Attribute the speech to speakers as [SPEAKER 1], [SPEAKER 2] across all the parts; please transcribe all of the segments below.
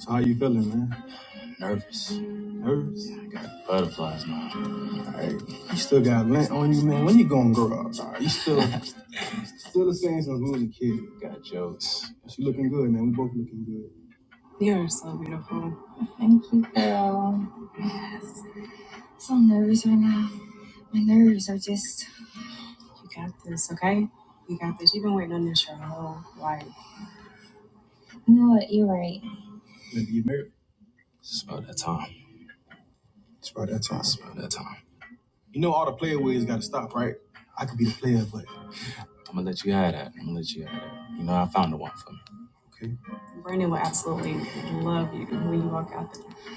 [SPEAKER 1] So how you feeling, man? Nervous. Nervous? All right. You still got lint on you, man. When you gonna grow up? Nah, you still still the same since we was a kid. But you looking good, man. We both looking good. Thank you, girl. I'm So nervous right now. My nerves are just. You know what? You're right. Let's get married. It's about that time. You know all the playways gotta stop, right? I could be the player, but okay.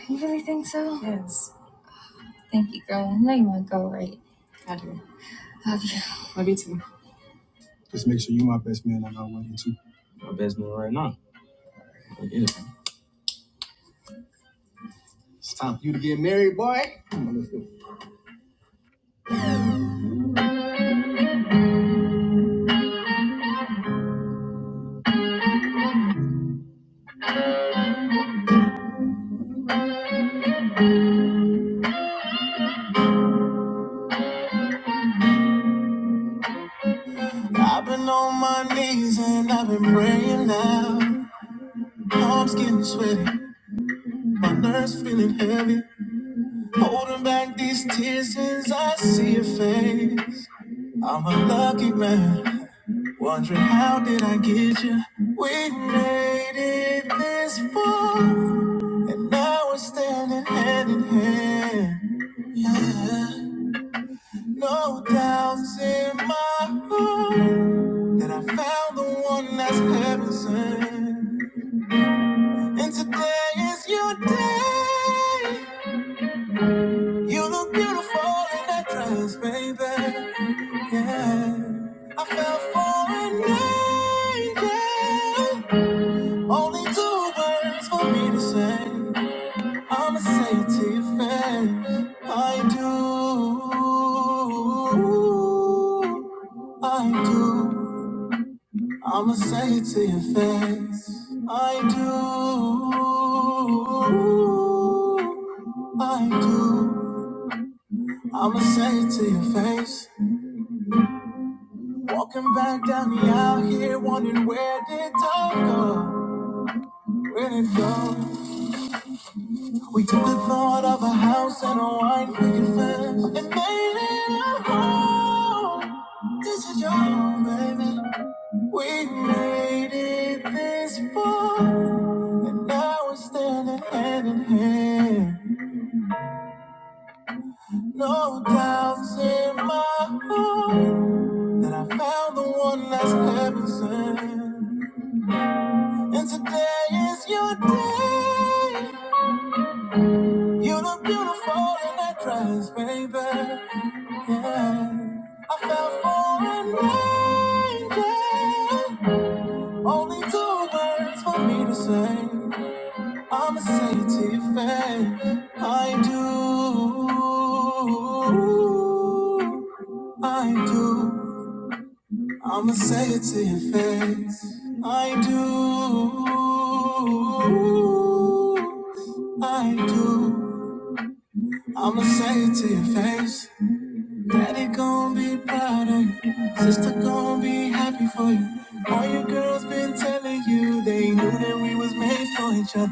[SPEAKER 1] You really think so? Thank you, girl. I know you want to go right. Love you. Just make sure you my best man at our wedding too. It's time for you to get married, boy. Come on, Let's go. I've been on my knees and I've been praying now. I desire, no doubts in my heart. You're The one that's heaven sent. And today is your day. You look beautiful in that dress, baby. Yeah, I fell for an angel. Only two words for me to say. I'ma say it to your face. I do. I do. I'ma say it to your face. I do. I do. I'ma say it to your face. Walking back down the aisle here, wondering where did time go? Where did it go? We took the thought of a house and a wine picket fence and made it our home. This is your home, baby. We made it this far, and now we're standing hand in hand. No doubts in my heart that I found the one that's heaven sent. And today is your day. You look beautiful in that dress, baby. Yeah. I fell for an angel. Only two words for me to say. I'ma say it to your face. I do. I do. I'ma say it to your face. I do. I do. I'ma say it to your face. Daddy gon' be proud of you. Sister gon' be happy for you. All your girls been telling you they knew that we was made for each other.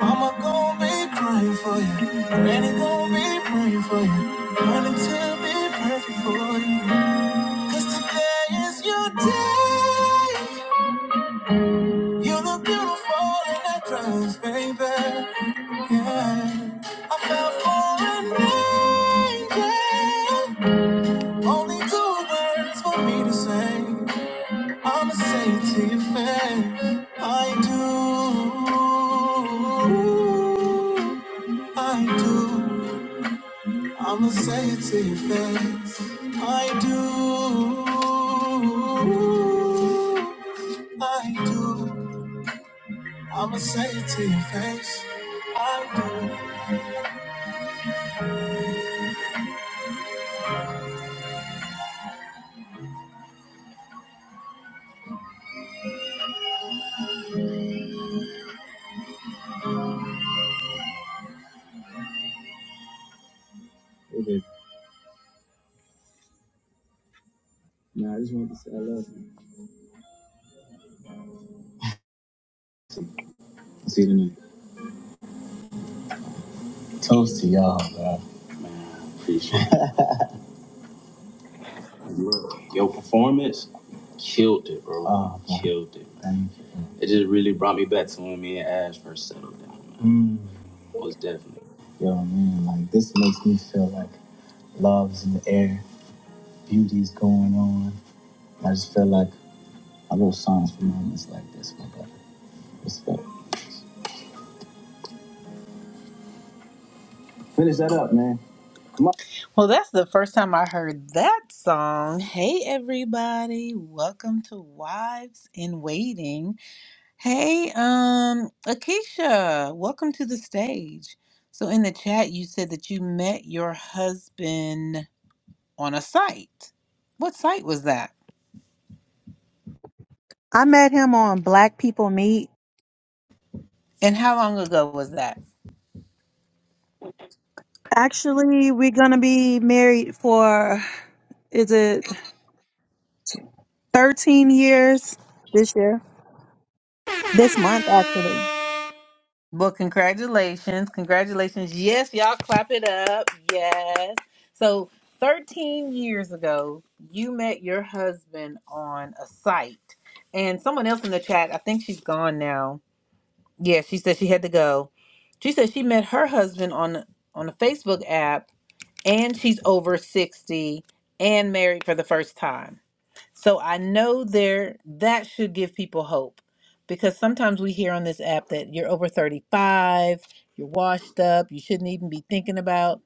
[SPEAKER 1] Mama gon' be crying for you. Granny gon' be praying for you. Learning to be perfect for you. Cause today is your day. You look beautiful in that dress, baby. Yeah. I fell for an angel. Only two words for me to say. I'ma say it to your face. I do. I do. I'ma say it to your face. I do. I do. I'ma say it to your face. I do. Killed it, bro. Oh, man. Killed it, man. Thank you. Yo, man, like this makes me feel like love's in the air, beauty's going on. I just feel like I wrote songs for moments like this, my brother. What's up? Finish that up, man. Come on. Well, that's the first time I heard that song. Hey, everybody. Welcome to Wives in Waiting. Hey, um, Akeisha, welcome to the stage. So, in the chat, you said that you met your husband on a site. What site was that?
[SPEAKER 2] I met him on Black People Meet.
[SPEAKER 1] And how long ago was that?
[SPEAKER 2] Actually, we're gonna be married for is it thirteen years this year? This month, actually.
[SPEAKER 1] Well, congratulations. Congratulations. Yes, y'all clap it up. Yes. So, 13 years ago, you met your husband on a site. And someone else in the chat, I think she's gone now. Yeah, she said she had to go. She said she met her husband on on a Facebook app and she's over 60 and married for the first time. So I know there that should give people hope because sometimes we hear on this app that you're over 35, you're washed up, you shouldn't even be thinking about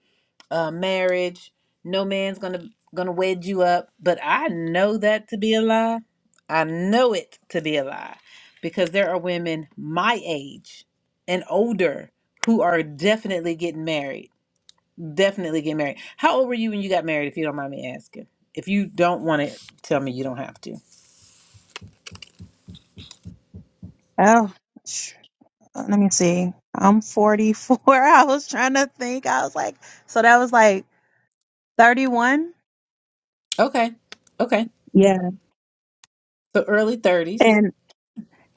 [SPEAKER 1] uh, marriage. No man's gonna gonna wed you up. But I know that to be a lie. I know it to be a lie because there are women my age and older who are definitely getting married. Definitely getting married. How old were you when you got married? If you don't mind me asking. If you don't want to tell me, you don't have to.
[SPEAKER 2] Oh, sh- let me see. I'm 44. I was trying to think. I was like, so that was like 31.
[SPEAKER 1] Okay. Okay.
[SPEAKER 2] Yeah,
[SPEAKER 1] So early 30s.
[SPEAKER 2] and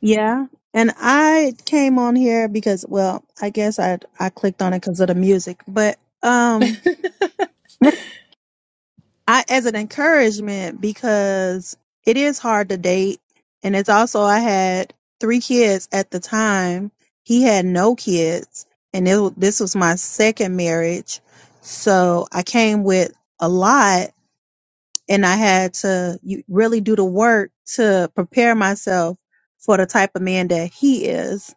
[SPEAKER 2] yeah, and I came on here because, well, I guess I I clicked on it because of the music, but um. I as an encouragement because it is hard to date and it's also I had three kids at the time. He had no kids and it, wa- this was my second marriage. So I came with a lot and I had to you- really do the work to prepare myself for the type of man that he is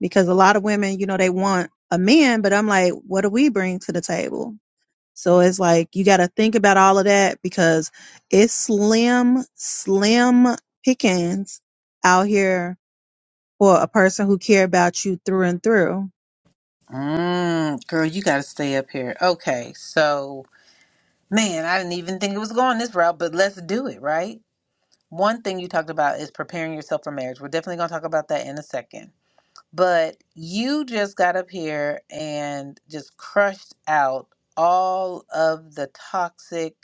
[SPEAKER 2] because a lot of women, you know, they want a man, but I'm like, what do we bring to the table? So it's like you got to think about all of that because it's slim, slim pickings out here for a person who care about you through and through.
[SPEAKER 1] Mm, girl, you got to stay up here. Okay. So, man, I didn't even think it was going this route, but let's do it, right? One thing you talked about is preparing yourself for marriage. We're definitely going to talk about that in a second. But you just got up here and just crushed out all of the toxic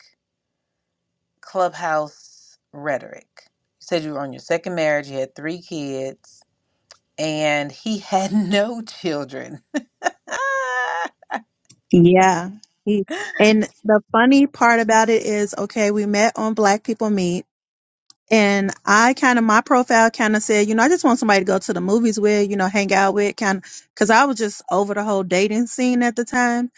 [SPEAKER 1] clubhouse rhetoric. You said you were on your second marriage, you had three kids, and he had no children. Ah.
[SPEAKER 2] Yeah. He- And the funny part about it is, okay, we met on Black People Meet. And I kind of, my profile kind of said, you know, I just want somebody to go to the movies with, you know, hang out with, kind of, because I was just over the whole dating scene at the time.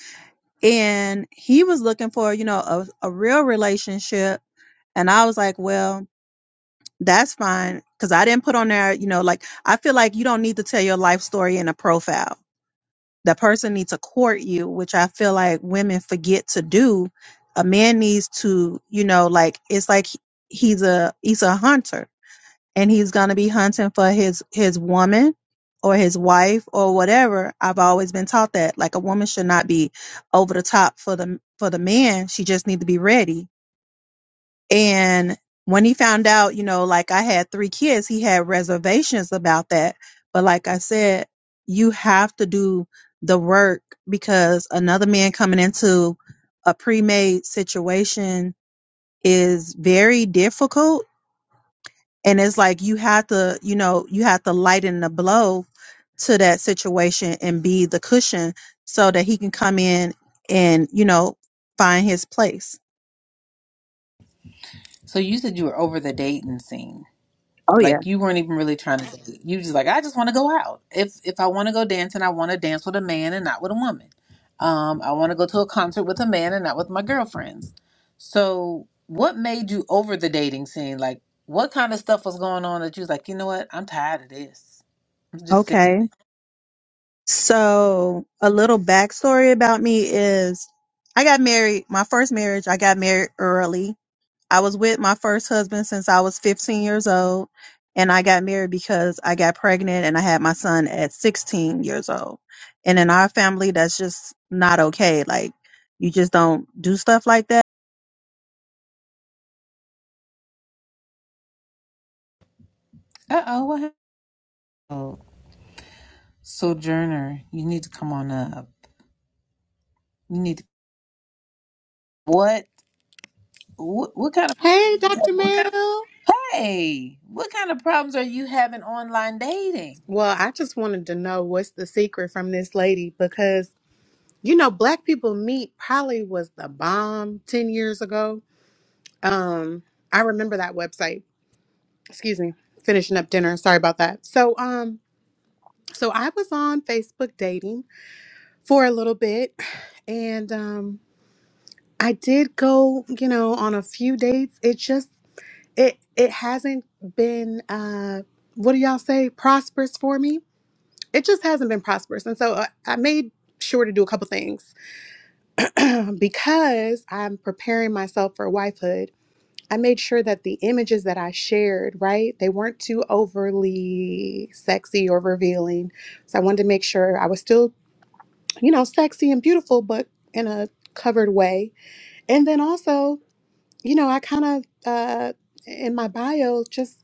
[SPEAKER 2] And he was looking for, you know, a, a real relationship And I was like, well, that's fine. Cause I didn't put on there, you know, like I feel like you don't need to tell your life story in a profile. That person needs to court you, which I feel like women forget to do. A man needs to, you know, like it's like he- he's a he's a hunter and he's gonna be hunting for his his woman or his wife or whatever. I've always been taught that like a woman should not be over the top for the for the man. She just need to be ready and when he found out, you know, like I had three kids, he had reservations about that. But like I said, you have to do the work because another man coming into a pre made situation is very difficult. And it's like you have to, you know, you have to lighten the blow to that situation and be the cushion so that he can come in and, you know, find his place.
[SPEAKER 1] So you said you were over the dating scene.
[SPEAKER 2] Oh, yeah.
[SPEAKER 1] Like you weren't even really trying to date. You just like I just want to go out. If if I want to go dancing, I want to dance with a man and not with a woman. Um, I want to go to a concert with a man and not with my girlfriends. So what made you over the dating scene? Like what kind of stuff was going on that you was like, you know what? I'm tired of this. I'm just sick of
[SPEAKER 2] Okay.
[SPEAKER 1] it.
[SPEAKER 2] So, a little backstory about me is I got married, my first marriage, I got married early. I was with my first husband since I was 15 years old, and I got married because I got pregnant and I had my son at 16 years old. And in our family, that's just not okay. Like, you just don't do stuff like that.
[SPEAKER 1] Uh oh, what? happened? Oh, Sojourner, you need to come on up. You need to, what? What, what kind of
[SPEAKER 3] Hey, Dr. Mel.
[SPEAKER 1] Hey, what kind of problems are you having online dating?
[SPEAKER 3] Well, I just wanted to know what's the secret from this lady because you know, black people meet probably was the bomb 10 years ago. Um, I remember that website. Excuse me. Finishing up dinner. Sorry about that. So, um, so I was on Facebook dating for a little bit and um I did go, you know, on a few dates. It just it it hasn't been uh what do y'all say prosperous for me it just hasn't been prosperous. And so I, I made sure to do a couple things because I'm preparing myself for wifehood. I made sure that the images that I shared, right, they weren't too overly sexy or revealing. So I wanted to make sure I was still, you know, sexy and beautiful, but in a covered way. And then also, you know, I kind of, uh, in my bio, just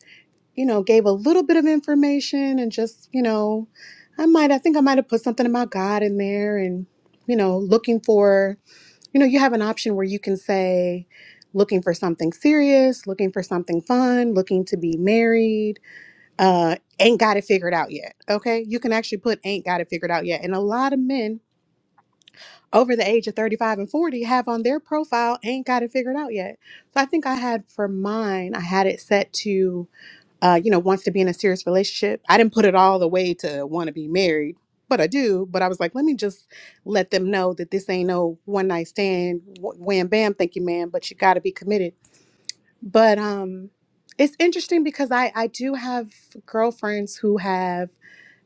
[SPEAKER 3] you know, gave a little bit of information and just, you know, I might, I think I might have put something about God in there and, you know, looking for, you know, you have an option where you can say, looking for something serious, looking for something fun, looking to be married, uh, ain't got it figured out yet. Okay. You can actually put ain't got it figured out yet. And a lot of men over the age of 35 and 40 have on their profile ain't got it figured out yet. So I think I had for mine, I had it set to uh, you know, wants to be in a serious relationship. I didn't put it all the way to want to be married, but I do. But I was like, let me just let them know that this ain't no one night stand, wh- wham bam, thank you, ma'am. But you got to be committed. But um, it's interesting because I I do have girlfriends who have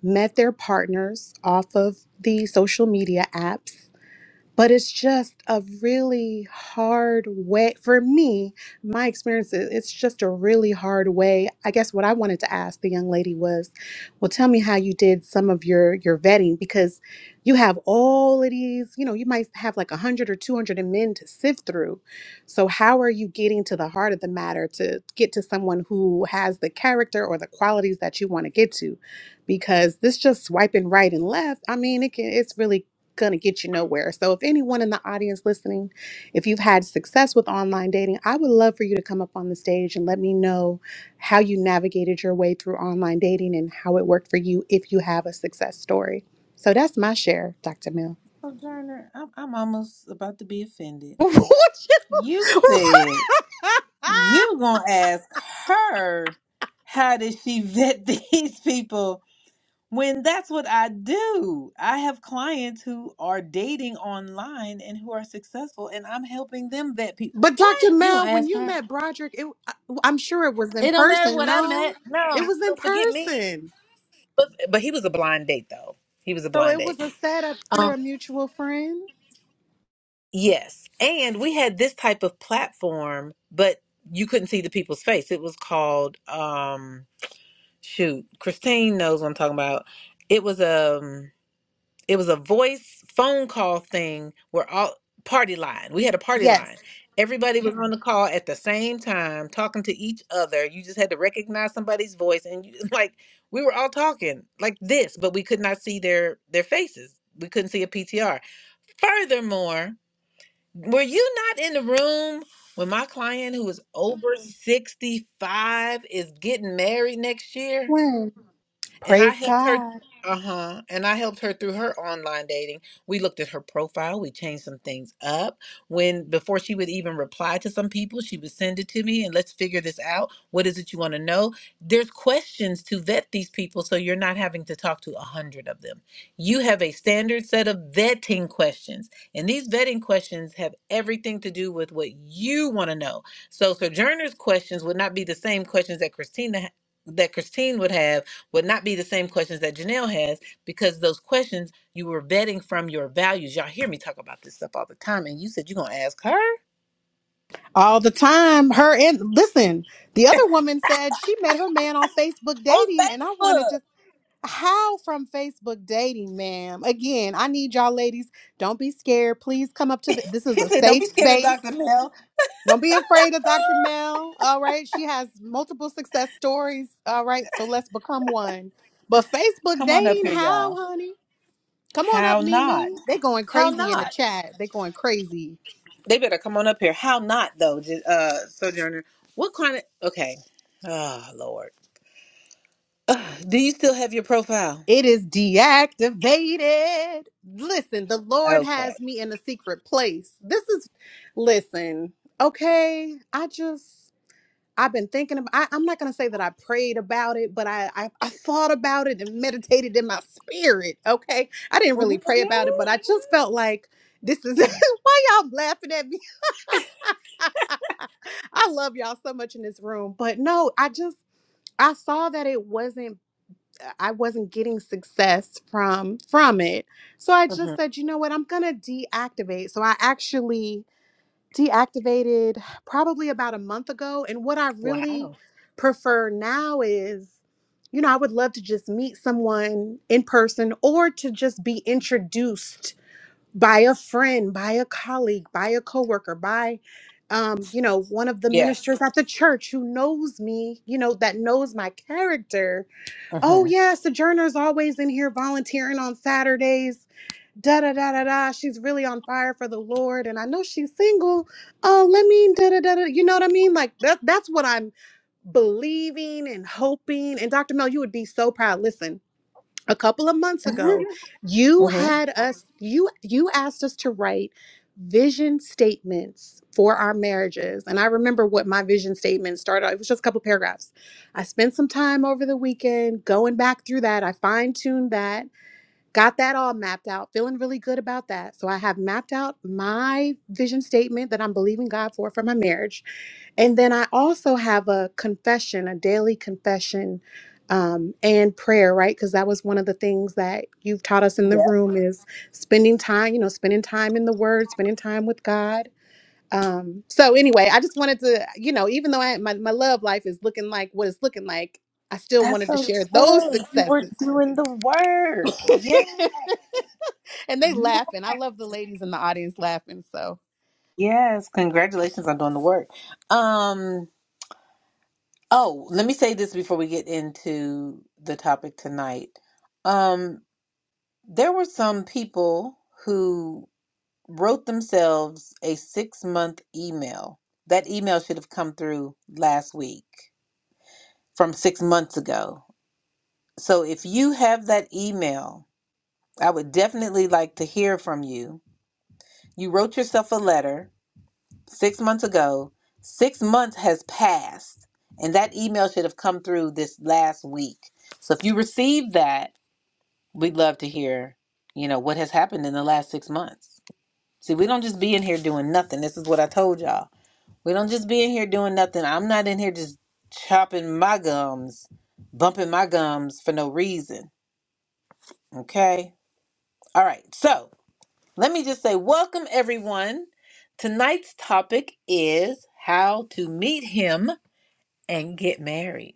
[SPEAKER 3] met their partners off of the social media apps but it's just a really hard way for me my experience is it's just a really hard way i guess what i wanted to ask the young lady was well tell me how you did some of your your vetting because you have all of these you know you might have like 100 or 200 men to sift through so how are you getting to the heart of the matter to get to someone who has the character or the qualities that you want to get to because this just swiping right and left i mean it can it's really going to get you nowhere. So, if anyone in the audience listening, if you've had success with online dating, I would love for you to come up on the stage and let me know how you navigated your way through online dating and how it worked for you if you have a success story. So, that's my share, Dr. Mill.
[SPEAKER 1] Sojourner, I'm, I'm almost about to be offended. You said you gonna ask her how did she vet these people when that's what I do. I have clients who are dating online and who are successful, and I'm helping them vet people.
[SPEAKER 3] but,
[SPEAKER 1] What
[SPEAKER 3] Dr.
[SPEAKER 1] you gonna
[SPEAKER 3] Mel, when
[SPEAKER 1] ask
[SPEAKER 3] you
[SPEAKER 1] her?
[SPEAKER 3] met Broderick, it, I- I'm sure it was in
[SPEAKER 1] It don't matter
[SPEAKER 3] person.
[SPEAKER 1] what I met.
[SPEAKER 3] No,
[SPEAKER 1] No,
[SPEAKER 3] it was
[SPEAKER 1] no,
[SPEAKER 3] in
[SPEAKER 1] forget me.
[SPEAKER 3] person.
[SPEAKER 1] But but he was a blind date though. He was a
[SPEAKER 3] So,
[SPEAKER 1] blind
[SPEAKER 3] it was
[SPEAKER 1] date.
[SPEAKER 3] a setup through
[SPEAKER 1] Um.
[SPEAKER 3] a mutual friend.
[SPEAKER 1] Yes. And we had this type of platform, but you couldn't see the people's face. It was called um shoot, Christine knows what I'm talking about. It was a it was a voice phone call thing where all party line. We had a party
[SPEAKER 3] Yes.
[SPEAKER 1] line. Everybody was on the call at the same time talking to each other. You just had to recognize somebody's voice and you like we were all talking like this, but we could not see their their faces. We couldn't see a PTR. Furthermore, were you not in the room when my client who is over 65 is getting married next year? And I
[SPEAKER 3] Praise
[SPEAKER 1] helped her.
[SPEAKER 3] God.
[SPEAKER 1] Uh huh. And I helped her through her online dating. We looked at her profile. We changed some things up. When before she would even reply to some people, she would send it to me and let's figure this out. What is it you want to know? There's questions to vet these people, so you're not having to talk to a hundred of them. You have a standard set of vetting questions, and these vetting questions have everything to do with what you want to know. So Sojourner's questions would not be the same questions that Christina that Christine would have would not be the same questions that Janelle has because those questions you were vetting from your values. Y'all hear me talk about this stuff all the time, and you said you're gonna ask her
[SPEAKER 3] All the time. Her and listen, the other woman said she met her man on Facebook
[SPEAKER 1] on
[SPEAKER 3] dating, and I wanted
[SPEAKER 1] Facebook.
[SPEAKER 3] to how from Facebook dating, ma'am. Again, I need y'all ladies. Don't be scared. Please come up to the, this is
[SPEAKER 1] She
[SPEAKER 3] a
[SPEAKER 1] said, "Don't
[SPEAKER 3] safe
[SPEAKER 1] be scared of
[SPEAKER 3] space.
[SPEAKER 1] Dr. Mel.
[SPEAKER 3] Don't be afraid of Dr. Mel. All right. She has multiple success stories. All right. So let's become one. But Facebook
[SPEAKER 1] Come on up
[SPEAKER 3] dating,
[SPEAKER 1] here,
[SPEAKER 3] how,
[SPEAKER 1] y'all.
[SPEAKER 3] honey? Come on up,
[SPEAKER 1] How not?
[SPEAKER 3] Mimi. They going
[SPEAKER 1] How
[SPEAKER 3] crazy in the
[SPEAKER 1] not?
[SPEAKER 3] chat. They going crazy.
[SPEAKER 1] They better come on up here. How not though? J- Uh, Sojourner, what kind of? Okay, oh Lord, Ugh, do you still have your profile?
[SPEAKER 3] It is deactivated. Listen, the Lord
[SPEAKER 1] Okay.
[SPEAKER 3] has me in a secret place. This is, listen, okay. I just, I've been thinking about. I, I'm not gonna say that I prayed about it, but I, I, I thought about it and meditated in my spirit. Okay, I didn't really pray
[SPEAKER 1] Mm-hmm.
[SPEAKER 3] about it, but I just felt like this is why y'all laughing at me. I love y'all so much in this room, but no, I just, I saw that it wasn't uh, I wasn't getting success from from it. So I
[SPEAKER 1] Mm-hmm.
[SPEAKER 3] just said, you know what, I'm gonna deactivate. So I actually deactivated probably about a month ago. And what I really
[SPEAKER 1] Wow.
[SPEAKER 3] prefer now is, you know, I would love to just meet someone in person or to just be introduced by a friend, by a colleague, by a coworker, by um, you know, one of the
[SPEAKER 1] Yes.
[SPEAKER 3] ministers at the church who knows me, you know, that knows my character Oh
[SPEAKER 1] Mm-hmm.
[SPEAKER 3] yeah, Sojourner's always in here volunteering on Saturdays. Da da da da da. She's really on fire for the Lord, and I know she's single. Oh, let me da da da da. You know what I mean? Like that. That's what I'm believing and hoping. And Dr. Mel, you would be so proud. Listen a couple of months ago you
[SPEAKER 1] Mm-hmm.
[SPEAKER 3] had us you you asked us to write vision statements for our marriages and i remember what my vision statement started it was just a couple paragraphs i spent some time over the weekend going back through that i fine-tuned that got that all mapped out feeling really good about that so i have mapped out my vision statement that i'm believing god for for my marriage and then I also have a confession, a daily confession um, and prayer, right? Because that was one of the things that you've taught us in the
[SPEAKER 1] Yes.
[SPEAKER 3] room is spending time, you know, spending time in the Word, spending time with God. Um, so anyway, I just wanted to, you know, even though I, my, my love life is looking like what it's looking like, I still
[SPEAKER 1] That's
[SPEAKER 3] wanted to share those
[SPEAKER 1] okay. You were
[SPEAKER 3] successes.
[SPEAKER 1] doing the work. Yes.
[SPEAKER 3] and they laughing. I love the ladies in the audience laughing. So.
[SPEAKER 1] Yes. Congratulations on doing the work. Um, oh, let me say this before we get into the topic tonight. Um, there were some people who wrote themselves a six month email. That email should have come through last week from six months ago. So if you have that email, I would definitely like to hear from you You wrote yourself a letter six months ago. Six months has passed, and that email should have come through this last week. So if you received that, we'd love to hear, you know, what has happened in the last six months. See, we don't just be in here doing nothing. This is what I told y'all. We don't just be in here doing nothing. I'm not in here just chopping my gums, bumping my gums for no reason. Okay? All right. So Let me just say, welcome everyone. Tonight's topic is how to meet him and get married.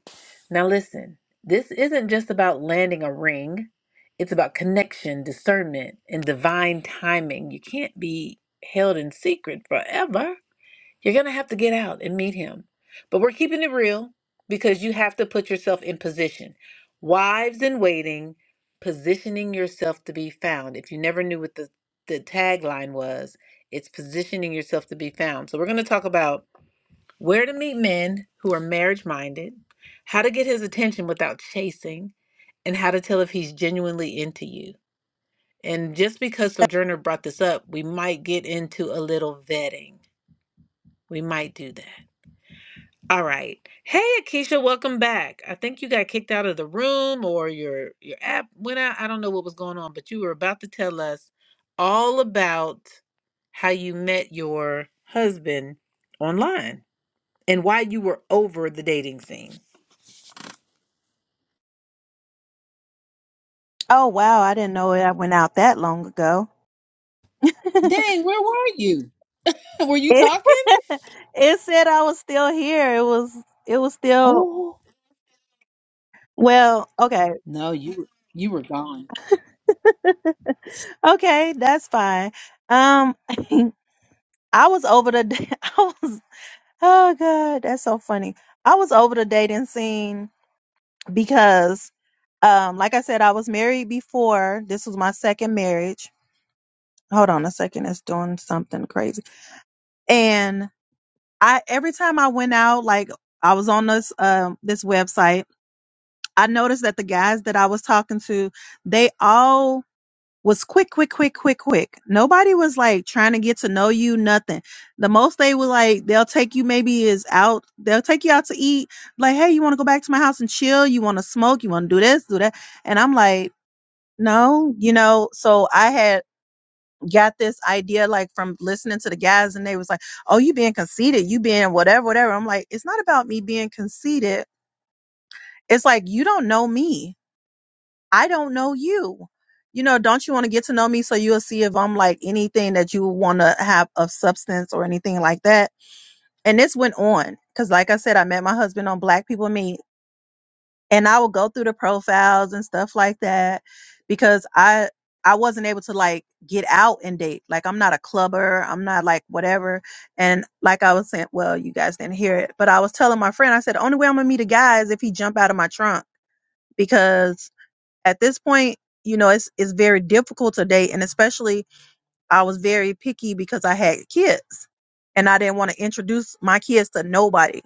[SPEAKER 1] Now, listen, this isn't just about landing a ring, it's about connection, discernment, and divine timing. You can't be held in secret forever. You're going to have to get out and meet him. But we're keeping it real because you have to put yourself in position. Wives in waiting, positioning yourself to be found. If you never knew what the, the tagline was, it's positioning yourself to be found. So we're going to talk about where to meet men who are marriage minded, how to get his attention without chasing, and how to tell if he's genuinely into you. And just because Sojourner brought this up, we might get into a little vetting. We might do that. All right. Hey, Akeisha, welcome back. I think you got kicked out of the room or your your app went out. I don't know what was going on, but you were about to tell us all about how you met your husband online and why you were over the dating scene.
[SPEAKER 2] Oh, wow. I didn't know I went out that long ago. it,
[SPEAKER 1] Dang, where were you? Were you talking?
[SPEAKER 2] it said I was still here. It was, it was still,
[SPEAKER 1] Oh,
[SPEAKER 2] well, okay.
[SPEAKER 1] no, you you were gone.
[SPEAKER 2] okay, that's fine. Um, I was over the, I was, oh God, that's so funny. I was over the dating scene because, um, like I said, I was married before. This was my second marriage. Hold on a second, it's doing something crazy. And I, every time I went out, like I was on this, um, this website, I noticed that the guys that I was talking to, they all was quick, quick, quick, quick, quick. Nobody was like trying to get to know you, nothing. The most they would like, they'll take you maybe is out, they'll take you out to eat. Like, hey, you want to go back to my house and chill? You want to smoke? You want to do this, do that? And I'm like, no, you know, so I had got this idea like from listening to the guys and they was like, oh, you being conceited, you being whatever, whatever. I'm like, it's not about me being conceited. It's like, you don't know me I don't know you. You know, don't you want to get to know me so you'll see if I'm like anything that you want to have of substance or anything like that? And this went on because, like I said, I met my husband on Black People Meet, and I would go through the profiles and stuff like that because I I wasn't able to like get out and date. Like I'm not a clubber, I'm not like whatever. And like I was saying, well, you guys didn't hear it, but I was telling my friend, I said, the only way I'm gonna meet a guy is if he jump out of my trunk because at this point, you know, it's it's very difficult to date, and especially I was very picky because I had kids, and I didn't want to introduce my kids to nobody.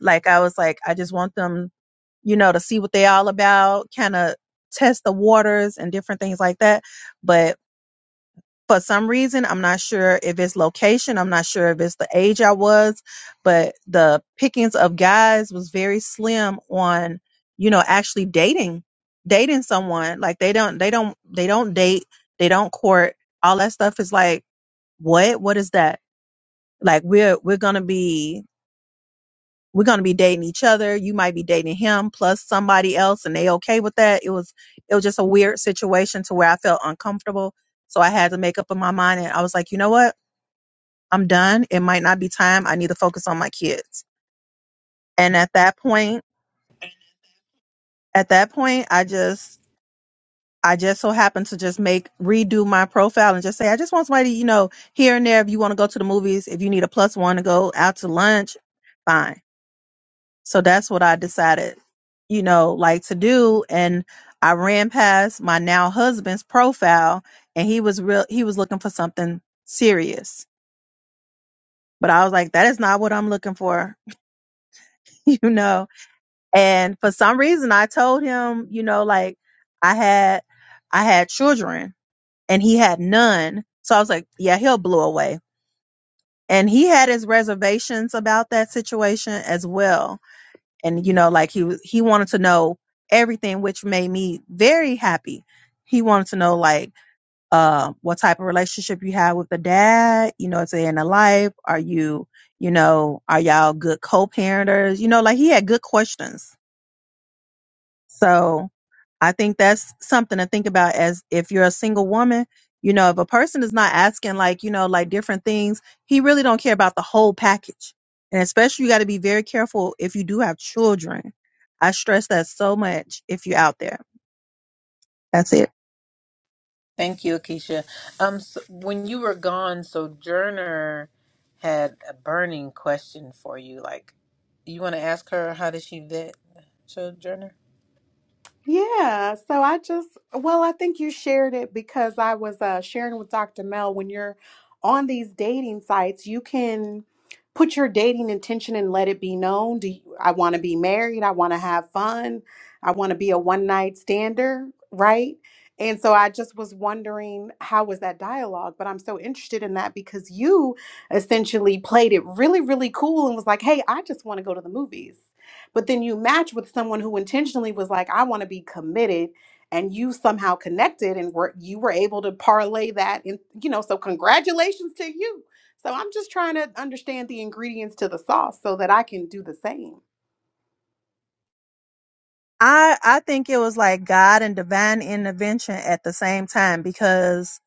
[SPEAKER 2] Like I was like, I just want them, you know, to see what they all about, kind of test the waters and different things like that. But for some reason. I'm not sure if it's location. I'm not sure if it's the age I was, but the pickings of guys was very slim on, you know, actually dating, dating someone. Like they don't, they don't, they don't date, they don't court. All that stuff is like, what? What is that? Like we're, we're going to be, we're going to be dating each other. You might be dating him plus somebody else and they okay with that. It was, it was just a weird situation to where I felt uncomfortable. So I had to make up in my mind and I was like, you know what? I'm done. It might not be time. I need to focus on my kids. And at that point, at that point, I just I just so happened to just make redo my profile and just say, I just want somebody, you know, here and there if you want to go to the movies, if you need a plus one to go out to lunch, fine. So that's what I decided, you know, like to do. And I ran past my now husband's profile and he was real he was looking for something serious. But I was like, that is not what I'm looking for, you know And for some reason I told him, you know, like I had I had children and he had none. So I was like, yeah, he'll blow away. And he had his reservations about that situation as well. And you know, like he was- he wanted to know everything which made me very happy. He wanted to know like uh what type of relationship you have with the dad, you know, it's in the life. Are you, you know, are y'all good co-parenters? You know, like he had good questions. So I think that's something to think about as if you're a single woman, you know, if a person is not asking like, you know, like different things, he really don't care about the whole package. And especially you got to be very careful if you do have children. I stress that so much if you're out there. That's it.
[SPEAKER 1] Thank you, Akeisha. Um, so when you were gone, Sojourner had a burning question for you. Like, you want to ask her how did she vet Sojourner?
[SPEAKER 3] Yeah, so I just, well, I think you shared it because I was uh, sharing with Dr. Mel when you're on these dating sites, you can put your dating intention and let it be known. Do you, I want to be married? I want to have fun. I want to be a one night stander, right? And so I just was wondering how was that dialogue, but I'm so interested in that because you essentially played it really, really cool and was like, "Hey, I just want to go to the movies." But then you match with someone who intentionally was like, I want to be committed. And you somehow connected and were you were able to parlay that and you know, so congratulations to you. So I'm just trying to understand the ingredients to the sauce so that I can do the same.
[SPEAKER 2] I I think it was like God and divine intervention at the same time because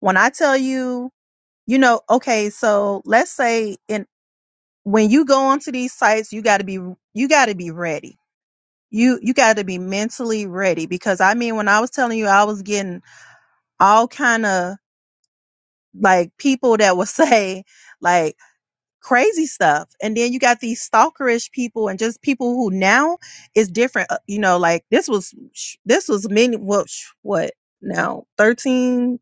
[SPEAKER 2] when I tell you, you know, okay, so let's say in when you go onto these sites, you got to be you got to be ready you you got to be mentally ready because i mean when i was telling you i was getting all kind of like people that would say like crazy stuff and then you got these stalkerish people and just people who now is different uh, you know like this was sh- this was many what sh- what now 13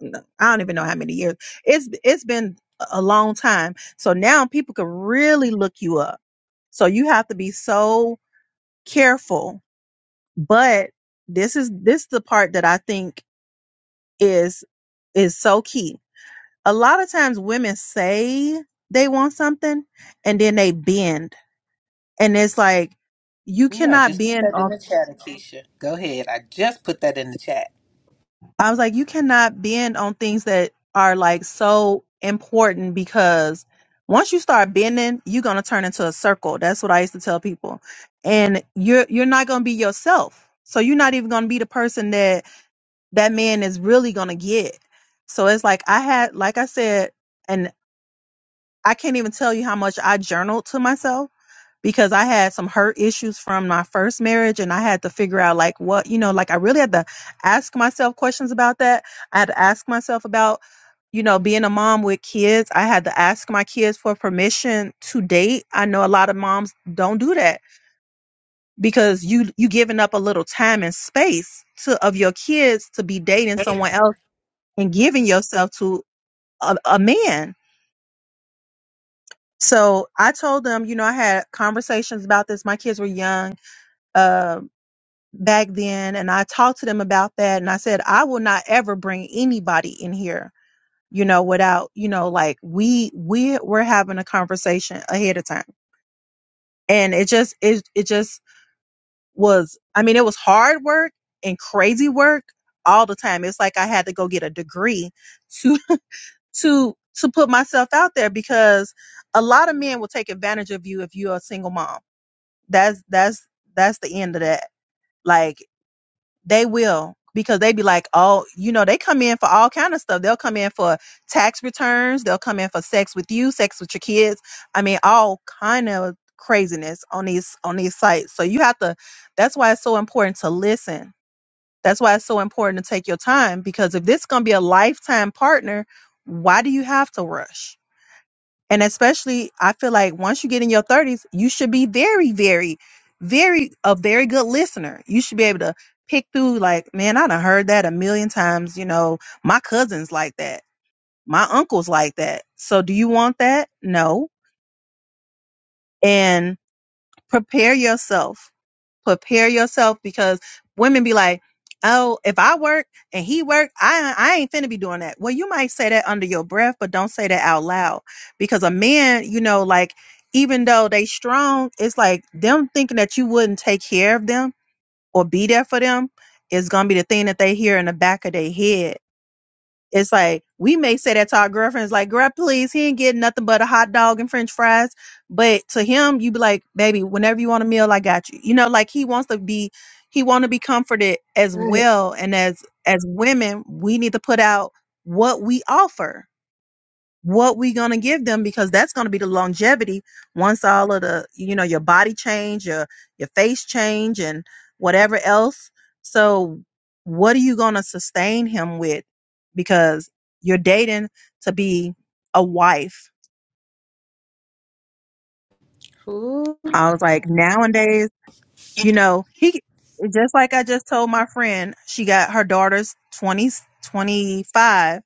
[SPEAKER 2] No, i don't even know how many years it's it's been a a long time so now people can really look you up so you have to be so careful but this is this the part that I think is is so key. A lot of times women say they want something and then they bend. And it's like you
[SPEAKER 1] Ooh, I
[SPEAKER 2] cannot
[SPEAKER 1] just put
[SPEAKER 2] bend
[SPEAKER 1] that in
[SPEAKER 2] on
[SPEAKER 1] the chat, Akeisha. Go ahead. I just put that in the chat.
[SPEAKER 2] I was like you cannot bend on things that are like so important because once you start bending, you're going to turn into a circle. That's what I used to tell people. And you're you're not going to be yourself. So you're not even going to be the person that that man is really going to get. So it's like I had, like I said, and I can't even tell you how much I journaled to myself because I had some hurt issues from my first marriage and I had to figure out like what, you know, like I really had to ask myself questions about that. I had to ask myself about, you know, being a mom with kids. I had to ask my kids for permission to date. I know a lot of moms don't do that because you you giving up a little time and space to of your kids to be dating someone else and giving yourself to a, a man. So I told them, you know, I had conversations about this. My kids were young uh, back then, and I talked to them about that. And I said, I will not ever bring anybody in here, you know, without, you know, like we we we're having a conversation ahead of time. And it just it it just was. I mean, it was hard work and crazy work all the time. It's like I had to go get a degree to. to to put myself out there because a lot of men will take advantage of you if you're a single mom. That's that's that's the end of that. Like they will because they be like, oh, you know, they come in for all kind of stuff. They'll come in for tax returns. They'll come in for sex with you, sex with your kids. I mean, all kind of craziness on these on these sites. So you have to. That's why it's so important to listen. That's why it's so important to take your time because if this is gonna be a lifetime partner, why do you have to rush? And especially, I feel like once you get in your 30s, you should be very, very, very, a very good listener. You should be able to pick through, like, man, I done heard that a million times. You know, my cousin's like that. My uncle's like that. So do you want that? No. And prepare yourself prepare yourself because women be like, oh, if I work and he work, I I ain't finna be doing that. Well, you might say that under your breath, but don't say that out loud because a man, you know, like even though they strong, it's like them thinking that you wouldn't take care of them or be there for them is gonna be the thing that they hear in the back of their head it's like we may say that to our girlfriends, like, girl, please, he ain't getting nothing but a hot dog and french fries. But to him, you be like, baby, whenever you want a meal, I got you. You know, like he wants to be he want to be comforted as
[SPEAKER 4] Right.
[SPEAKER 2] well. And as as women, we need to put out what we offer what we gonna give them because that's gonna be the longevity once all of the you know your body change your your face change and whatever else so what are you gonna sustain him with because you're dating to be a wife
[SPEAKER 1] Ooh.
[SPEAKER 2] i was like nowadays you know he just like i just told my friend she got her daughter's 20 25.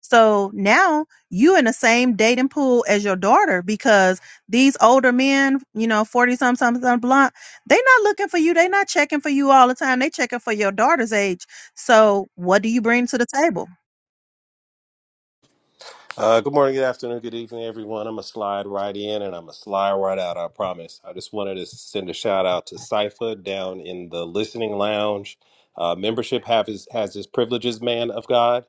[SPEAKER 2] So now you in the same dating pool as your daughter because these older men, you know, 40 something, something, something blunt, they not looking for you. They not checking for you all the time. They checking for your daughter's age. So what do you bring to the table?
[SPEAKER 5] Uh, good morning, good afternoon, good evening, everyone. I'm gonna slide right in and I'm gonna slide right out. I promise. I just wanted to send a shout out to Cipher down in the listening lounge. Uh, membership have his, has his privileges, man of God.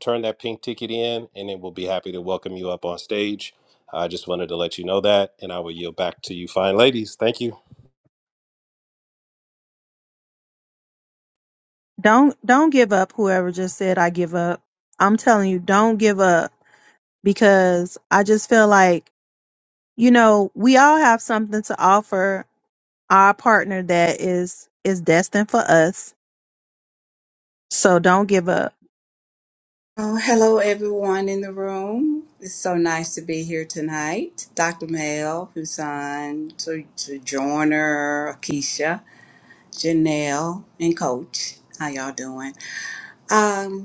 [SPEAKER 5] Turn that pink ticket in, and then we'll be happy to welcome you up on stage. I just wanted to let you know that, and I will yield back to you, fine ladies. Thank you.
[SPEAKER 2] Don't don't give up whoever just said I give up. I'm telling you, don't give up because I just feel like, you know, we all have something to offer our partner that is is destined for us. So don't give up
[SPEAKER 6] Oh, hello, everyone in the room. It's so nice to be here tonight. Dr. Mel, Husan, to, to Joyner, Akeisha, Janelle, and Coach. How y'all doing? Um,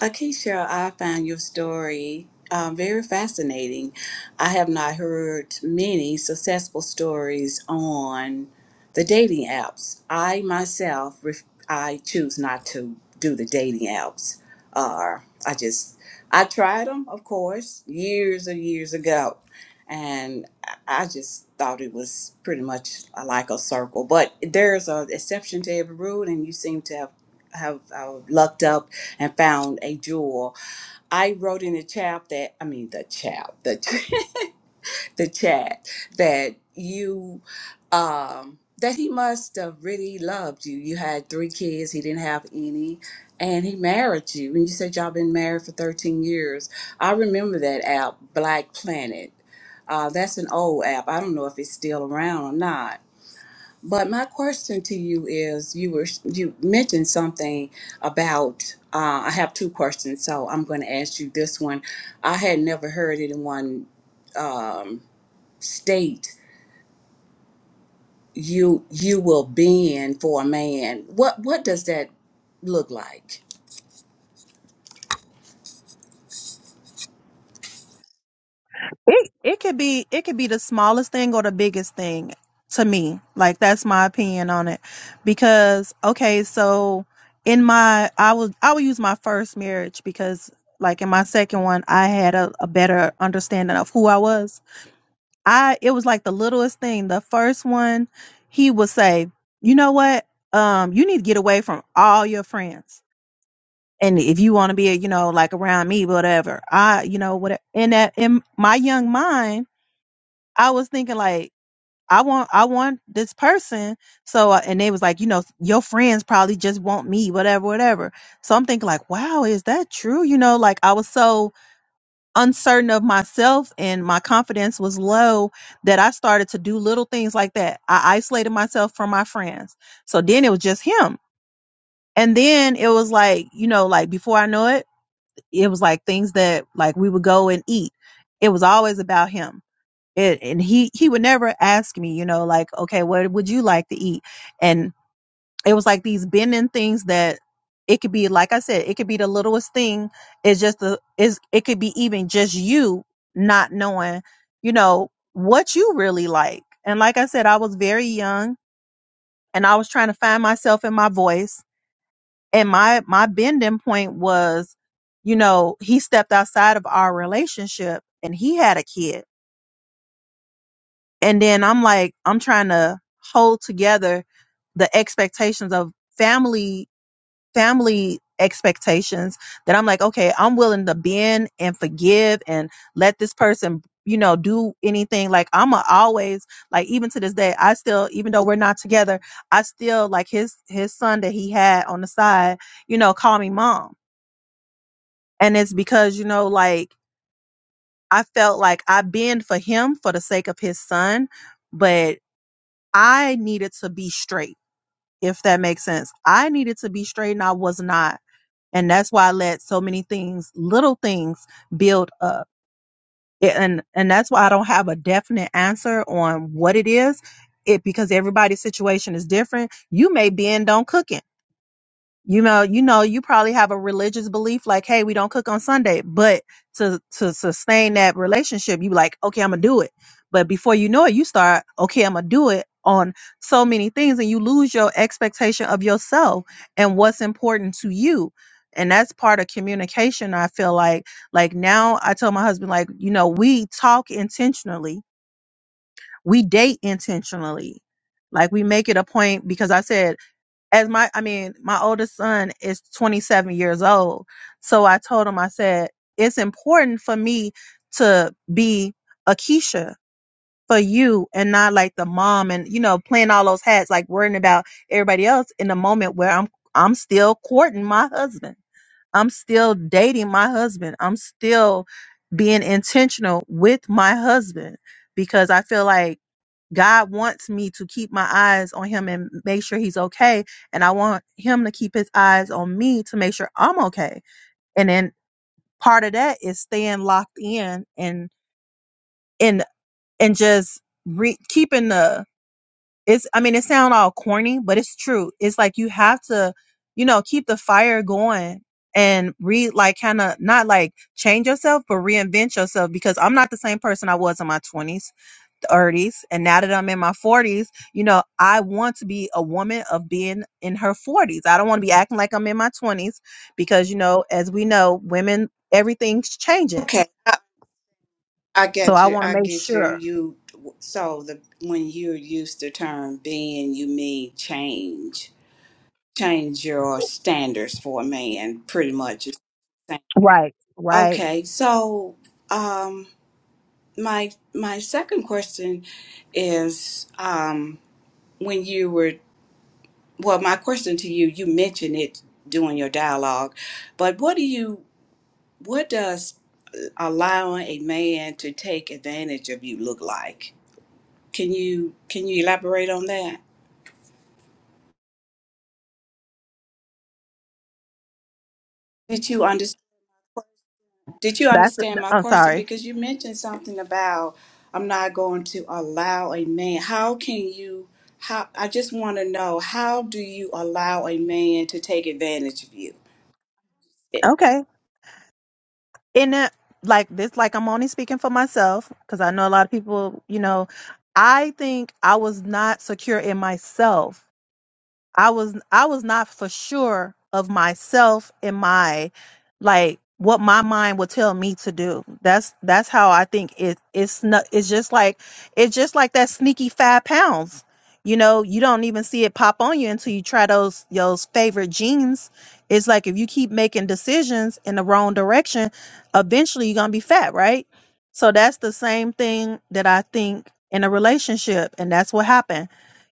[SPEAKER 6] Akeisha, I found your story um, very fascinating. I have not heard many successful stories on the dating apps. I myself, ref- I choose not to do the dating apps. Uh, I just, I tried them, of course, years and years ago, and I I just thought it was pretty much like a circle. But there's an exception to every rule, and you seem to have have uh, lucked up and found a jewel. I wrote in the chat that I mean the chat, the the chat that you um that he must have really loved you. You had three kids, he didn't have any, and he married you. And you said y'all been married for 13 years. I remember that app, Black Planet. Uh, that's an old app. I don't know if it's still around or not but my question to you is, you were you mentioned something about. Uh, I have two questions, so I'm going to ask you this one. I had never heard anyone um, state you you will bend for a man. What what does that look like?
[SPEAKER 2] It it could be it could be the smallest thing or the biggest thing to me. Like that's my opinion on it. Because okay, so in my I was I would use my first marriage because like in my second one I had a, a better understanding of who I was. I it was like the littlest thing. The first one he would say, You know what? Um you need to get away from all your friends. And if you want to be, you know, like around me, whatever, I, you know, what in that in my young mind, I was thinking like I want I want this person. So uh, and they was like, you know, your friends probably just want me, whatever, whatever. So I'm thinking like, wow, is that true? You know, like I was so uncertain of myself and my confidence was low that I started to do little things like that. I isolated myself from my friends. So then it was just him. And then it was like, you know, like before I know it, it was like things that like we would go and eat. It was always about him it and he he would never ask me you know like okay what would you like to eat and it was like these bending things that it could be like i said it could be the littlest thing it's just the is it could be even just you not knowing you know what you really like and like i said i was very young and i was trying to find myself in my voice and my my bending point was you know he stepped outside of our relationship and he had a kid and then I'm like, I'm trying to hold together the expectations of family, family expectations that I'm like, okay, I'm willing to bend and forgive and let this person, you know, do anything. Like I'm a always like, even to this day, I still, even though we're not together, I still like his, his son that he had on the side, you know, call me mom. And it's because, you know, like I felt like I bend for him for the sake of his son, but I needed to be straight, if that makes sense. I needed to be straight and I was not. And that's why I let so many things, little things build up. It- And and that's why I don't have a definite answer on what it is. It because everybody's situation is different. You may bend on cooking you know you know you probably have a religious belief like hey we don't cook on sunday but to to sustain that relationship you like okay i'm gonna do it but before you know it you start okay i'm gonna do it on so many things and you lose your expectation of yourself and what's important to you and that's part of communication i feel like like now i tell my husband like you know we talk intentionally we date intentionally like we make it a point because i said as my I mean, my oldest son is 27 years old. So I told him, I said, it's important for me to be a Keisha for you and not like the mom and you know, playing all those hats, like worrying about everybody else in the moment where I'm I'm still courting my husband. I'm still dating my husband. I'm still being intentional with my husband because I feel like God wants me to keep my eyes on him and make sure he's okay. And I want him to keep his eyes on me to make sure I'm okay. And then part of that is staying locked in and and and just re- keeping the it's I mean it sounds all corny, but it's true. It's like you have to, you know, keep the fire going and re like kind of not like change yourself but reinvent yourself because I'm not the same person I was in my 20s. 30s and now that I'm in my 40s, you know, I want to be a woman of being in her 40s. I don't want to be acting like I'm in my 20s because, you know, as we know, women, everything's changing.
[SPEAKER 6] Okay, I, I
[SPEAKER 2] So
[SPEAKER 6] get
[SPEAKER 2] I
[SPEAKER 6] you.
[SPEAKER 2] want to
[SPEAKER 6] I
[SPEAKER 2] make
[SPEAKER 6] get you.
[SPEAKER 2] sure.
[SPEAKER 6] You so the when you use the term being, you mean change, change your standards for a man. Pretty much, it's
[SPEAKER 2] Right, right.
[SPEAKER 6] Okay, so um, my my second question is um, when you were well, my question to you, you mentioned it during your dialogue, but what do you what does uh, allowing a man to take advantage of you look like? Can you can you elaborate on that? Did you understand? Did you
[SPEAKER 2] That's,
[SPEAKER 6] understand my
[SPEAKER 2] I'm
[SPEAKER 6] question?
[SPEAKER 2] sorry.
[SPEAKER 6] Because you mentioned something about I'm not going to allow a man. How can you? How I just want to know how do you allow a man to take advantage of you? It-
[SPEAKER 2] Okay. In the, like this, like I'm only speaking for myself because I know a lot of people, you know, I think I was not secure in myself I was I was not for sure of myself and my like what my mind would tell me to do. That's that's how I think it it's not it's just like it's just like that sneaky five pounds. You know, you don't even see it pop on you until you try those those favorite jeans. It's like if you keep making decisions in the wrong direction, eventually you're gonna be fat, right? So that's the same thing that I think in a relationship, and that's what happened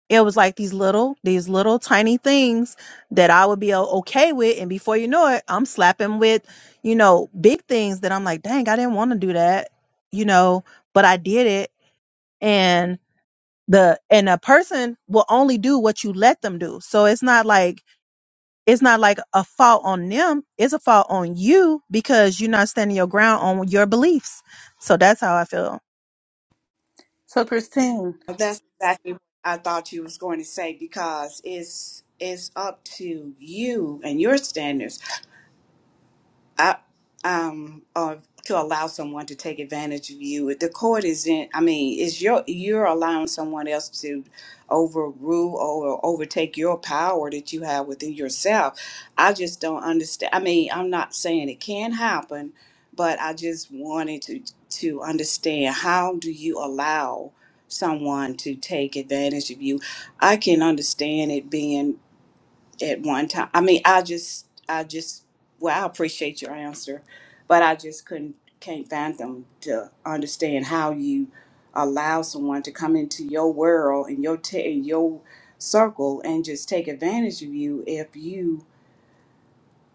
[SPEAKER 2] it was like these little these little tiny things that i would be o- okay with and before you know it i'm slapping with you know big things that i'm like dang i didn't want to do that you know but i did it and the and a person will only do what you let them do so it's not like it's not like a fault on them it's a fault on you because you're not standing your ground on your beliefs so that's how i feel
[SPEAKER 1] So, Christine,
[SPEAKER 6] that's exactly what I thought you was going to say because it's it's up to you and your standards I, um, or to allow someone to take advantage of you. The court is in. I mean, is your you're allowing someone else to overrule or overtake your power that you have within yourself. I just don't understand. I mean, I'm not saying it can happen, but I just wanted to to understand how do you allow someone to take advantage of you. I can understand it being at one time. I mean, I just, I just, well, I appreciate your answer, but I just couldn't, can't fathom to understand how you allow someone to come into your world and your ta your circle and just take advantage of you if you.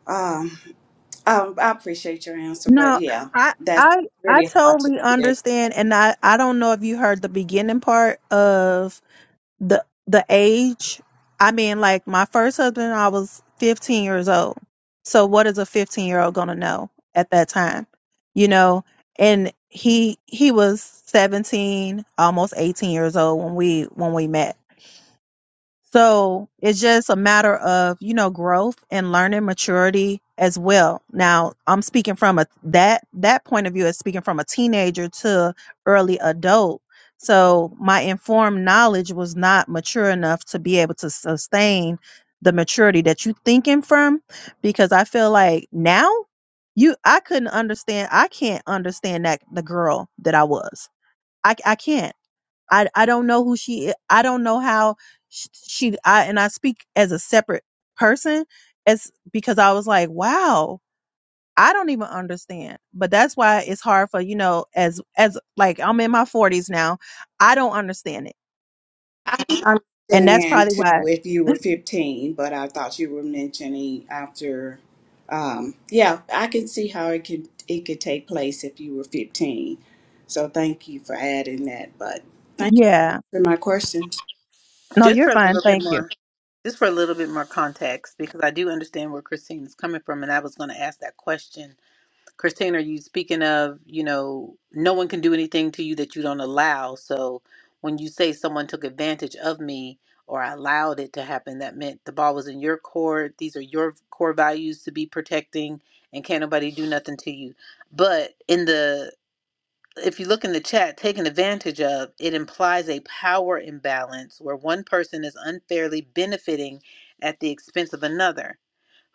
[SPEAKER 6] Um, um, I appreciate your answer, but
[SPEAKER 2] No,
[SPEAKER 6] yeah,
[SPEAKER 2] I
[SPEAKER 6] that's
[SPEAKER 2] I I
[SPEAKER 6] really hard
[SPEAKER 2] totally
[SPEAKER 6] to.
[SPEAKER 2] understand and I I don't know if you heard the beginning part of the the age. I mean like my first husband I was 15 years old. So what is a 15-year-old going to know at that time? You know, and he he was 17, almost 18 years old when we when we met. So it's just a matter of, you know, growth and learning maturity as well. Now, I'm speaking from a that that point of view is speaking from a teenager to early adult. So my informed knowledge was not mature enough to be able to sustain the maturity that you thinking from because I feel like now you I couldn't understand I can't understand that the girl that I was. I I can't. I I don't know who she. i- don't know how sh- she. I and I speak as a separate person, as because I was like, wow, I don't even understand. But that's why it's hard for you know, as as like I'm in my forties now, I don't understand it, and that's
[SPEAKER 6] understand
[SPEAKER 2] probably
[SPEAKER 6] too
[SPEAKER 2] why.
[SPEAKER 6] if you were 15, but I thought you were mentioning after. Um, yeah, I can see how it could it could take place if you were 15. So thank you for adding that. But thank you
[SPEAKER 2] Yeah.
[SPEAKER 6] for my question.
[SPEAKER 2] No,
[SPEAKER 1] just
[SPEAKER 2] you're
[SPEAKER 1] for a
[SPEAKER 2] fine.
[SPEAKER 1] little bit
[SPEAKER 2] Thank you.
[SPEAKER 1] more, just for a little bit more context, because I do understand where Christine is coming from, and I was going to ask that question Christina, are you speaking of, you know, no one can do anything to you that you don't allow. So when you say someone took advantage of me or I allowed it to happen, that meant the ball was in your court. These are your core values to be protecting and can't nobody do nothing to you. But in the if you look in the chat, taken advantage of, it implies a power imbalance where one person is unfairly benefiting at the expense of another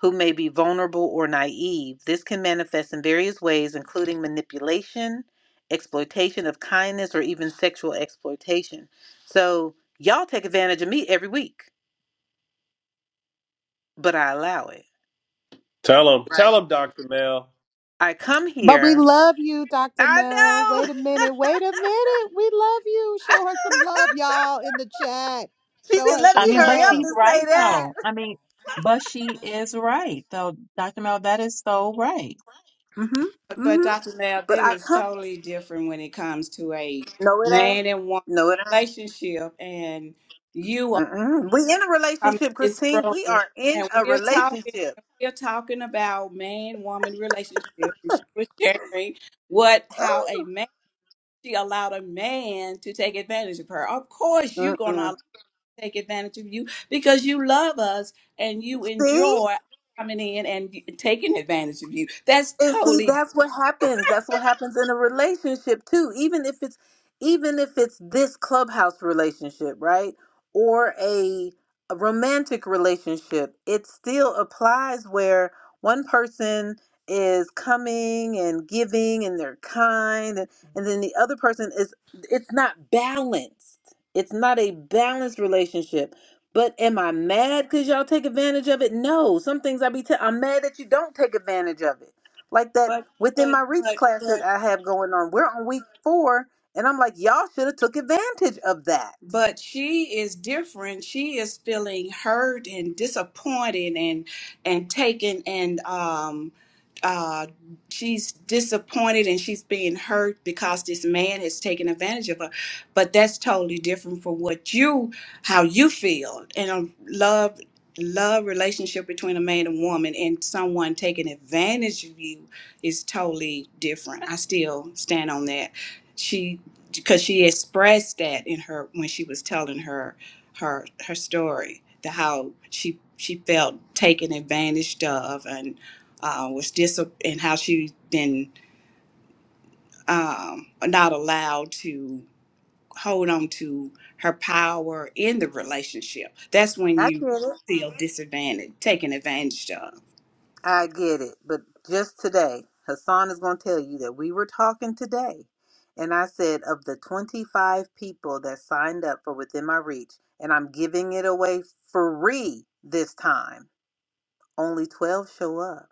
[SPEAKER 1] who may be vulnerable or naive. This can manifest in various ways, including manipulation, exploitation of kindness, or even sexual exploitation. So, y'all take advantage of me every week, but I allow it.
[SPEAKER 5] Tell them, tell
[SPEAKER 1] Right.
[SPEAKER 5] them, Doctor Mel.
[SPEAKER 1] I come
[SPEAKER 3] But we
[SPEAKER 1] here.
[SPEAKER 3] love you, Dr.
[SPEAKER 1] I
[SPEAKER 3] Mel.
[SPEAKER 1] know.
[SPEAKER 3] Wait a minute. Wait a minute. We love you. Show her some love, y'all, in the chat.
[SPEAKER 1] she
[SPEAKER 3] Show
[SPEAKER 1] said,
[SPEAKER 3] her
[SPEAKER 1] let
[SPEAKER 7] I
[SPEAKER 3] some
[SPEAKER 1] me
[SPEAKER 7] mean,
[SPEAKER 1] hurry
[SPEAKER 7] but
[SPEAKER 1] up
[SPEAKER 3] love.
[SPEAKER 7] she's
[SPEAKER 1] and
[SPEAKER 7] right
[SPEAKER 1] say that.
[SPEAKER 7] though. I mean, but she is right though, Dr. Mel. That is so right.
[SPEAKER 1] Mhm.
[SPEAKER 6] But, but
[SPEAKER 1] Mhm.
[SPEAKER 6] Dr. Mel,
[SPEAKER 1] But
[SPEAKER 6] this
[SPEAKER 1] I
[SPEAKER 6] is
[SPEAKER 1] come.
[SPEAKER 6] totally different when it comes to a
[SPEAKER 1] No, it ain't.
[SPEAKER 6] man and woman
[SPEAKER 1] No, it ain't.
[SPEAKER 6] relationship, and you
[SPEAKER 1] Mm-mm. We in a
[SPEAKER 6] I mean,
[SPEAKER 1] relationship,
[SPEAKER 6] it's
[SPEAKER 1] Christine.
[SPEAKER 6] grown.
[SPEAKER 1] We are in
[SPEAKER 6] And
[SPEAKER 1] a
[SPEAKER 6] we are talking,
[SPEAKER 1] relationship.
[SPEAKER 6] we are talking about man woman relationship. And she was sharing what, how a
[SPEAKER 1] Ooh.
[SPEAKER 6] man, she allowed a man to take advantage of her. Of course, you're going
[SPEAKER 1] Mm-mm.
[SPEAKER 6] to take advantage of you because you love us and you
[SPEAKER 1] See?
[SPEAKER 6] enjoy coming in and taking advantage of you. That's
[SPEAKER 1] And see,
[SPEAKER 6] totally,
[SPEAKER 1] that's what happens. That's what happens in a relationship too. Even if it's even if it's this clubhouse relationship, right? Or a, a romantic relationship, it still applies where one person is coming and giving and they're kind and, and then the other person is it's not balanced. It's not a balanced relationship. But am I mad because y'all take advantage of it? No. Some things I be i I'm mad that you don't take advantage of it like that
[SPEAKER 6] but,
[SPEAKER 1] within my
[SPEAKER 6] but,
[SPEAKER 1] reach
[SPEAKER 6] but,
[SPEAKER 1] class
[SPEAKER 6] but,
[SPEAKER 1] that I have going on. We're on week four, and I'm like, y'all should have took advantage of that.
[SPEAKER 6] but she is different she is feeling hurt and disappointed and and taken and um uh she's disappointed and she's being hurt because this man has taken advantage of her but that's totally different from what you how you feel in a love love relationship between a man and woman and someone taking advantage of you is totally different i still stand on that because she expressed that in her when she was telling her her her story the how she she felt taken advantage of and uh, was dis and how she been um, not allowed to hold on to her power in the relationship that's when
[SPEAKER 1] I
[SPEAKER 6] you
[SPEAKER 1] get it.
[SPEAKER 6] feel disadvantaged taken advantage of
[SPEAKER 1] I get it. But just today, Hassan is going to tell you that we were talking today, and I said of the 25 people that signed up for within my reach, and I'm giving it away free this time. Only 12 show up,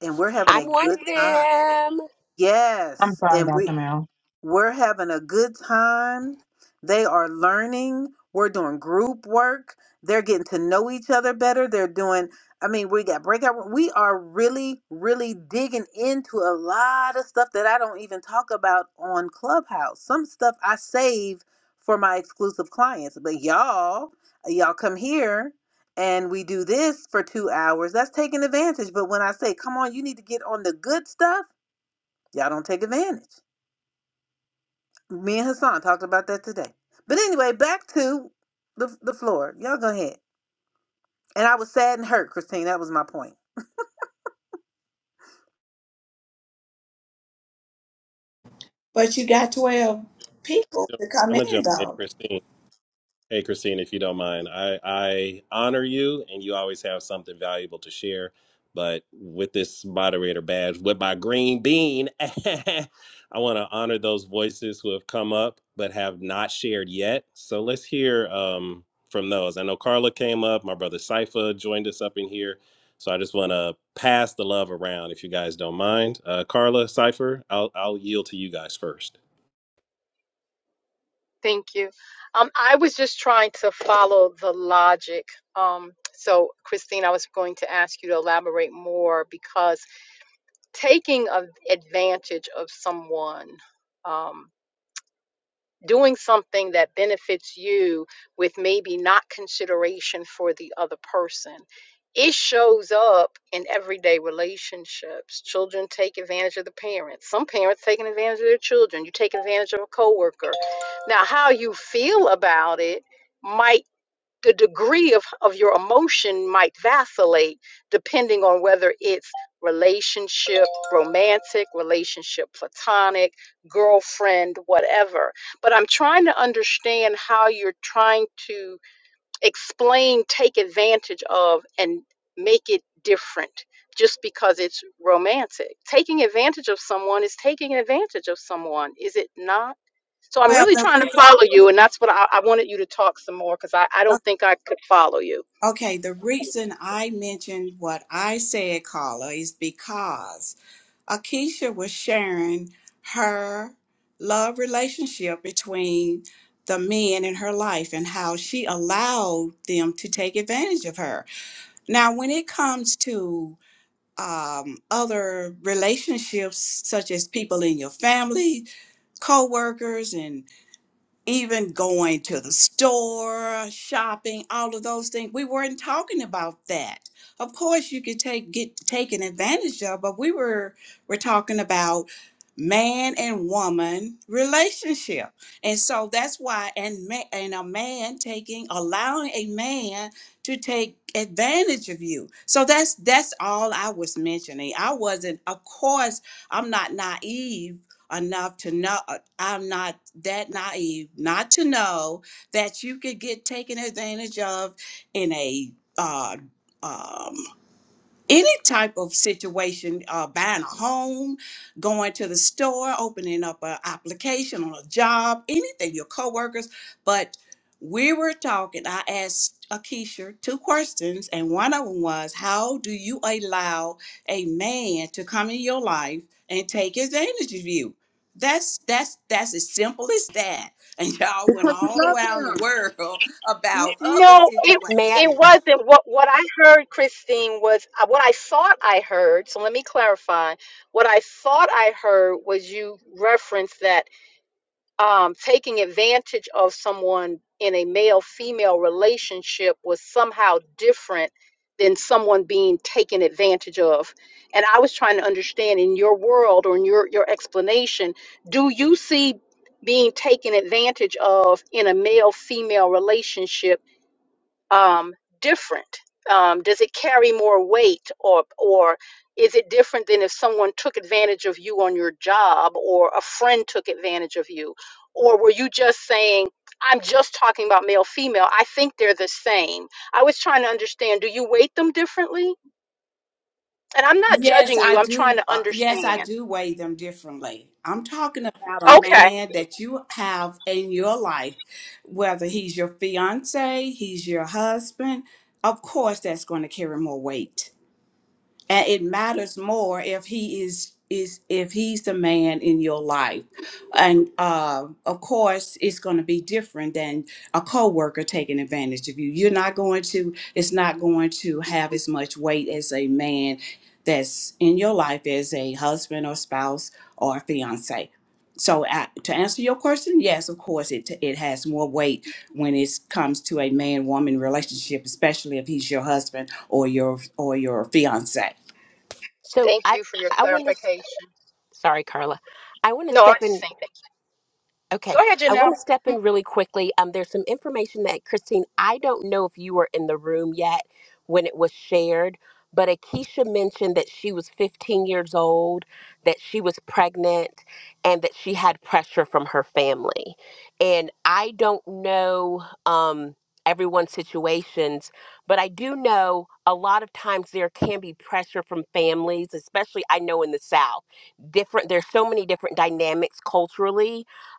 [SPEAKER 1] and we're having
[SPEAKER 4] I'm
[SPEAKER 1] a
[SPEAKER 4] one
[SPEAKER 1] good
[SPEAKER 4] of
[SPEAKER 1] time.
[SPEAKER 4] them.
[SPEAKER 7] I'm
[SPEAKER 1] Yes,
[SPEAKER 7] sorry,
[SPEAKER 1] and
[SPEAKER 7] Dr.
[SPEAKER 1] we.
[SPEAKER 7] Mel.
[SPEAKER 1] We're having a good time. They are learning. We're doing group work. They're getting to know each other better. They're doing, I mean, we got breakout. We are really, really digging into a lot of stuff that I don't even talk about on Clubhouse. Some stuff I save for my exclusive clients, but y'all, y'all come here and we do this for two hours. That's taking advantage. But when I say, come on, you need to get on the good stuff, y'all don't take advantage. Me and Hassan talked about that today. But anyway, back to the the floor. Y'all go ahead. And I was sad and hurt, Christine. That was my point.
[SPEAKER 6] But you got 12 people to come
[SPEAKER 5] I'm gonna
[SPEAKER 6] in,
[SPEAKER 5] jump in,
[SPEAKER 6] though.
[SPEAKER 5] Christine. Hey, Christine, if you don't mind, I, I honor you and you always have something valuable to share. But with this moderator badge, with my green bean, I want to honor those voices who have come up but have not shared yet. So let's hear um, from those. I know Carla came up, my brother Cypher joined us up in here. So I just want to pass the love around if you guys don't mind. Uh, Carla, Cypher, I'll, I'll yield to you guys first.
[SPEAKER 8] Thank you. Um, I was just trying to follow the logic. Um, so, Christine, I was going to ask you to elaborate more because taking a, advantage of someone. Um, doing something that benefits you with maybe not consideration for the other person. It shows up in everyday relationships. Children take advantage of the parents. Some parents taking advantage of their children. You take advantage of a coworker. Now, how you feel about it might the degree of, of your emotion might vacillate depending on whether it's relationship, romantic, relationship, platonic, girlfriend, whatever. But I'm trying to understand how you're trying to explain, take advantage of, and make it different just because it's romantic. Taking advantage of someone is taking advantage of someone, is it not? So I'm
[SPEAKER 6] Well,
[SPEAKER 8] really
[SPEAKER 6] the
[SPEAKER 8] trying to
[SPEAKER 6] re-
[SPEAKER 8] follow you, and that's what I, I wanted you to talk some more because I, I don't think I could follow you.
[SPEAKER 6] okay, the reason I mentioned what I said, Carla, is because Akeisha was sharing her love relationship between the men in her life and how she allowed them to take advantage of her. Now, when it comes to um, other relationships, such as people in your family, co-workers, and even going to the store, shopping, all of those things. We weren't talking about that. Of course, you could take get taken advantage of, but we were we're talking about man and woman relationship, and so that's why and ma- and a man taking allowing a man to take advantage of you. So that's that's all I was mentioning. I wasn't, of course, I'm not naive enough to know uh, I'm not that naive not to know that you could get taken advantage of in a uh, um, any type of situation, uh, buying a home, going to the store, opening up an application on a job, anything, your coworkers. But we were talking, I asked Akeisha two questions, and one of them was, How do you allow a man to come in your life and take advantage of you? That's that's that's as simple as that. And y'all went
[SPEAKER 1] Because you
[SPEAKER 6] all
[SPEAKER 1] love
[SPEAKER 6] around the
[SPEAKER 1] him.
[SPEAKER 6] world
[SPEAKER 8] N-
[SPEAKER 6] about other
[SPEAKER 8] No, it
[SPEAKER 4] May I?
[SPEAKER 8] it
[SPEAKER 6] situations.
[SPEAKER 8] wasn't. What what I heard, Christine, was uh, what I thought I heard. So let me clarify. What I thought I heard was you referenced that um, taking advantage of someone in a male-female relationship was somehow different than someone being taken advantage of. And I was trying to understand in your world or in your your explanation, do you see being taken advantage of in a male-female relationship? um, different? Um, does it carry more weight, or or is it different than if someone took advantage of you on your job, or a friend took advantage of you, or were you just saying, "I'm just talking about male, female. I think they're the same." I was trying to understand. Do you weight them differently? And I'm not
[SPEAKER 6] Yes,
[SPEAKER 8] judging
[SPEAKER 6] I
[SPEAKER 8] you. I'm trying
[SPEAKER 6] do.
[SPEAKER 8] to
[SPEAKER 6] Uh,
[SPEAKER 8] understand.
[SPEAKER 6] yes, I do weigh them differently. I'm talking about a
[SPEAKER 8] Okay.
[SPEAKER 6] man that you have in your life, whether he's your fiance, he's your husband. Of course, that's going to carry more weight and it matters more if he is is if he's the man in your life and uh, of course it's going to be different than a coworker taking advantage of you you're not going to it's not going to have as much weight as a man that's in your life as a husband or spouse or fiance so I, to answer your question yes of course it, it has more weight when it comes to a man woman relationship especially if he's your husband or your or your fiance
[SPEAKER 4] So
[SPEAKER 8] Thank
[SPEAKER 4] I,
[SPEAKER 8] you for your
[SPEAKER 4] I want to.
[SPEAKER 8] clarification.
[SPEAKER 4] Sorry, Carla. I want to
[SPEAKER 8] No, I was
[SPEAKER 4] step
[SPEAKER 8] just
[SPEAKER 4] in
[SPEAKER 8] thinking.
[SPEAKER 4] Okay,
[SPEAKER 8] Go ahead,
[SPEAKER 4] I want to
[SPEAKER 8] Janelle.
[SPEAKER 4] step in really quickly. Um, there's some information that Christine, I don't know if you were in the room yet when it was shared, but Akeisha mentioned that she was 15 years old, that she was pregnant, and that she had pressure from her family. And I don't know um, everyone's situations, but I do know a lot of times there can be pressure from families, especially I know in the South. Different, there's so many different dynamics culturally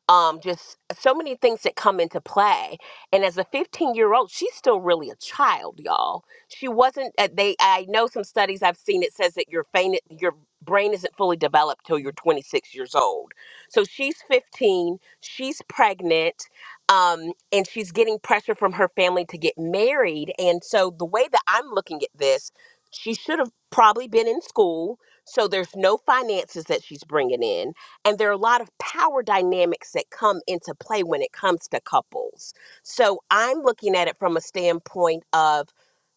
[SPEAKER 4] um, just so many things that come into play. And as a 15 year old, she's still really a child, y'all. She wasn't. uh, They, I know some studies I've seen. It says that your faint, your brain isn't fully developed till you're 26 years old. So she's 15. She's pregnant, um, and she's getting pressure from her family to get married. And so the way that I'm looking at this, she should have probably been in school. So there's no finances that she's bringing in and there are a lot of power dynamics that come into play when it comes to couples. So I'm looking at it from a standpoint of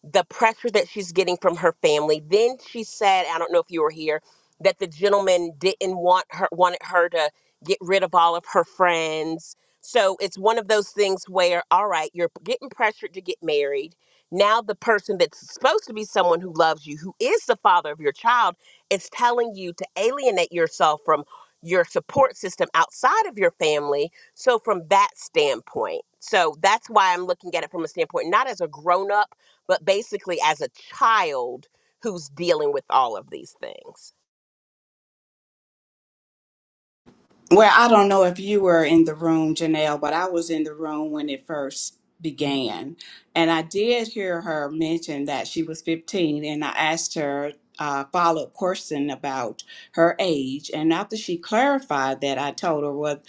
[SPEAKER 4] the pressure that she's getting from her family. Then she said, I don't know if you were here, that the gentleman didn't want her wanted her to get rid of all of her friends. So it's one of those things where, all right, you're getting pressured to get married. Now the person that's supposed to be someone who loves you, who is the father of your child, is telling you to alienate yourself from your support system outside of your family. So, from that standpoint, so that's why I'm looking at it from a standpoint, not as a grown up, but basically as a child who's dealing with all of these things.
[SPEAKER 6] Well, I don't know if you were in the room, Janelle, but I was in the room when it first began. And I did hear her mention that she was 15, and I asked her a follow up question about her age. And after she clarified that, I told her, Well,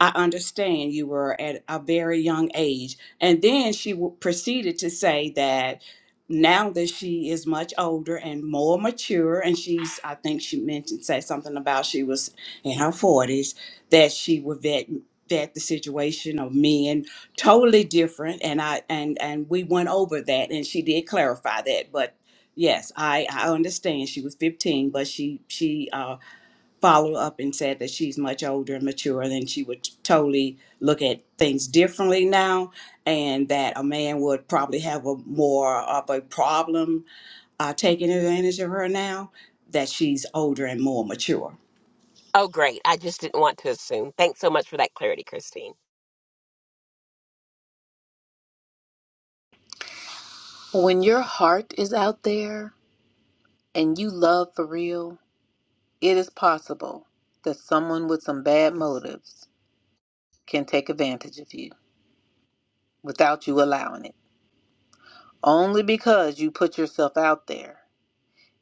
[SPEAKER 6] I understand you were at a very young age. And then she w- proceeded to say that. Now that she is much older and more mature, and she's, I think she mentioned, say something about she was in her 40s that she would vet vet the situation of men totally different and i and and we went over that and she did clarify that but yes i i understand she was 15 but she she uh followed up and said that she's much older and mature and she would totally look at things differently now and that a man would probably have a more of a problem uh, taking advantage of her now that she's older and more mature
[SPEAKER 4] Oh, great. I just didn't want to assume. Thanks so much for that clarity, Christine.
[SPEAKER 1] When your heart is out there and you love for real, it is possible that someone with some bad motives can take advantage of you without you allowing it. Only because you put yourself out there.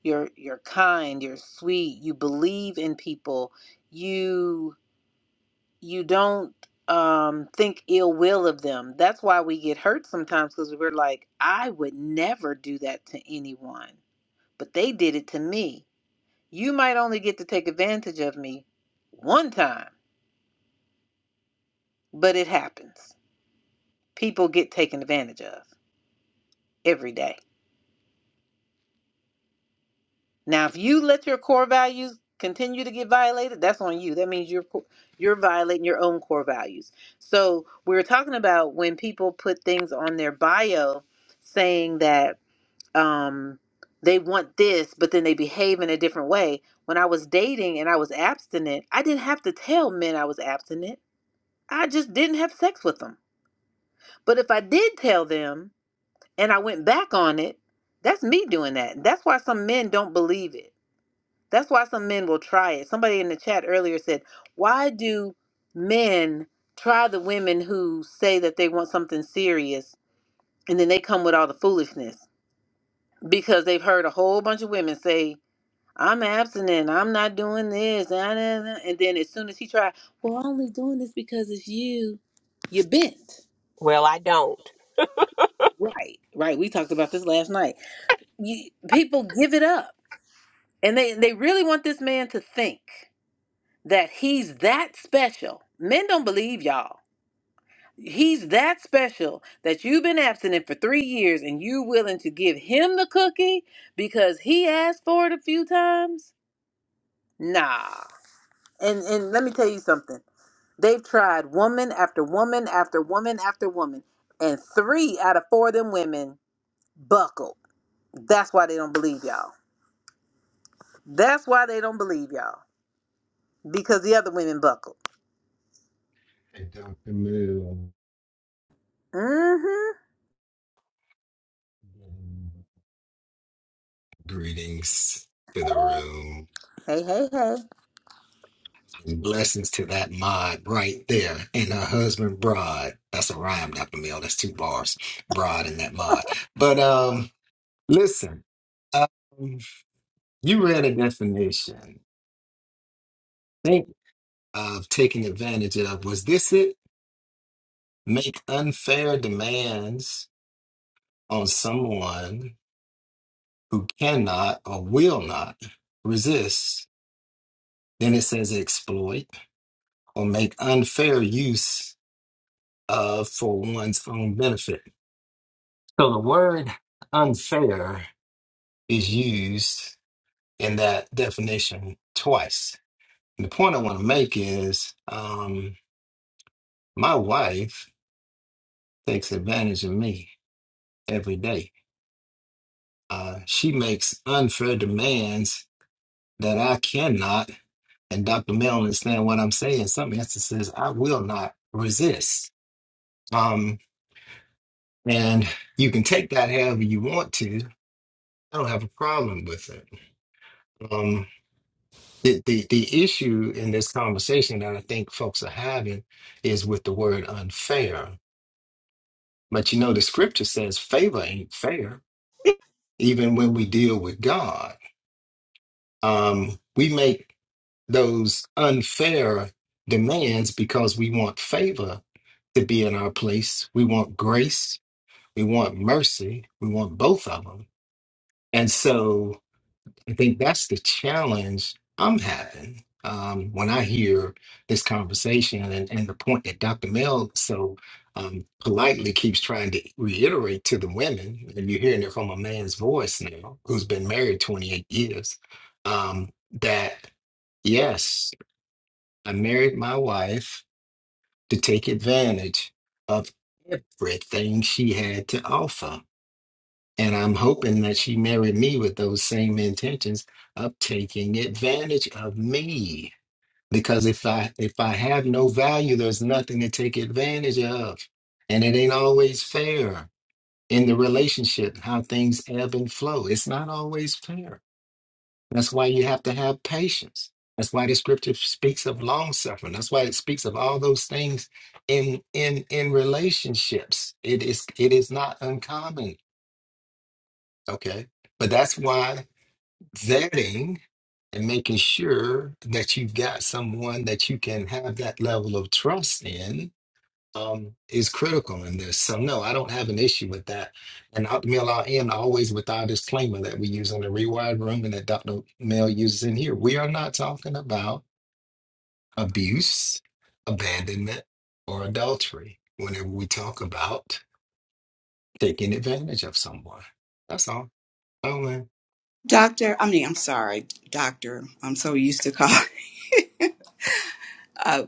[SPEAKER 1] You're you're kind, you're sweet, you believe in people, you you don't um think ill will of them that's why we get hurt sometimes because we're like i would never do that to anyone but they did it to me you might only get to take advantage of me one time but it happens people get taken advantage of every day now if you let your core values continue to get violated that's on you that means you're you're violating your own core values so we were talking about when people put things on their bio saying that um they want this but then they behave in a different way when i was dating and i was abstinent i didn't have to tell men i was abstinent i just didn't have sex with them but if i did tell them and i went back on it that's me doing that that's why some men don't believe it that's why some men will try it somebody in the chat earlier said why do men try the women who say that they want something serious and then they come with all the foolishness because they've heard a whole bunch of women say I'm abstinent. I'm not doing this. And and then as soon as he tried, well, I'm only doing this because it's you. You bent.
[SPEAKER 4] Well, I don't.
[SPEAKER 1] Right. Right. We talked about this last night. You, people give it up. And they, they really want this man to think that he's that special. Men don't believe y'all. He's that special that you've been abstinent for three years and you willing to give him the cookie because he asked for it a few times? Nah. And and let me tell you something. They've tried woman after woman after woman after woman, and three out of four of them women buckled. That's why they don't believe y'all. That's why they don't believe y'all because the other women buckled.
[SPEAKER 9] Hey, Dr. Moon.
[SPEAKER 1] Mm-hmm.
[SPEAKER 9] Greetings to the room
[SPEAKER 1] Hey, hey, hey.
[SPEAKER 9] and blessings to that mod right there and her husband Broad. That's a rhyme, Dr. Mill. That's two bars, Broad and that mod. But um, listen, um, you read a definition. Think of taking advantage of. Was this it? Make unfair demands on someone who cannot or will not resist. Then it says exploit or make unfair use of for one's own benefit. So the word unfair is used in that definition twice. And the point I want to make is um, my wife takes advantage of me every day. Uh, she makes unfair demands that I cannot, and Dr. Mel understand what I'm saying. In some instances, I will not resist. Um, and you can take that however you want to I don't have a problem with it. Um, the, the the issue in this conversation that I think folks are having is with the word unfair. But you know, the scripture says favor ain't fair, even when we deal with God. Um, we make those unfair demands because we want favor to be in our place. We want grace. We want mercy. We want both of them. And so I think that's the challenge I'm having um, when I hear this conversation and, and the point that Dr. Mel so um, politely keeps trying to reiterate to the women, and you're hearing it from a man's voice now who's been married 28 years, um, that yes, I married my wife to take advantage of everything she had to offer and I'm hoping that she married me with those same intentions of taking advantage of me. Because if I if I have no value, there's nothing to take advantage of. And it ain't always fair in the relationship, how things ebb and flow. It's not always fair. That's why you have to have patience. That's why the scripture speaks of long suffering. That's why it speaks of all those things in in in relationships. It is it is not uncommon. Okay. But that's why vetting and making sure that you've got someone that you can have that level of trust in um, is critical in this. So no, I don't have an issue with that. And Dr. Mill, I'll end always with our disclaimer that we use in the rewired room and that Dr. Mill uses in here. We are not talking about abuse, abandonment, or adultery whenever we talk about taking advantage of someone. That's all. Oh man.
[SPEAKER 6] Doctor, I mean, I'm sorry, Doctor. I'm so used to call. Uh,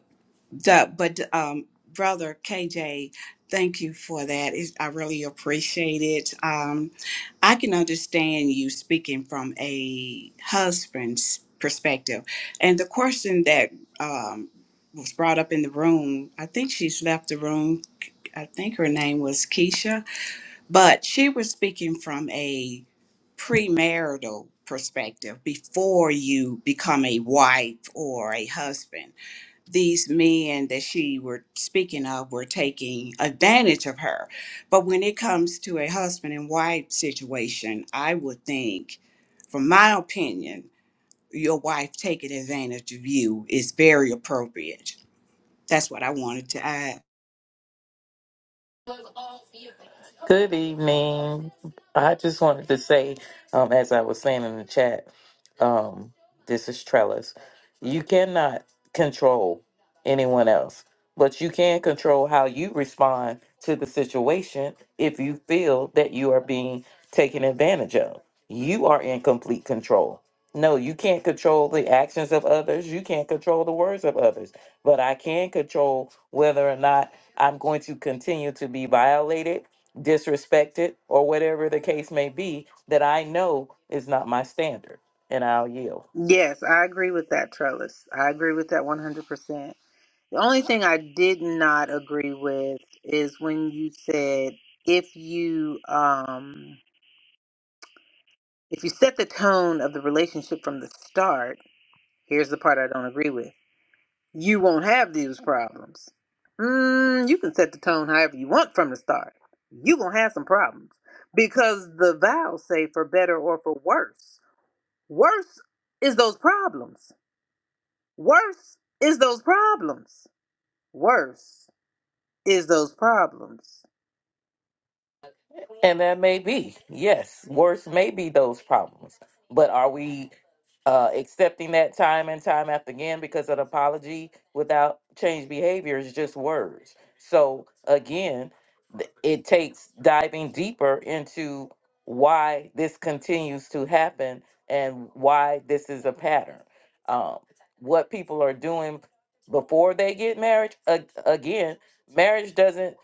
[SPEAKER 6] doc- but um, brother KJ, thank you for that. It's, I really appreciate it. Um, I can understand you speaking from a husband's perspective, and the question that um, was brought up in the room. I think she's left the room. I think her name was Keisha but she was speaking from a premarital perspective before you become a wife or a husband. These men that she were speaking of were taking advantage of her. But when it comes to a husband and wife situation, I would think, from my opinion, your wife taking advantage of you is very appropriate. That's what I wanted to add.
[SPEAKER 10] Good evening. I just wanted to say, um, as I was saying in the chat, um, this is Trellis. You cannot control anyone else, but you can control how you respond to the situation if you feel that you are being taken advantage of. You are in complete control. No, you can't control the actions of others. You can't control the words of others. But I can control whether or not I'm going to continue to be violated disrespected or whatever the case may be that I know is not my standard and I'll yield.
[SPEAKER 1] Yes, I agree with that, Trellis. I agree with that 100%. The only thing I did not agree with is when you said if you um if you set the tone of the relationship from the start Here's the part I don't agree with. You won't have these problems. Mm, you can set the tone however you want from the start. You're going to have some problems because the vows say for better or for worse. Worse is those problems. Worse is those problems. Worse is those problems.
[SPEAKER 10] And that may be, yes, worse may be those problems. But are we uh, accepting that time and time after again because an apology without change behavior is just words. So again, th- it takes diving deeper into why this continues to happen and why this is a pattern. Um, what people are doing before they get married, a- again, marriage doesn't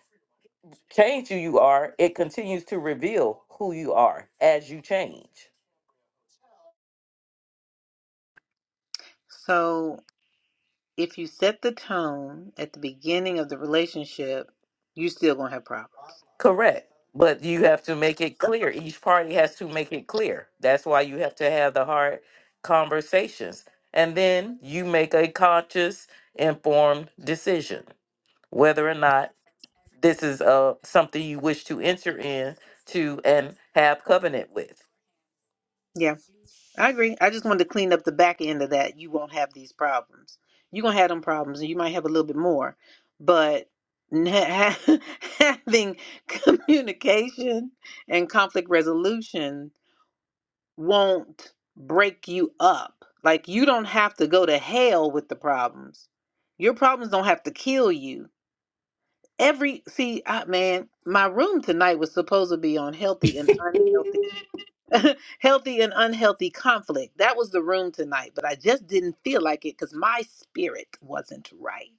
[SPEAKER 10] change who you are, it continues to reveal who you are as you change.
[SPEAKER 1] So if you set the tone at the beginning of the relationship, you're still going to have problems.
[SPEAKER 10] Correct. But you have to make it clear. Each party has to make it clear. That's why you have to have the hard conversations. And then you make a conscious, informed decision whether or not this is uh, something you wish to enter in to and have covenant with.
[SPEAKER 1] Yeah. I agree. I just wanted to clean up the back end of that. You won't have these problems. You're going to have them problems and you might have a little bit more. But n- ha- having communication and conflict resolution won't break you up. Like you don't have to go to hell with the problems. Your problems don't have to kill you. Every see, I, man, my room tonight was supposed to be on healthy and unhealthy healthy and unhealthy conflict. That was the room tonight, but I just didn't feel like it because my spirit wasn't right.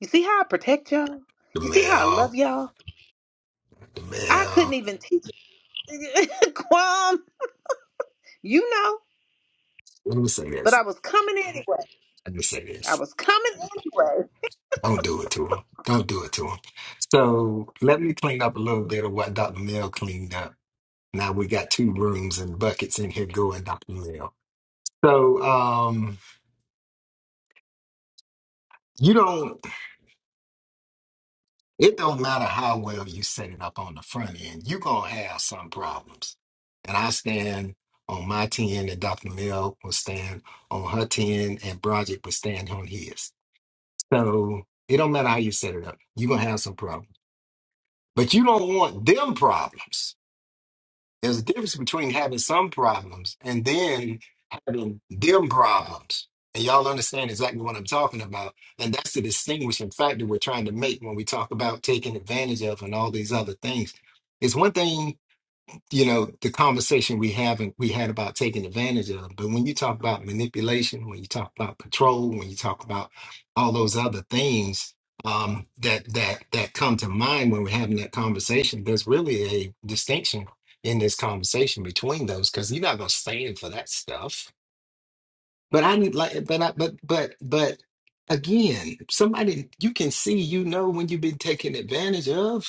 [SPEAKER 1] You see how I protect y'all?
[SPEAKER 9] The
[SPEAKER 1] You see how I love
[SPEAKER 9] mail,
[SPEAKER 1] y'all?
[SPEAKER 9] the
[SPEAKER 1] I couldn't
[SPEAKER 9] mail.
[SPEAKER 1] even teach it. Quam, you know,
[SPEAKER 9] Let me say
[SPEAKER 1] but
[SPEAKER 9] that.
[SPEAKER 1] I was coming anyway.
[SPEAKER 9] I just say
[SPEAKER 1] I
[SPEAKER 9] this.
[SPEAKER 1] was coming anyway.
[SPEAKER 9] Don't do it to him. Don't do it to him. So let me clean up a little bit of what Dr. Mill cleaned up. Now we got two rooms and buckets in here going, Dr. Mill. So um you don't it don't matter how well you set it up on the front end, you're gonna have some problems. And I stand on my 10 and Dr. Mill will stand on her 10 and Broderick will stand on his. So it don't matter how you set it up, you're gonna have some problems. But you don't want them problems There's a difference between having some problems and then having them problems. And y'all understand exactly what I'm talking about. And that's the distinguishing factor we're trying to make when we talk about taking advantage of and all these other things. It's one thing you know the conversation we haven't we had about taking advantage of but when you talk about manipulation when you talk about control when you talk about all those other things um that that that come to mind when we're having that conversation there's really a distinction in this conversation between those because you're not going to stand for that stuff but i didn't like but i but but but again somebody you can see you know when you've been taken advantage of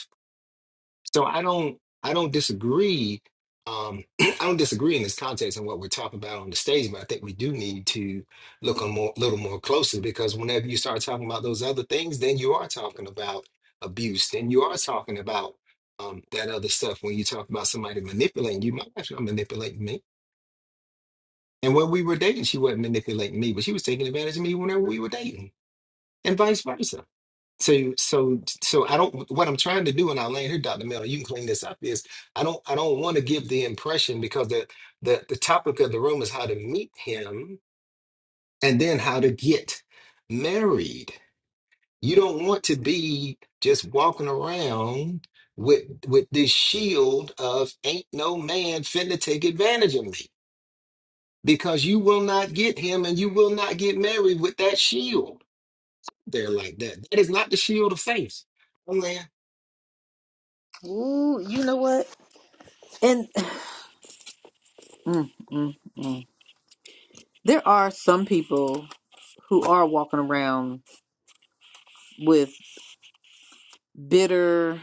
[SPEAKER 9] so I don't I don't disagree. Um, I don't disagree in this context and what we're talking about on the stage, but I think we do need to look a more, little more closely because whenever you start talking about those other things, then you are talking about abuse. Then you are talking about um, that other stuff. When you talk about somebody manipulating you, my wife's not manipulating me. And when we were dating, she wasn't manipulating me, but she was taking advantage of me whenever we were dating, and vice versa. So so so I don't what I'm trying to do and I land here, Dr. Mel, you can clean this up is I don't I don't want to give the impression because the, the the topic of the room is how to meet him and then how to get married. You don't want to be just walking around with with this shield of ain't no man finna take advantage of me because you will not get him and you will not get married with that shield there like that. That is not the shield of faith.
[SPEAKER 1] Ooh, you know what? And mm, mm, mm. there are some people. who are walking around with bitter,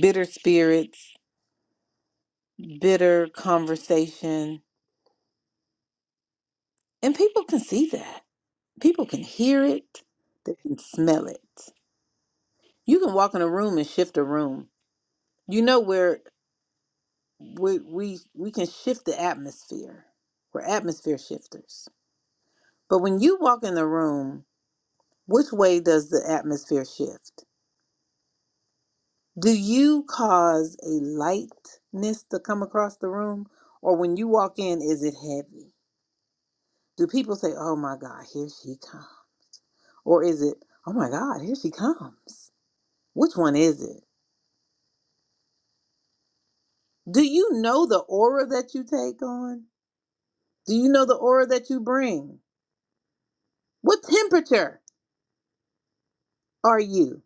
[SPEAKER 1] bitter spirits, bitter conversation. And people can see that. People can hear it. They can smell it. You can walk in a room and shift a room. You know where we we, we can shift the atmosphere. We're atmosphere shifters. But when you walk in the room, which way does the atmosphere shift? Do you cause a lightness to come across the room? Or when you walk in, is it heavy? Do people say, oh my God, here she comes? Or is it, oh my God, here she comes? Which one is it? Do you know the aura that you take on? Do you know the aura that you bring? What temperature are you?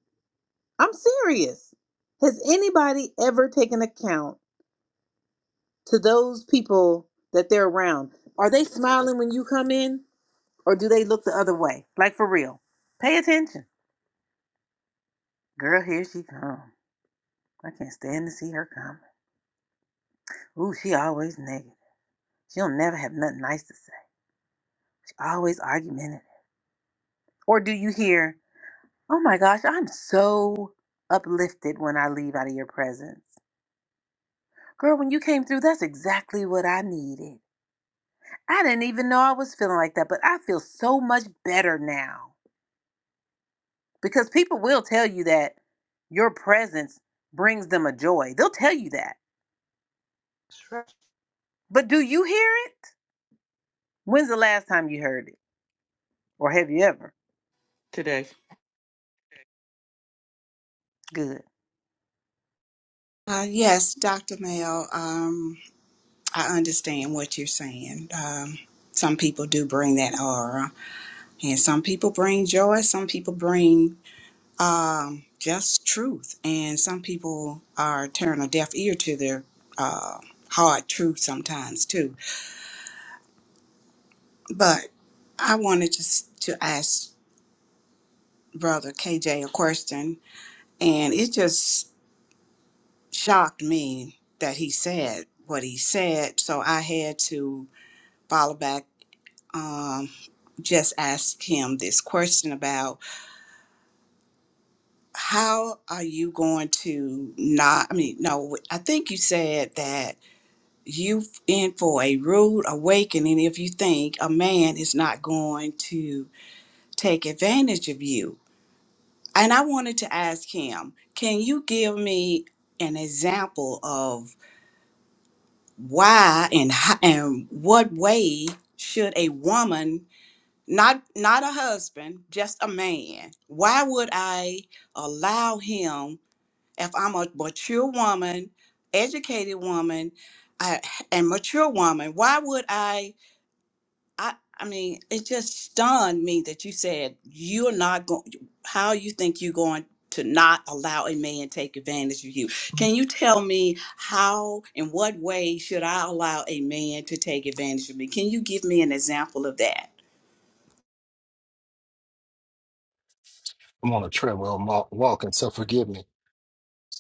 [SPEAKER 1] I'm serious. Has anybody ever taken account to those people that they're around? Are they smiling when you come in? Or do they look the other way? Like for real. Pay attention. Girl, here she come. I can't stand to see her come. Ooh, she always negative. She'll never have nothing nice to say. She always argumentative. Or do you hear, oh my gosh, I'm so uplifted when I leave out of your presence. Girl, when you came through, that's exactly what I needed. I didn't even know I was feeling like that, but I feel so much better now. Because people will tell you that your presence brings them a joy. They'll tell you that. But do you hear it? When's the last time you heard it? Or have you ever?
[SPEAKER 10] Today.
[SPEAKER 1] Good.
[SPEAKER 6] Uh, yes, Dr. Mayo. Um, I understand what you're saying. Um, some people do bring that aura, and some people bring joy. Some people bring um, just truth, and some people are turning a deaf ear to their uh, hard truth sometimes too. But I wanted to s- to ask Brother KJ a question, and it just shocked me that he said what he said. So I had to follow back um, just asked him this question about how are you going to not, I mean, no, I think you said that you in for a rude awakening if you think a man is not going to take advantage of you. And I wanted to ask him, can you give me an example of why and how, and what way should a woman not not a husband just a man why would i allow him if i'm a mature woman educated woman I, and mature woman why would i i i mean it just stunned me that you said you're not going how you think you're going to not allow a man take advantage of you can you tell me how in what way should i allow a man to take advantage of me can you give me an example of that
[SPEAKER 9] I'm on a treadmill i walking, so forgive me.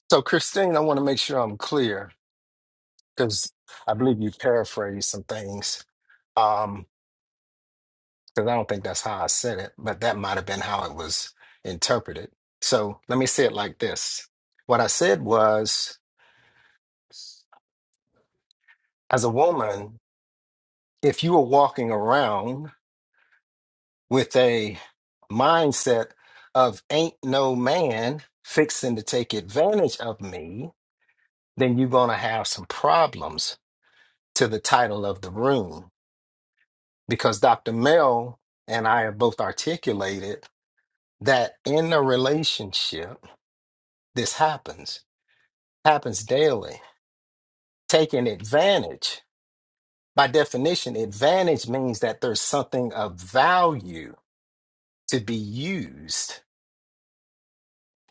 [SPEAKER 9] So, Christine, I want to make sure I'm clear because I believe you paraphrased some things. Um, because I don't think that's how I said it, but that might have been how it was interpreted. So, let me say it like this. What I said was, as a woman, if you were walking around with a mindset of ain't no man fixing to take advantage of me, then you're going to have some problems to the title of the room because Dr. Mel and I have both articulated that in a relationship, this happens, happens daily. Taking advantage, by definition, advantage means that there's something of value to be used,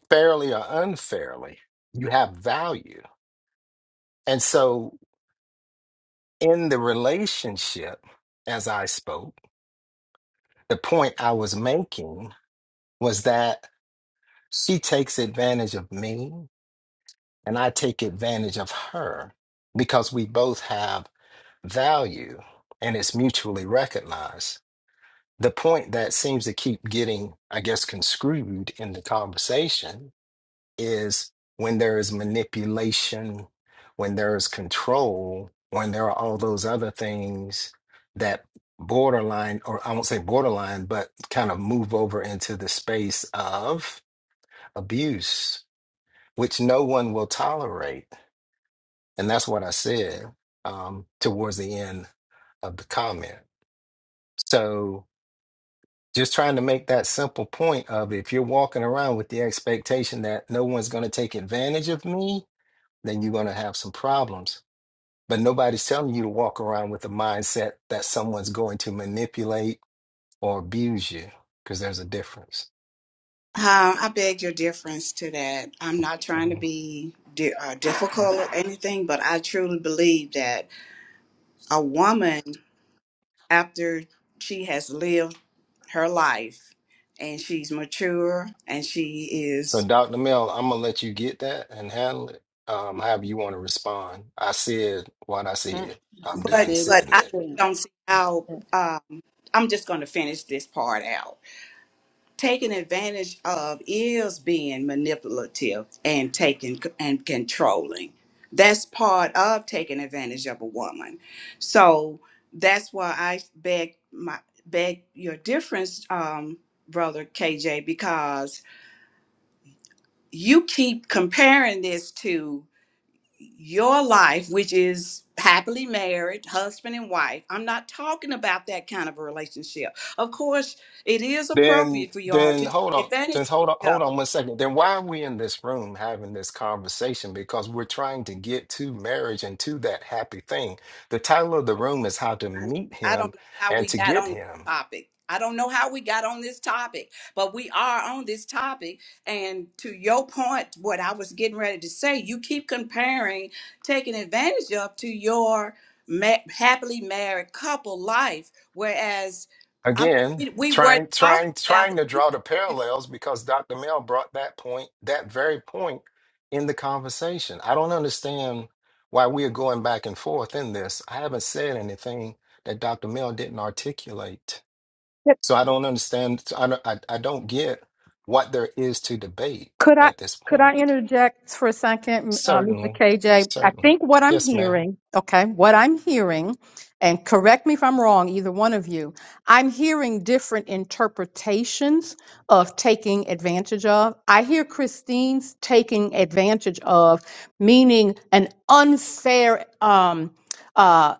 [SPEAKER 9] fairly or unfairly. You have value. And so in the relationship, as I spoke, the point I was making was that She takes advantage of me, and I take advantage of her because we both have value and it's mutually recognized. The point that seems to keep getting, I guess, conscrewed in the conversation is when there is manipulation, when there is control, when there are all those other things that borderline, or I won't say borderline, but kind of move over into the space of abuse which no one will tolerate. And that's what I said um, towards the end of the comment. So just trying to make that simple point of if you're walking around with the expectation that no one's going to take advantage of me, then you're going to have some problems. But nobody's telling you to walk around with the mindset that someone's going to manipulate or abuse you because there's a difference.
[SPEAKER 6] Um, I beg your difference to that. I'm not trying
[SPEAKER 9] Mm-hmm.
[SPEAKER 6] to
[SPEAKER 9] Mm-hmm.
[SPEAKER 6] be di- uh, difficult or anything, but I truly believe that a woman, after she has lived her life and she's mature and she
[SPEAKER 9] So,
[SPEAKER 6] is,
[SPEAKER 9] Dr. Mel, I'm gonna let you get that and handle it. Um, however you want to respond. I said what I
[SPEAKER 1] Mm,
[SPEAKER 9] said.
[SPEAKER 1] Yes,
[SPEAKER 9] I'm
[SPEAKER 1] you
[SPEAKER 6] but
[SPEAKER 9] done
[SPEAKER 1] said what
[SPEAKER 6] but
[SPEAKER 9] saying
[SPEAKER 6] I
[SPEAKER 9] that.
[SPEAKER 1] you
[SPEAKER 6] don't see how.
[SPEAKER 1] said. Mm.
[SPEAKER 6] Uh, I'm just going to finish this part out. taken advantage of is being manipulative and taking and controlling. That's part of taking advantage of a woman. So that's why I beg my beg your difference, um, brother KJ, because you keep comparing this to your life, which is happily married, husband and wife. I'm not talking about that kind of a relationship. Of course, it is
[SPEAKER 9] Then,
[SPEAKER 6] appropriate for y'all
[SPEAKER 9] then
[SPEAKER 6] to
[SPEAKER 9] hold on.
[SPEAKER 6] take advantage
[SPEAKER 9] Just
[SPEAKER 6] of
[SPEAKER 9] hold on.
[SPEAKER 6] each
[SPEAKER 9] Hold
[SPEAKER 6] other
[SPEAKER 9] on one second. Then why are we in this room having this conversation? Because we're trying to get to marriage and to that happy thing. The title of the room is how to
[SPEAKER 6] I
[SPEAKER 9] meet
[SPEAKER 6] I
[SPEAKER 9] him
[SPEAKER 6] don't know how
[SPEAKER 9] and
[SPEAKER 6] we
[SPEAKER 9] to
[SPEAKER 6] got
[SPEAKER 9] get
[SPEAKER 6] on this
[SPEAKER 9] him.
[SPEAKER 6] topic. I don't know how we got on this topic, but we are on this topic. And to your point, what I was getting ready to say, you keep comparing taking advantage of to your ma- happily married couple life, whereas I'm,
[SPEAKER 9] Again,
[SPEAKER 6] we we were
[SPEAKER 9] trying,
[SPEAKER 6] talking
[SPEAKER 9] trying,
[SPEAKER 6] about.
[SPEAKER 9] trying to draw the parallels because Dr. Mel brought that point, that very point in the conversation. I don't understand why we are going back and forth in this. I haven't said anything that Dr. Mel didn't articulate. So I don't understand. so I don't, I, I don't get what there is to debate
[SPEAKER 8] Could I
[SPEAKER 9] at this
[SPEAKER 8] could I
[SPEAKER 9] point.
[SPEAKER 8] interject for a second, uh, Mr.
[SPEAKER 9] Certainly.
[SPEAKER 8] KJ? I
[SPEAKER 9] Certainly.
[SPEAKER 8] think what I'm
[SPEAKER 9] Yes, ma'am.
[SPEAKER 8] hearing, okay, what I'm hearing, and correct me if I'm wrong, either one of you, I'm hearing different interpretations of taking advantage of. I hear Christine's taking advantage of, meaning an unfair um, uh,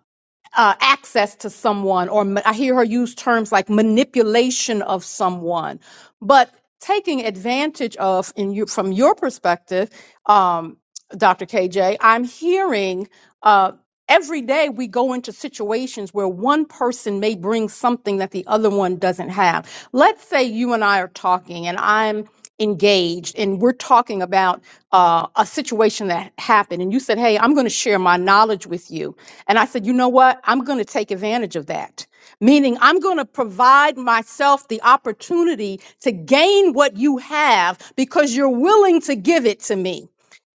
[SPEAKER 8] uh, access to someone, or ma- I hear her use terms like manipulation of someone, but taking advantage of, in you, from your perspective, um, Dr. KJ, I'm hearing uh, every day we go into situations where one person may bring something that the other one doesn't have. Let's say you and I are talking and I'm engaged and we're talking about uh, a situation that happened and you said hey i'm going to share my knowledge with you and i said you know what i'm going to take advantage of that meaning i'm going to provide myself the opportunity to gain what you have because you're willing to give it to me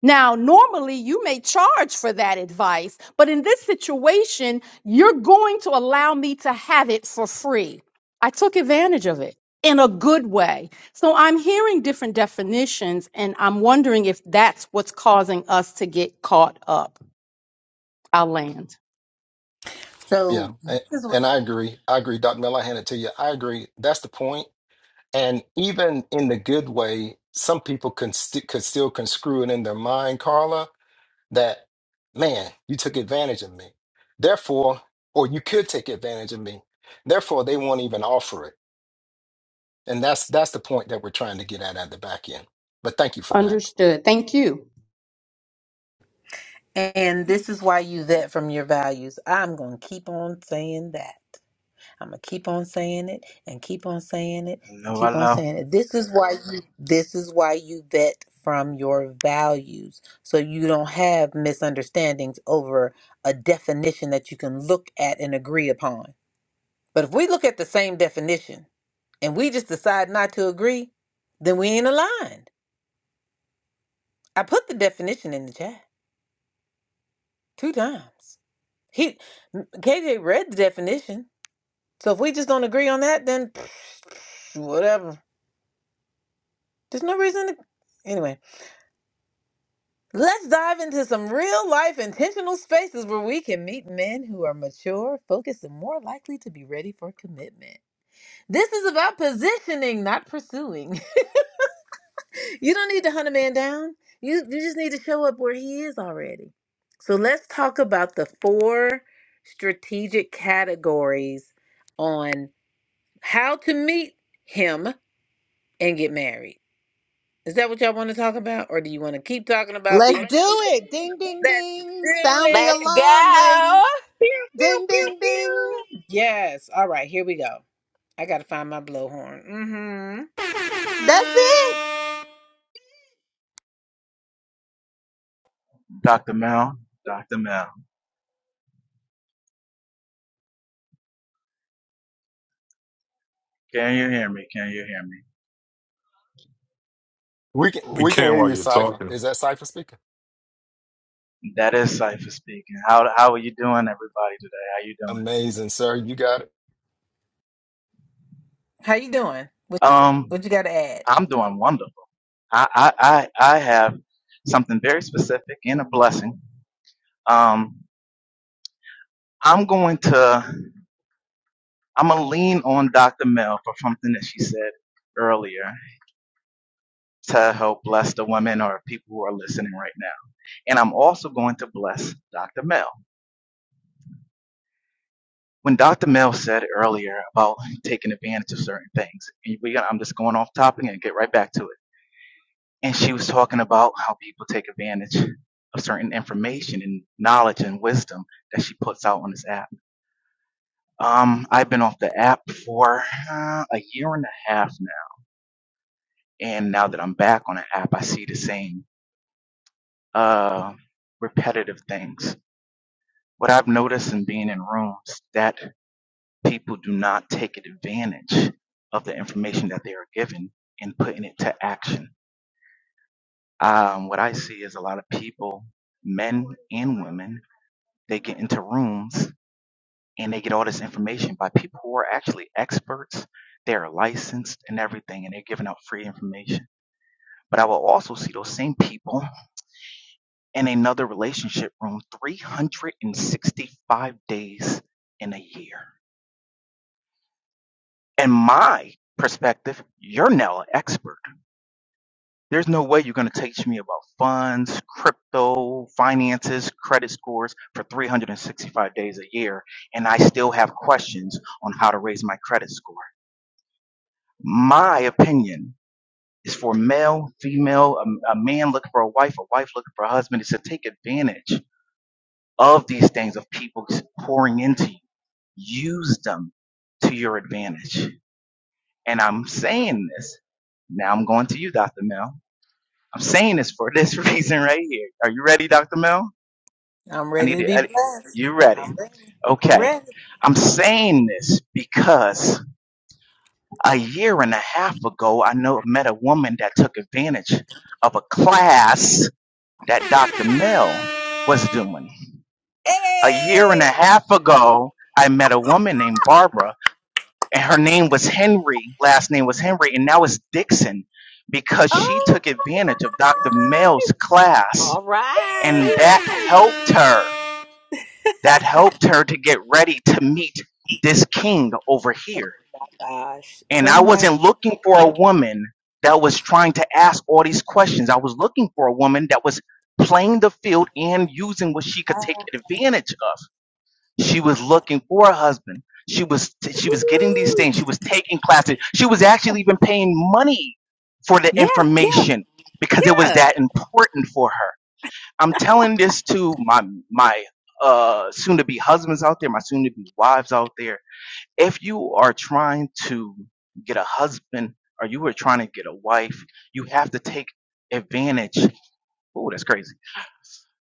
[SPEAKER 8] now, normally you may charge for that advice, but in this situation, you're going to allow me to have it for free. I took advantage of it in a good way. So I'm hearing different definitions, and I'm wondering if that's what's causing us to get caught up. I'll land.
[SPEAKER 9] Yeah.
[SPEAKER 1] So
[SPEAKER 9] a-
[SPEAKER 1] this is what,
[SPEAKER 9] And I agree. I agree, Dr. Mel. I hand it to you. I agree. That's the point And even in the good way, some people can st- could still conscrew it in their mind, Carla, that, man, you took advantage of me. Therefore, or you could take advantage of me. Therefore, they won't even offer it. And that's that's the point that we're trying to get at at the back end. But thank you for that.
[SPEAKER 8] Understood. Thank you.
[SPEAKER 1] and this is why you vet from your values. I'm gonna keep on saying that. I'm gonna keep on saying it and keep on saying it and
[SPEAKER 11] Hello,
[SPEAKER 1] keep on
[SPEAKER 11] hello,
[SPEAKER 1] saying it. This is why you this is why you vet from your values so you don't have misunderstandings over a definition that you can look at and agree upon. But if we look at the same definition and we just decide not to agree, then we ain't aligned. I put the definition in the chat two times. He KJ read the definition. So if we just don't agree on that, then whatever. There's no reason to. Anyway, let's dive into some real life intentional spaces where we can meet men who are mature, focused, and more likely to be ready for commitment. This is about positioning, not pursuing. you don't need to hunt a man down, you, you just need to show up where he is already. So let's talk about the four strategic categories on how to meet him and get married. Is that what y'all want to talk about, or do you want to keep talking about being
[SPEAKER 3] Let's
[SPEAKER 1] taken
[SPEAKER 3] do it. Ding, ding,
[SPEAKER 1] Let's do
[SPEAKER 3] ding. Sound the
[SPEAKER 1] it.
[SPEAKER 4] Let's
[SPEAKER 3] alarm, ladies.
[SPEAKER 4] go.
[SPEAKER 1] Pew, pew,
[SPEAKER 3] Ding,
[SPEAKER 1] pew,
[SPEAKER 3] ding, ding.
[SPEAKER 1] pew. Yes. All right. Here we go. I gotta find my blowhorn. Mm-hmm.
[SPEAKER 3] That's it.
[SPEAKER 11] Dr. Mel, Dr. Mel. Can you hear me? Can you hear me?
[SPEAKER 9] We can
[SPEAKER 12] We
[SPEAKER 9] we can
[SPEAKER 12] can
[SPEAKER 9] hear
[SPEAKER 12] while
[SPEAKER 9] you,
[SPEAKER 12] you're
[SPEAKER 9] Cipher.
[SPEAKER 12] talking.
[SPEAKER 9] Is that Cipher speaking?
[SPEAKER 11] That is Cipher speaking. How how are you doing, everybody today? How you doing?
[SPEAKER 9] Amazing, sir. You got it.
[SPEAKER 1] How you doing? What
[SPEAKER 11] Um,
[SPEAKER 1] What you gotta add?
[SPEAKER 11] I'm doing wonderful. I I I, I have something very specific and a blessing. Um, I'm going to I'm gonna lean on Dr. Mel for something that she said earlier to help bless the women or people who are listening right now. And I'm also going to bless Dr. Mel. when Dr. Mel said earlier about taking advantage of certain things, and we got, I'm just going off topic and get right back to it. And she was talking about how people take advantage of certain information and knowledge and wisdom that she puts out on this app. Um, I've been off the app for uh, a year and a half now, and now that I'm back on the app, I see the same uh, repetitive things. What I've noticed in being in rooms that people do not take advantage of the information that they are given and putting it to action. Um, what I see is a lot of people, men and women, they get into rooms and they get all this information by people who are actually experts. They are licensed and everything, and they're giving out free information. But I will also see those same people in another relationship room 365 days in a year. In my perspective, you're now an expert There's no way you're going to teach me about funds, crypto, finances, credit scores for 365 days a year, and I still have questions on how to raise my credit score. My opinion is for male, female, a, a man looking for a wife, a wife looking for a husband, is to take advantage of these things of people pouring into you. Use them to your advantage. And I'm saying this, now I'm going to you, Dr. Mel I'm saying this for this reason right here. Are you ready, Dr. Mel?
[SPEAKER 1] I'm
[SPEAKER 11] I
[SPEAKER 1] ready
[SPEAKER 11] need
[SPEAKER 1] to
[SPEAKER 11] to.
[SPEAKER 1] be
[SPEAKER 11] I,
[SPEAKER 1] blessed.
[SPEAKER 11] you
[SPEAKER 1] I'm
[SPEAKER 11] ready?
[SPEAKER 1] ready. I'm
[SPEAKER 11] Okay.
[SPEAKER 1] ready.
[SPEAKER 11] I'm saying this because a year and a half ago, I know met a woman that took advantage of a class that Dr. Mel was doing. A year and a
[SPEAKER 1] Hey.
[SPEAKER 11] half ago, I met a woman named Barbara, and her name was Henry. Last name was Henry, and now it's Dixon because she took advantage of Dr. Mel's class
[SPEAKER 4] All
[SPEAKER 11] and
[SPEAKER 4] right.
[SPEAKER 11] that helped her that helped her to get ready to meet this king over here and i wasn't looking for a woman that was trying to ask all these questions i was looking for a woman that was playing the field and using what she could take advantage of she was looking for a husband she was she was getting these things she was taking classes she was actually even paying money for the
[SPEAKER 1] Yeah.
[SPEAKER 11] information because it was that important for her I'm telling this to my my uh soon to be husbands out there, my soon to be wives out there. If you are trying to get a husband or you are trying to get a wife, you have to take advantage. Oh, that's crazy.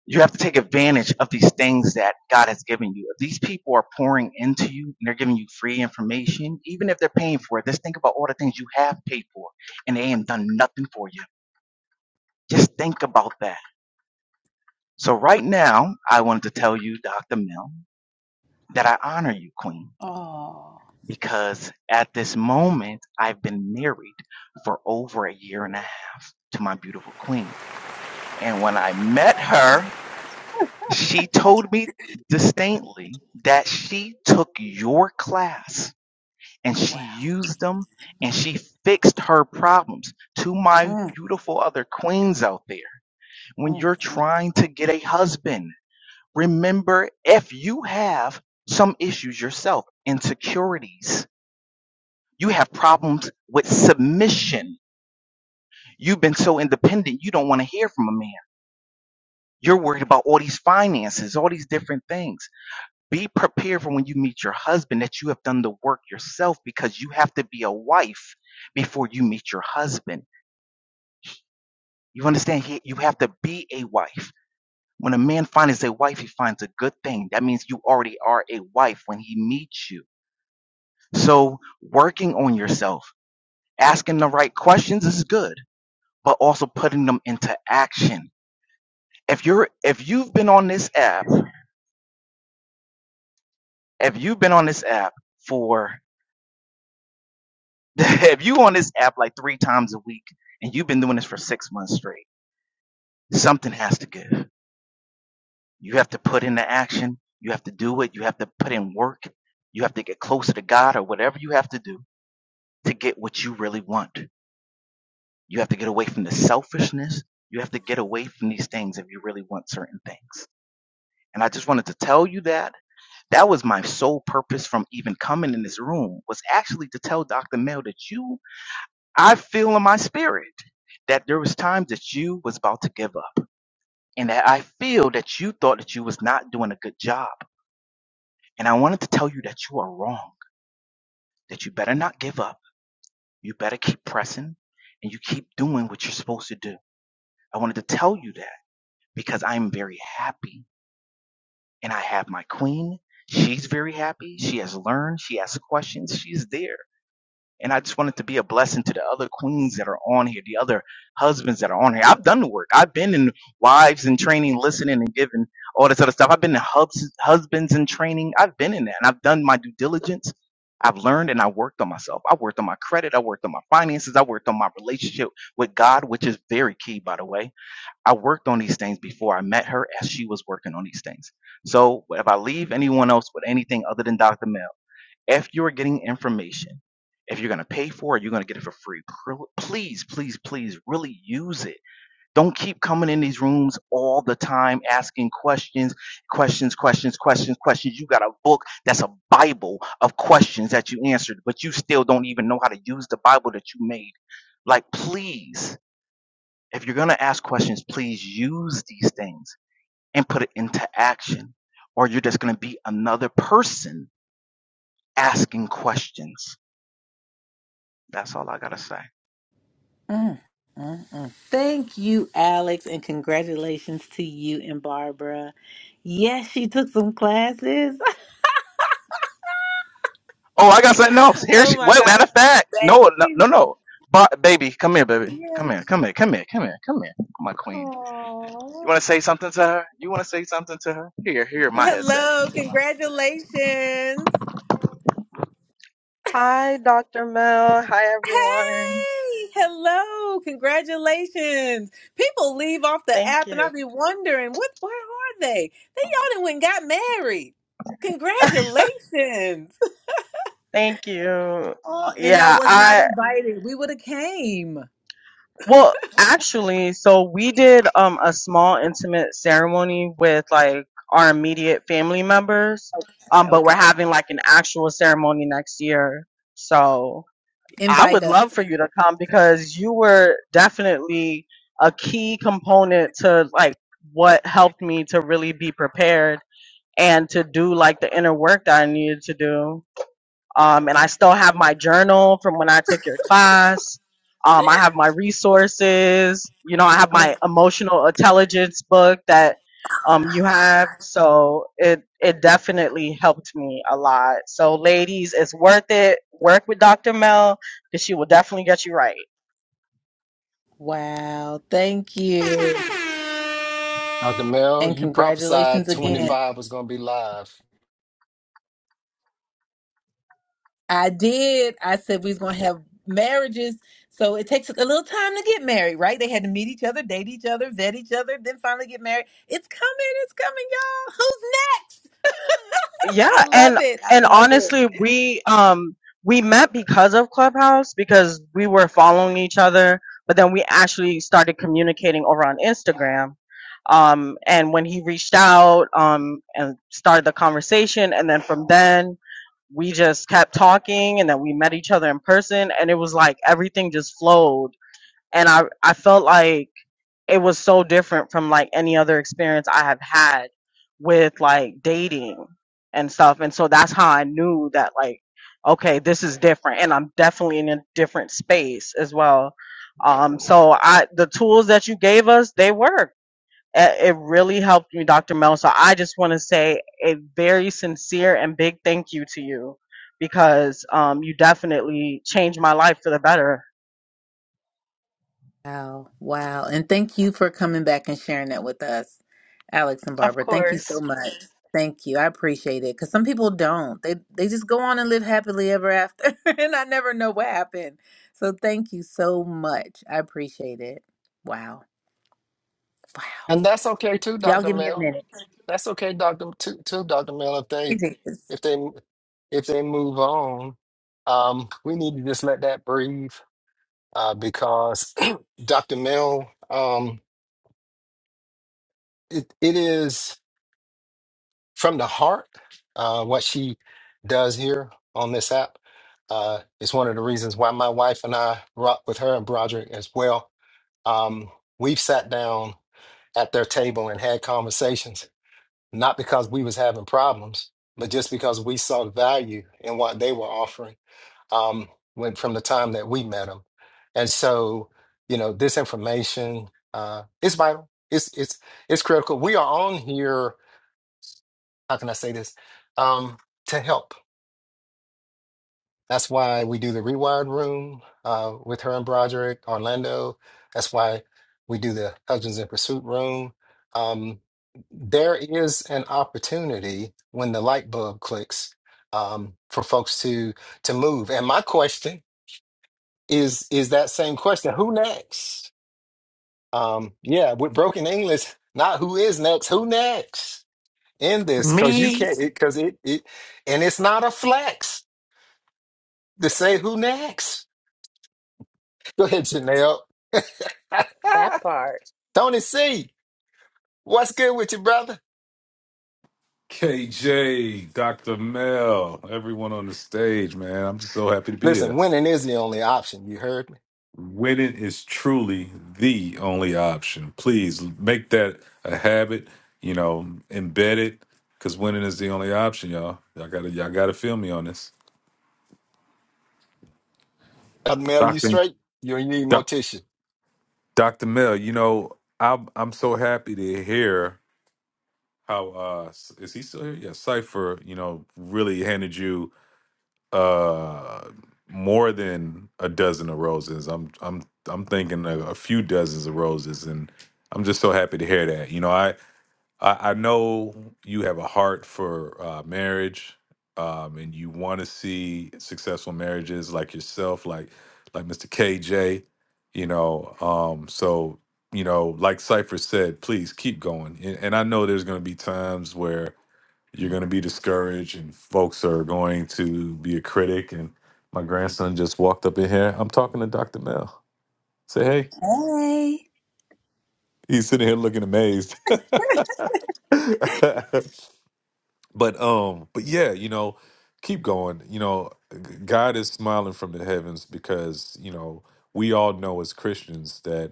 [SPEAKER 11] You have to take advantage of these things that God has given you. If these people are pouring into you and they're giving you free information, even if they're paying for it, just think about all the things you have paid for and they ain't done nothing for you. Just think about that. So right now, I wanted to tell you, Dr. Mill. that I honor you, Queen, because at this moment, I've been married for over a year and a half to my beautiful Queen. And when I met her, she told me distinctly that she took your class and she used them and she fixed her problems to my beautiful other queens out there. When you're trying to get a husband, remember if you have some issues yourself, insecurities You have problems with submission. You've been so independent, you don't want to hear from a man. You're worried about all these finances, all these different things. Be prepared for when you meet your husband that you have done the work yourself because you have to be a wife before you meet your husband. You understand? He, you have to be a wife. When a man finds a wife, he finds a good thing. That means you already are a wife when he meets you. So, working on yourself, asking the right questions is good but also putting them into action. If you're if you've been on this app, if you've been on this app for if you on this app like three times a week and you've been doing this for six months straight, something has to give. You have to put into action. You have to do it. You have to put in work. You have to get closer to God or whatever you have to do to get what you really want. You have to get away from the selfishness. You have to get away from these things if you really want certain things. And I just wanted to tell you that That was my sole purpose from even coming in this room was actually to tell Dr. Mel that you, I feel in my spirit that there was times that you was about to give up and that I feel that you thought that you was not doing a good job. And I wanted to tell you that you are wrong, that you better not give up. You better keep pressing and you keep doing what you're supposed to do. I wanted to tell you that because I'm very happy and I have my queen. She's very happy. She has learned. She asks questions. She's there And I just wanted to be a blessing to the other queens that are on here, the other husbands that are on here. I've done the work. I've been in wives and training, listening and giving all this other stuff. I've been in hubs, husbands and training. I've been in that and I've done my due diligence. I've learned and I worked on myself. I worked on my credit. I worked on my finances. I worked on my relationship with God, which is very key, by the way. I worked on these things before I met her as she was working on these things. So if I leave anyone else with anything other than Dr. Mel, if you're getting information, if you're going to pay for it, you're going to get it for free. Pr- Please, please, please really use it. Don't keep coming in these rooms all the time asking questions, questions, questions, questions, questions. You got a book that's a Bible of questions that you answered, but you still don't even know how to use the Bible that you made. Like, please, if you're going to ask questions, please use these things and put it into action, or you're just going to be another person asking questions That's all I gotta say.
[SPEAKER 1] Mm, mm, mm. Thank you, Alex, and congratulations to you and Barbara. Yes, she took some classes.
[SPEAKER 11] Oh, I got something else. Here
[SPEAKER 1] Oh
[SPEAKER 11] she.
[SPEAKER 1] my
[SPEAKER 11] Wait,
[SPEAKER 1] gosh.
[SPEAKER 11] matter of fact, no, no, no, no. But baby, come here, baby. Come here, come here, come here, come here, come here. My queen. You wanna say something to her? You wanna say something to her? Here, here, my
[SPEAKER 1] Hello,
[SPEAKER 11] headset. Take mine.
[SPEAKER 1] congratulations.
[SPEAKER 11] Hi, Dr. Mel. Hi, everyone.
[SPEAKER 1] Hey, hello, congratulations. People leave off the
[SPEAKER 11] Thank
[SPEAKER 1] app and I
[SPEAKER 11] you.
[SPEAKER 1] be wondering, what where are they? They y'all done went and got married. Congratulations.
[SPEAKER 11] Thank you.
[SPEAKER 1] Oh, and I was not
[SPEAKER 11] Yeah,
[SPEAKER 1] invited. We would have came.
[SPEAKER 11] Well, actually, so we did um a small intimate ceremony with like our immediate family members.
[SPEAKER 1] Okay,
[SPEAKER 11] Um, but we're
[SPEAKER 1] okay.
[SPEAKER 11] having like an actual ceremony next year. So I
[SPEAKER 1] Invite
[SPEAKER 11] would
[SPEAKER 1] us.
[SPEAKER 11] love for you to come because you were definitely a key component to like what helped me to really be prepared and to do like the inner work that I needed to do. Um, and I still have my journal from when I took your class. Um, I have my resources. You know, I have
[SPEAKER 1] Oh
[SPEAKER 11] my emotional intelligence book that um, you have. So it it definitely helped me a lot. So ladies, it's worth it. Work with Dr. Mel because she will definitely get you right.
[SPEAKER 1] wow. Thank you.
[SPEAKER 9] Dr. Mel,
[SPEAKER 1] And
[SPEAKER 9] you
[SPEAKER 1] congratulations
[SPEAKER 9] prophesied
[SPEAKER 1] again.
[SPEAKER 9] 25 was gonna be live.
[SPEAKER 1] I did. I said we was gonna have marriages. So it takes a little time to get married, right? They had to meet each other, date each other, vet each other, then finally get married. It's coming, it's coming, y'all. Who's next? I
[SPEAKER 11] yeah
[SPEAKER 1] love
[SPEAKER 11] and
[SPEAKER 1] it. I
[SPEAKER 11] and
[SPEAKER 1] love it.
[SPEAKER 11] honestly we um we met because of clubhouse because we were following each other but then we actually started communicating over on instagram um and when he reached out um and started the conversation and then from then we just kept talking and then we met each other in person and it was like everything just flowed and i i felt like it was so different from like any other experience I have had with like dating and stuff. And so that's how I knew that like, okay, this is different and I'm definitely in a different space as well. Um, so I, the tools that you gave us, they worked. A- It really helped me, Dr. Mel. So I just want to say a very sincere and big thank you to you because um, you definitely changed my life for the better.
[SPEAKER 1] Wow. Wow. And thank you for coming back and sharing that with us, Alex and Barbara. Thank you so much. Thank you. I appreciate it. Cause some people don't. They they just go on and live happily ever after. and I never know what happened. So thank you so much. I appreciate it. Wow. Wow.
[SPEAKER 9] And that's okay too,
[SPEAKER 1] Y'all
[SPEAKER 9] Dr.
[SPEAKER 1] give me a
[SPEAKER 9] Mel.
[SPEAKER 1] minute.
[SPEAKER 9] That's okay, Doctor. Too, too Doctor Mill, If they,
[SPEAKER 1] It is.
[SPEAKER 9] if they, if they move on, um, we need to just let that breathe, uh, because Doctor Mill, um, it, it is from the heart. Uh, what she does here on this app, uh, is one of the reasons why my wife and I rock with her and Broderick as well. Um, we've sat down at their table and had conversations not because we was having problems, but just because we saw the value in what they were offering um, when from the time that we met them. And so, you know, this information uh, is vital. It's it's it's critical. We are on here. How can I say this? Um, to help. That's why we do the rewired room uh, with her and Broderick, Orlando. That's why we do the Husbands in Pursuit room. Um, there is an opportunity when the light bulb clicks um, for folks to to move. And my question is is that same question: Who next? Um, yeah, with broken English, not who is next, who next in this? Because you
[SPEAKER 10] Me?
[SPEAKER 9] can't, because it, 'cause it it, and it's not a flex to say
[SPEAKER 4] Try
[SPEAKER 9] who next. Go ahead, Janelle.
[SPEAKER 4] that part.
[SPEAKER 9] Tony C, what's good with you, brother?
[SPEAKER 12] KJ, Dr. Mel, everyone on the stage, man. I'm just so happy to be
[SPEAKER 9] Listen,
[SPEAKER 12] here.
[SPEAKER 9] winning is the only option. You heard me.
[SPEAKER 12] Winning is truly the only option. Please make that a habit, you know, embed it, because winning is the only option, y'all. Y'all gotta y'all gotta feel me on this.
[SPEAKER 9] I'll mail you
[SPEAKER 12] Dr.
[SPEAKER 9] straight. You need
[SPEAKER 12] Doc
[SPEAKER 9] mortician.
[SPEAKER 12] Dr. Mel, you know, I'm I'm so happy to hear how uh is he still here? Yeah, Cypher, you know, really handed you Uh, more than a dozen of roses. I'm I'm I'm thinking a, a few dozens of roses, and I'm just so happy to hear that. You know, I I, I know you have a heart for uh, marriage, um, and you want to see successful marriages like yourself, like like Mr. KJ. You know, um, so you know, like Cypher said, please keep going. And, and I know there's going to be times where you're going to be discouraged and folks are going to be a critic and my grandson just walked up in here i'm talking to dr mel say hey
[SPEAKER 1] Hey.
[SPEAKER 12] he's sitting here looking amazed but um but yeah you know keep going you know g- god is smiling from the heavens because you know we all know as christians that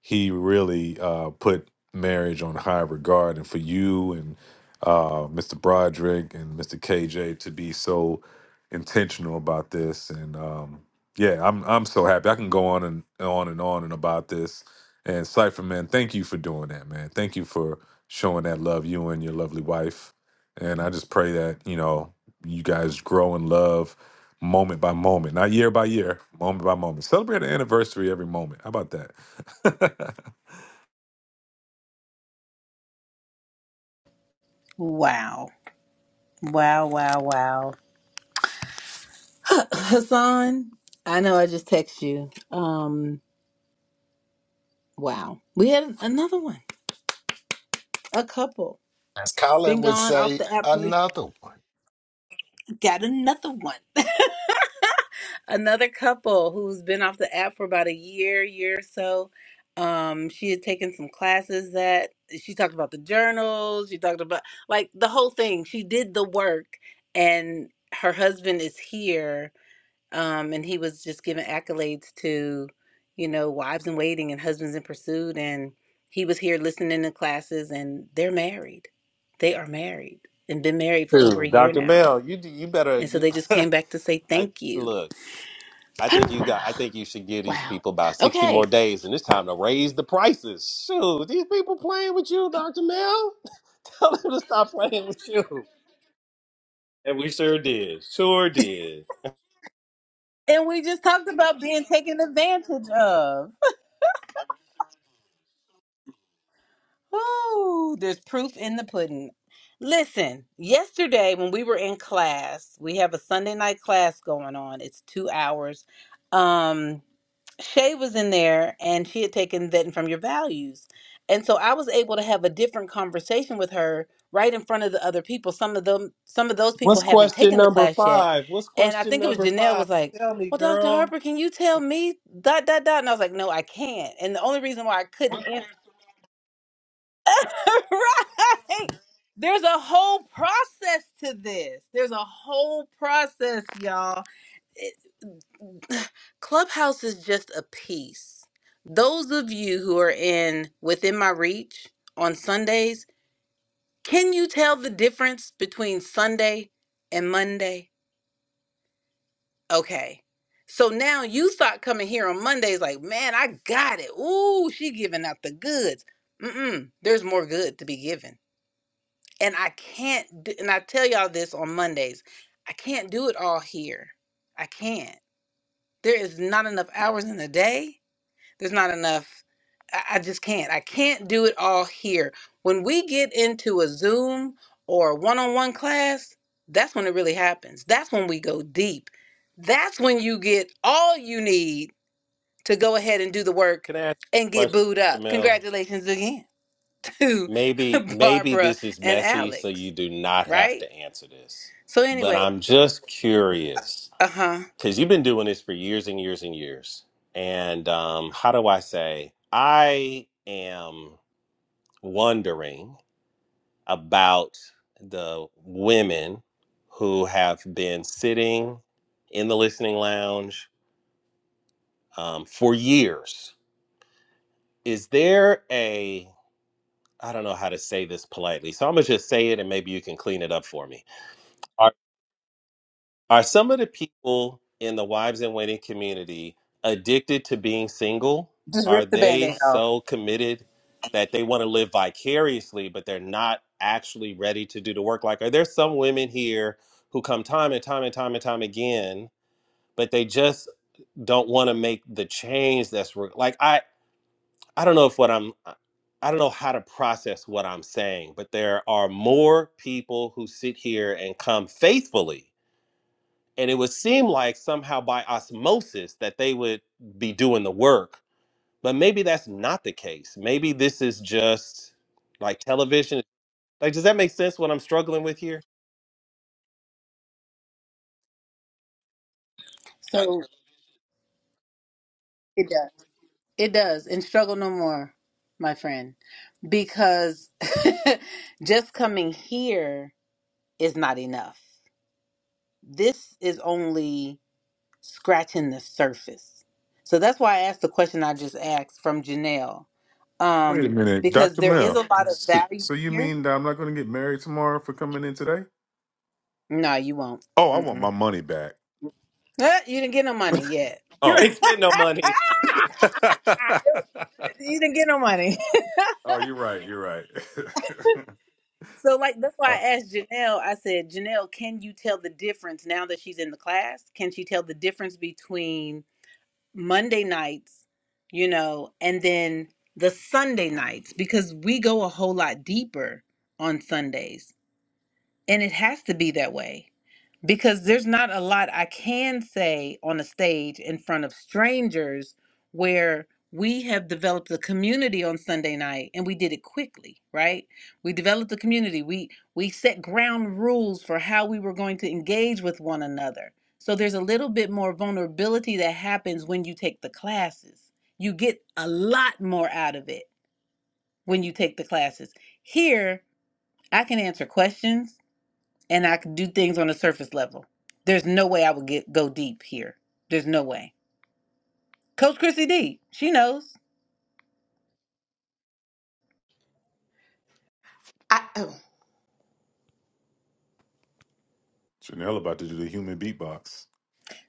[SPEAKER 12] he really uh put marriage on high regard and for you and uh mr broderick and mr kj to be so intentional about this and um yeah i'm i'm so happy i can go on and on and on and about this and cypher man thank you for doing that man thank you for showing that love you and your lovely wife and I just pray that, you know, you guys grow in love moment by moment, not year by year, moment by moment. Celebrate an anniversary every moment. How about that?
[SPEAKER 1] Wow. Wow. Wow. Wow. Hassan, I know I just text you. Um, wow. We had another one. A couple.
[SPEAKER 9] As Khaled
[SPEAKER 1] Been
[SPEAKER 9] would
[SPEAKER 1] gone off
[SPEAKER 9] say,
[SPEAKER 1] the app. for-
[SPEAKER 9] another one.
[SPEAKER 1] Got another one. another couple who's been off the app for about a year, year or so. Um, she had taken some classes that she talked about the journals, she talked about like the whole thing. She did the work and her husband is here um, and he was just giving accolades to, you know, wives in waiting and husbands in pursuit, and he was here listening to classes, and they're married, they are married, and been married for over a
[SPEAKER 5] Dude,
[SPEAKER 1] year
[SPEAKER 5] Dr.
[SPEAKER 1] now,
[SPEAKER 5] Bell, you you better
[SPEAKER 1] and so
[SPEAKER 5] you
[SPEAKER 1] they just came back to say
[SPEAKER 5] I
[SPEAKER 1] thank you.
[SPEAKER 5] look. I think you got. I think you should give these
[SPEAKER 1] Wow.
[SPEAKER 5] people about sixty
[SPEAKER 1] Okay.
[SPEAKER 5] more days, and it's time to raise the prices. Shoot, these people playing with you, Doctor Mel. Tell them to stop playing with you. And we sure did. Sure did.
[SPEAKER 1] And we just talked about being taken advantage of. Oh, there's proof in the pudding. Listen, yesterday when we were in class, we have a Sunday night class going on. It's two hours. Um, Shay was in there and she had taken vetting from your values. And so I was able to have a different conversation with her right in front of the other people. Some of them some of those people
[SPEAKER 5] What's
[SPEAKER 1] haven't
[SPEAKER 5] question
[SPEAKER 1] taken the
[SPEAKER 5] number
[SPEAKER 1] class yet.
[SPEAKER 5] five? What's
[SPEAKER 1] And I
[SPEAKER 5] question
[SPEAKER 1] think it was
[SPEAKER 5] number
[SPEAKER 1] Janelle
[SPEAKER 5] five?
[SPEAKER 1] was like,
[SPEAKER 5] Tell me,
[SPEAKER 1] Well, Dr.
[SPEAKER 5] girl.
[SPEAKER 1] Harper, can you tell me dot dot dot? And I was like, No, I can't. And the only reason why I couldn't answer right. There's a whole process to this. There's a whole process, y'all. It, Clubhouse is just a piece. Those of you who are in within my reach on Sundays, can you tell the difference between Sunday and Monday? Okay. So now you thought coming here on Mondays like, man, I got it. Ooh, she giving out the goods. Mm-mm. There's more good to be given and I can't do, and I tell y'all this on Mondays. I can't do it all here. I can't. There is not enough hours in the day. There's not enough I, I just can't. I can't do it all here. When we get into a Zoom or a one-on-one class, that's when it really happens. That's when we go deep. That's when you get all you need to go ahead and do the work
[SPEAKER 5] Can I ask
[SPEAKER 1] and
[SPEAKER 5] you a
[SPEAKER 1] get
[SPEAKER 5] question,
[SPEAKER 1] booed
[SPEAKER 5] Dr.
[SPEAKER 1] up.
[SPEAKER 5] Mel?
[SPEAKER 1] Congratulations again to
[SPEAKER 5] Maybe, maybe
[SPEAKER 1] Barbara
[SPEAKER 5] this is
[SPEAKER 1] and
[SPEAKER 5] messy, so you
[SPEAKER 1] Alex,
[SPEAKER 5] do not have
[SPEAKER 1] right?
[SPEAKER 5] to answer this.
[SPEAKER 1] So
[SPEAKER 5] But
[SPEAKER 1] anyway,
[SPEAKER 5] I'm just curious
[SPEAKER 1] uh huh.
[SPEAKER 5] because you've been doing this for years and years and years. And um, how do I say? I am wondering about the women who have been sitting in the listening lounge um, for years. Is there a, I don't know how to say this politely, so I'm going to just say it and maybe you can clean it up for me. Are some of the people in the wives and waiting community addicted to being single?
[SPEAKER 1] Just
[SPEAKER 5] Are
[SPEAKER 1] rip the
[SPEAKER 5] they
[SPEAKER 1] band-aid off.
[SPEAKER 5] so committed that they want to live vicariously, but they're not actually ready to do the work? Like, are there some women here who come time and time and time and time again, but they just don't want to make the change that's re- like, I, I don't know if what I'm, I don't know how to process what I'm saying, but there are more people who sit here and come faithfully and it would seem like somehow by osmosis that they would be doing the work but maybe that's not the case maybe this is just like television like does that make sense what i'm struggling with here
[SPEAKER 1] So it does. It does. And struggle no more, my friend. Because just coming here is not enough. This is only scratching the surface. So that's why I asked the question I just asked from Janelle.
[SPEAKER 12] Wait a
[SPEAKER 1] Um,
[SPEAKER 12] minute,
[SPEAKER 1] because
[SPEAKER 12] Dr.
[SPEAKER 1] there is a
[SPEAKER 12] Mel.
[SPEAKER 1] lot of
[SPEAKER 12] So,
[SPEAKER 1] value
[SPEAKER 12] so you
[SPEAKER 1] here.
[SPEAKER 12] mean that I'm not going to get married tomorrow for coming in today?
[SPEAKER 1] No, you won't.
[SPEAKER 12] Oh, I want
[SPEAKER 1] Mm-mm.
[SPEAKER 12] my money back.
[SPEAKER 1] Ah, you didn't get no money yet.
[SPEAKER 5] you
[SPEAKER 12] Oh.
[SPEAKER 5] ain't spent no money
[SPEAKER 1] You didn't get no money.
[SPEAKER 12] oh, you're right. You're right.
[SPEAKER 1] So like that's why
[SPEAKER 12] uh,
[SPEAKER 1] I asked Janelle. I said, Janelle, can you tell the difference now that she's in the class? Can she tell the difference between Monday nights, you know, and then the Sunday nights? Because we go a whole lot deeper on Sundays, and it has to be that way. because there's not a lot I can say on a stage in front of strangers where we have developed a community on Sunday night and we did it quickly, right? We developed a community. We we set ground rules for how we were going to engage with one another. So there's a little bit more vulnerability that happens when you take the classes. You get a lot more out of it when you take the classes. Here, I can answer questions and I could do things on the surface level. There's no way I would get go deep here. There's no way. Coach Chrissy D, she knows.
[SPEAKER 12] Janelle about to do the human beatbox.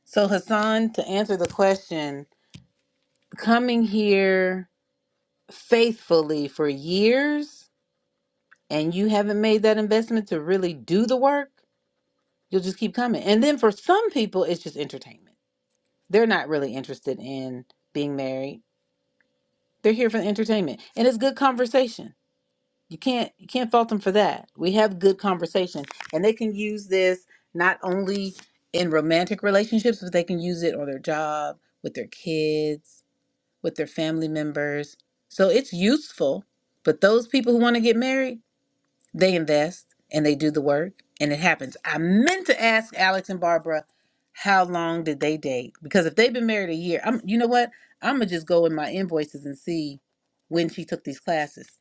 [SPEAKER 1] So Hassan, to answer the question, coming here faithfully for years and you haven't made that investment to really do the work, you'll just keep coming. And then for some people it's just entertainment. They're not really interested in being married. They're here for the entertainment. And it's good conversation you can't you can't fault them for that we have good conversation and they can use this not only in romantic relationships but they can use it on their job with their kids with their family members so it's useful but those people who want to get married they invest and they do the work and it happens i meant to ask alex and barbara how long did they date because if they've been married a year i'm you know what i'm gonna just go in my invoices and see when she took these classes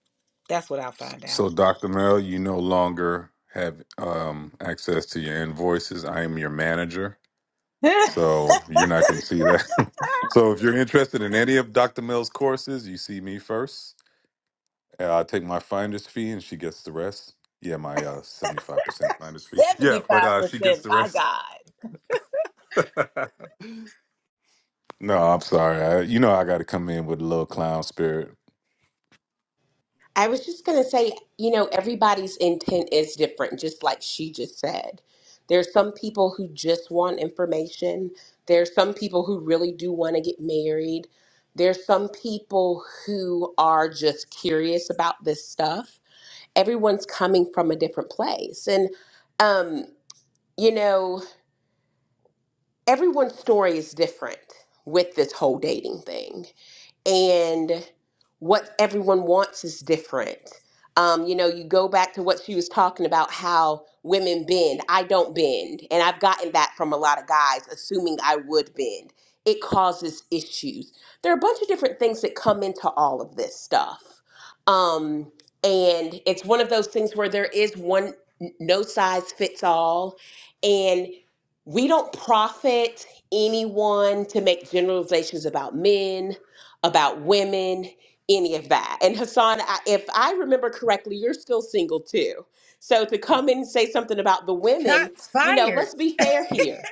[SPEAKER 1] that's what i'll find out
[SPEAKER 12] So, Dr. Mel, you no longer have um, access to your invoices. I am your manager, so you're not going to see that. so, if you're interested in any of Dr. Mel's courses, you see me first. Uh, I take my finder's fee, and she gets the rest. Yeah, my uh, 75% finder's fee. Yeah, but
[SPEAKER 1] Seventy-five
[SPEAKER 12] uh, she gets
[SPEAKER 1] percent.
[SPEAKER 12] the
[SPEAKER 1] My
[SPEAKER 12] rest.
[SPEAKER 1] God.
[SPEAKER 12] no, I'm sorry. I, you know, I got to come in with a little clown spirit.
[SPEAKER 4] I was just going to say, you know, everybody's intent is different, just like she just said. There's some people who just want information. There's some people who really do want to get married. There's some people who are just curious about this stuff. Everyone's coming from a different place. And, um, you know, everyone's story is different with this whole dating thing and what everyone wants is different. Um, you know, you go back to what she was talking about how women bend. I don't bend. And I've gotten that from a lot of guys, assuming I would bend. It causes issues. There are a bunch of different things that come into all of this stuff. Um, and it's one of those things where there is one, no size fits all. And we don't profit anyone to make generalizations about men about women, any of that. And Hassan, I, if I remember correctly, you're still single too. So to come in and say something about the women,
[SPEAKER 1] Shots
[SPEAKER 4] you know,
[SPEAKER 1] fired.
[SPEAKER 4] let's be fair here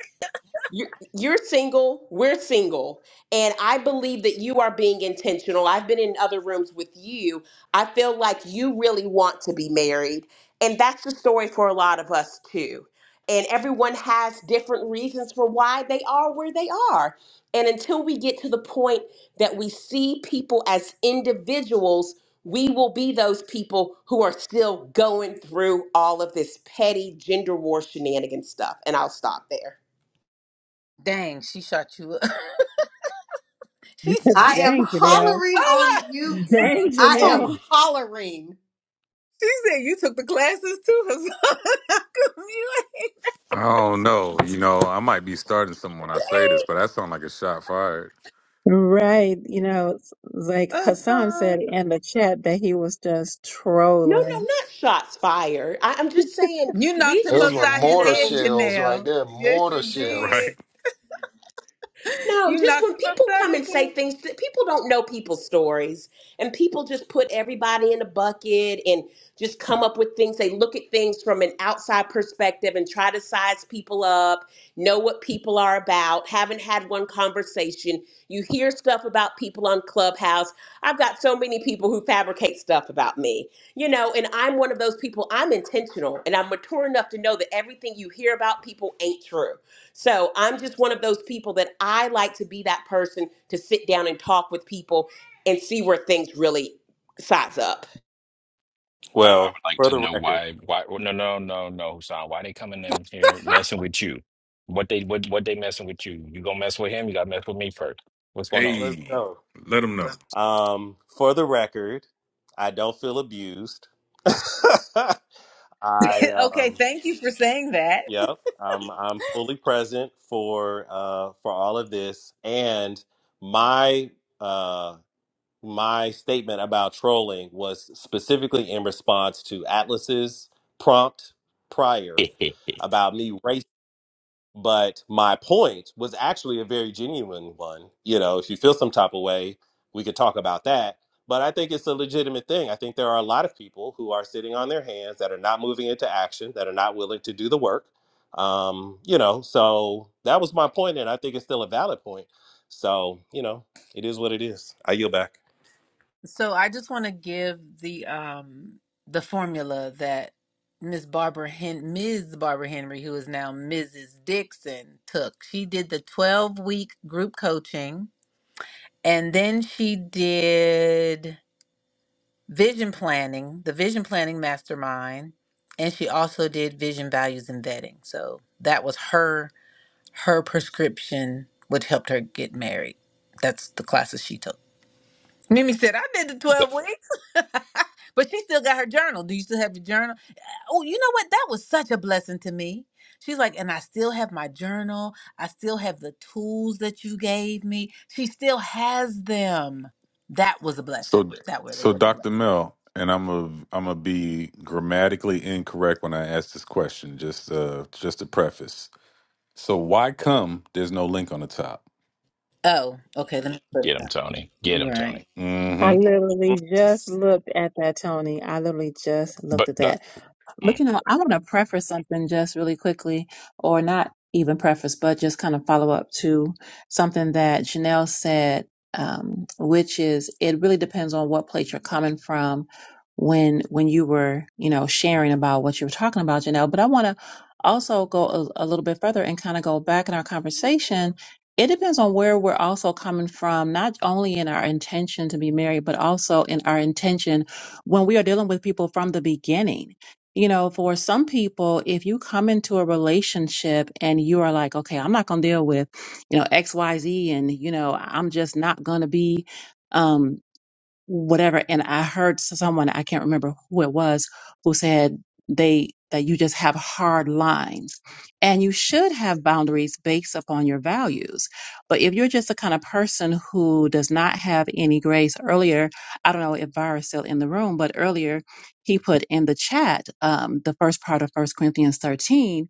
[SPEAKER 4] you're, you're single, we're single, and I believe that you are being intentional. I've been in other rooms with you. I feel like you really want to be married, and that's the story for a lot of us too. And everyone has different reasons for why they are where they are. And until we get to the point that we see people as individuals, we will be those people who are still going through all of this petty gender war shenanigan stuff. And I'll stop there.
[SPEAKER 1] Dang, she shot you up. she said,
[SPEAKER 3] I am
[SPEAKER 7] Dang, Janelle.
[SPEAKER 3] hollering
[SPEAKER 1] "Hold
[SPEAKER 3] on
[SPEAKER 1] on."
[SPEAKER 3] mute.
[SPEAKER 7] Dang,
[SPEAKER 3] I am
[SPEAKER 7] Janelle.
[SPEAKER 9] Ooh.
[SPEAKER 3] hollering.
[SPEAKER 1] She said you took the classes too. or come you ain't-
[SPEAKER 12] I don't know. You know, I might be starting someone. I say this, but that sound like a shot fired.
[SPEAKER 7] Right. You know, it's like
[SPEAKER 1] i
[SPEAKER 7] Hassan said in the chat that he was just
[SPEAKER 4] No, no,
[SPEAKER 7] trolling.
[SPEAKER 4] not shots fired. I, I'm just saying
[SPEAKER 1] You knocked
[SPEAKER 4] we
[SPEAKER 1] him
[SPEAKER 4] just
[SPEAKER 9] Those were
[SPEAKER 4] have
[SPEAKER 1] upside
[SPEAKER 4] to
[SPEAKER 1] his
[SPEAKER 9] mortar
[SPEAKER 4] know
[SPEAKER 1] head,
[SPEAKER 9] shells right
[SPEAKER 1] Janelle.
[SPEAKER 9] there.
[SPEAKER 1] Yes,
[SPEAKER 9] Mortar
[SPEAKER 1] you
[SPEAKER 9] shells.
[SPEAKER 1] did.
[SPEAKER 12] Right.
[SPEAKER 4] No,
[SPEAKER 1] You
[SPEAKER 4] just
[SPEAKER 1] knocked
[SPEAKER 4] when
[SPEAKER 1] him
[SPEAKER 4] people
[SPEAKER 1] upside
[SPEAKER 4] come
[SPEAKER 1] his
[SPEAKER 4] and say
[SPEAKER 1] head.
[SPEAKER 4] things, that people don't know people's stories, and people just put everybody in a bucket and just come up with things. They look at things from an outside perspective and try to size people up, know what people are about. Haven't had one conversation. You hear stuff about people on Clubhouse. I've got so many people who fabricate stuff about me, you know, and I'm one of those people. I'm intentional and I'm mature enough to know that everything you hear about people ain't true so I'm just one of those people that I like to be that person to sit down and talk with people and see where things really size up.
[SPEAKER 13] I I
[SPEAKER 5] well
[SPEAKER 13] would like
[SPEAKER 5] for
[SPEAKER 13] to
[SPEAKER 5] the
[SPEAKER 13] know
[SPEAKER 5] record
[SPEAKER 13] why, why, well, no, no, no, no, Hassan, why they coming in here messing with you? What they, what, what they messing with you? You gonna mess with him? You gotta mess with me first. What's going on?
[SPEAKER 5] let's
[SPEAKER 12] Hey,
[SPEAKER 5] go
[SPEAKER 12] let them know.
[SPEAKER 5] um for the record i don't feel abused i
[SPEAKER 1] Okay,
[SPEAKER 5] um
[SPEAKER 1] thank you for saying that.
[SPEAKER 5] yep i'm i'm fully present for uh for all of this and my uh my statement about trolling was specifically in response to Atlas's prompt prior
[SPEAKER 13] Get
[SPEAKER 5] about me race. But my point was actually a very genuine one. You know, if you feel some type of way, we could talk about that. But I think it's a legitimate thing. I think there are a lot of people who are sitting on their hands that are not moving into action, that are not willing to do the work. Um, you know, so that was my point, and I think it's still a valid point. So, you know, it is what it is. I yield back.
[SPEAKER 1] So I just want to give the um the formula that Miss Barbara Hen Ms. Barbara Henry, who is now Mrs. Dixon, took. She did the 12 week group coaching and then she did vision planning, the vision planning mastermind, and she also did vision values and vetting. So that was her her prescription which helped her get married. That's the classes she took. Mimi said, I did the 12 weeks. but she still got her journal. Do you still have your journal? Oh, you know what? That was such a blessing to me. She's like, and I still have my journal. I still have the tools that you gave me. She still has them. That was a blessing.
[SPEAKER 12] So,
[SPEAKER 1] That really
[SPEAKER 12] so
[SPEAKER 1] was a
[SPEAKER 12] Dr.
[SPEAKER 1] blessing.
[SPEAKER 12] Mel, and I'm a I'm a be grammatically incorrect when I ask this question. Just uh, just a preface. So why come there's no link on the top?
[SPEAKER 1] Oh, okay. Let me put it
[SPEAKER 13] him,
[SPEAKER 1] up.
[SPEAKER 13] Tony. Get
[SPEAKER 1] You're
[SPEAKER 13] him,
[SPEAKER 1] right.
[SPEAKER 13] Tony.
[SPEAKER 12] mm
[SPEAKER 7] I
[SPEAKER 12] hmm
[SPEAKER 7] literally just looked at that, Tony. I literally just looked
[SPEAKER 13] But
[SPEAKER 7] at
[SPEAKER 13] uh,
[SPEAKER 7] that. But
[SPEAKER 13] mm,
[SPEAKER 7] you know, I want to preface something just really quickly, or not even preface, but just kind of follow up to something that Janelle said, um, which is it really depends on what place you're coming from when when you were, you know, sharing about what you were talking about, Janelle. But I want to also go a, a little bit further and kind of go back in our conversation. It depends on where we're also coming from, not only in our intention to be married, but also in our intention when we are dealing with people from the beginning you know, for some people, if you come into a relationship and you are like, okay, I'm not going to deal with, you know, X, Y, Z, and, you know, I'm just not going to be, um, whatever. And I heard someone, I can't remember who it was, who said they that you just have hard lines. And you should have boundaries based upon your values. But if you're just the kind of person who does not have any grace earlier, I don't know if Vira's still in the room, but earlier he put in the chat um, the first part of First Corinthians 13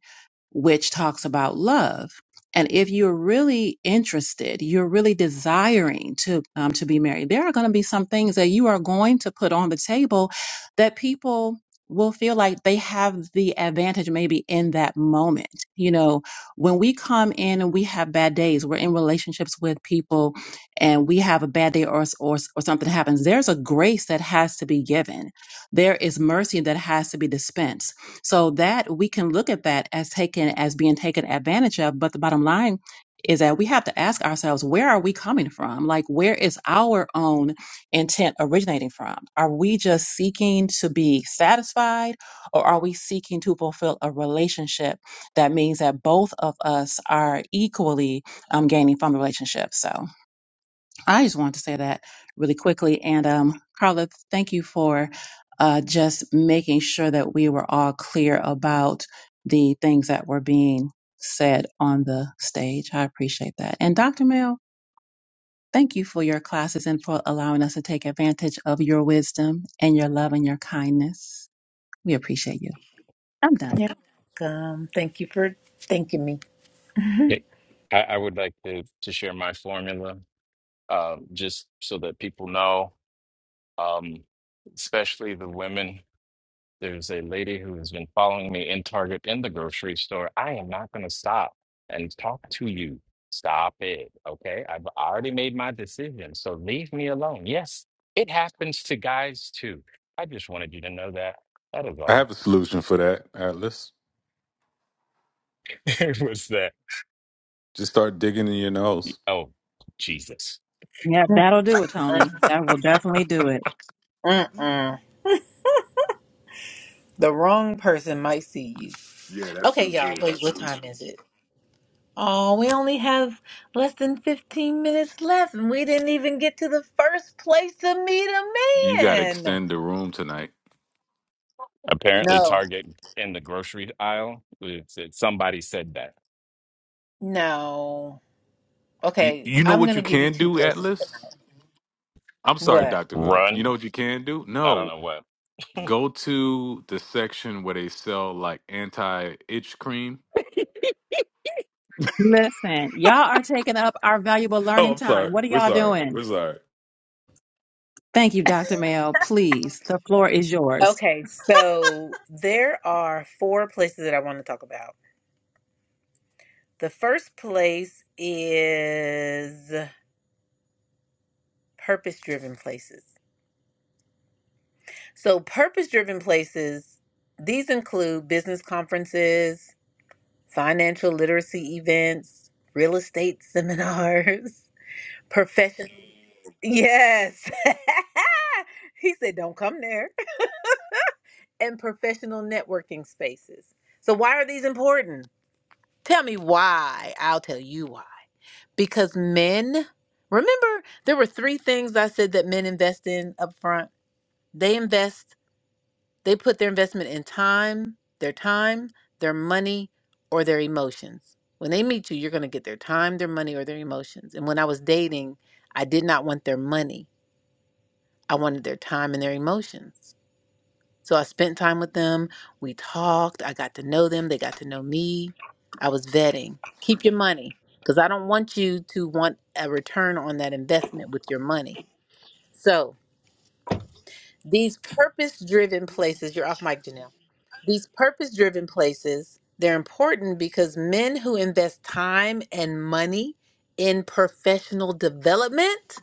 [SPEAKER 7] which talks about love. And if you're really interested, you're really desiring to um, to be married, there are going to be some things that you are going to put on the table that people will feel like they have the advantage maybe in that moment. You know, when we come in and we have bad days, we're in relationships with people and we have a bad day or or, or something happens, there's a grace that has to be given. There is mercy that has to be dispensed so that we can look at that as taken as being taken advantage of. But the bottom line is that we have to ask ourselves, where are we coming from? Like, where is our own intent originating from? Are we just seeking to be satisfied or are we seeking to fulfill a relationship that means that both of us are equally um, gaining from the relationship? So, I just wanted to say that really quickly. And um, Carla, thank you for uh, just making sure that we were all clear about the things that were being said on the stage. I appreciate that. And Dr. Mel, thank you for your classes and for allowing us to take advantage of your wisdom and your love and your kindness. We appreciate you. I'm done.
[SPEAKER 1] Yeah. Um, thank you for thanking me.
[SPEAKER 13] it- I, I would like to to share my formula, um, just so that people know, um, especially the women. There's a lady who has been following me in Target in the grocery store. I am not going to stop and talk to you. Stop it. Okay. I've already made my decision. So leave me alone. Yes, it happens to guys too. I just wanted you to know that. That is
[SPEAKER 12] I
[SPEAKER 13] all.
[SPEAKER 12] have a solution for that. Atlas,
[SPEAKER 13] it was that.
[SPEAKER 12] just start digging in your nose.
[SPEAKER 13] Oh, Jesus.
[SPEAKER 7] Yeah, that'll do it,
[SPEAKER 1] Mm-mm.
[SPEAKER 7] Tony. That will definitely do it.
[SPEAKER 1] Mm-mm. The wrong person might see you.
[SPEAKER 12] Yeah, that's
[SPEAKER 1] Okay,
[SPEAKER 12] true
[SPEAKER 1] y'all.
[SPEAKER 12] too.
[SPEAKER 1] Wait, what time is it? Oh, we only have less than 15 minutes left, and we didn't even get to the first place to meet a
[SPEAKER 12] You got to
[SPEAKER 1] man.
[SPEAKER 12] extend the room tonight.
[SPEAKER 13] Apparently,
[SPEAKER 1] No.
[SPEAKER 13] Target in the grocery aisle, it's, it, somebody said that.
[SPEAKER 1] No.
[SPEAKER 12] You
[SPEAKER 1] Okay,
[SPEAKER 12] you know
[SPEAKER 1] I'm going
[SPEAKER 12] what
[SPEAKER 1] to
[SPEAKER 12] you
[SPEAKER 1] give you
[SPEAKER 12] can
[SPEAKER 1] two
[SPEAKER 12] do,
[SPEAKER 1] places.
[SPEAKER 12] Atlas? I'm sorry,
[SPEAKER 1] What?
[SPEAKER 12] Dr. Mel. You know
[SPEAKER 13] Run.
[SPEAKER 12] what you can do?
[SPEAKER 13] I don't
[SPEAKER 12] No.
[SPEAKER 13] know what.
[SPEAKER 12] Go to the section where they sell like anti itch cream.
[SPEAKER 7] Listen, y'all are taking up our valuable
[SPEAKER 12] Oh,
[SPEAKER 7] learning
[SPEAKER 12] I'm
[SPEAKER 7] time.
[SPEAKER 12] sorry.
[SPEAKER 7] What are
[SPEAKER 12] We're
[SPEAKER 7] y'all
[SPEAKER 12] sorry.
[SPEAKER 7] doing?
[SPEAKER 12] We're sorry.
[SPEAKER 7] Thank you, Dr. Mel. Please, the floor is yours.
[SPEAKER 1] Okay, so there are four places that I want to talk about. The first place is purpose driven places. So, purpose driven places, these include business conferences, financial literacy events, real estate seminars, professional. Yes. he said, don't come there. And professional networking spaces. So, why are these important? Tell me why. I'll tell you why. Because men, remember, there were three things I said that men invest in up front. They invest They put their investment in time, their time, their money, or their emotions. When they meet you, you're going to get their time, their money, or their emotions. And when I was dating, I did not want their money. I wanted their time and their emotions. So I spent time with them. We talked. I got to know them. They got to know me. I was vetting. Keep your money because I don't want you to want a return on that investment with your money. So These purpose driven places, you're off mic, Janelle. These purpose driven places, they're important because men who invest time and money in professional development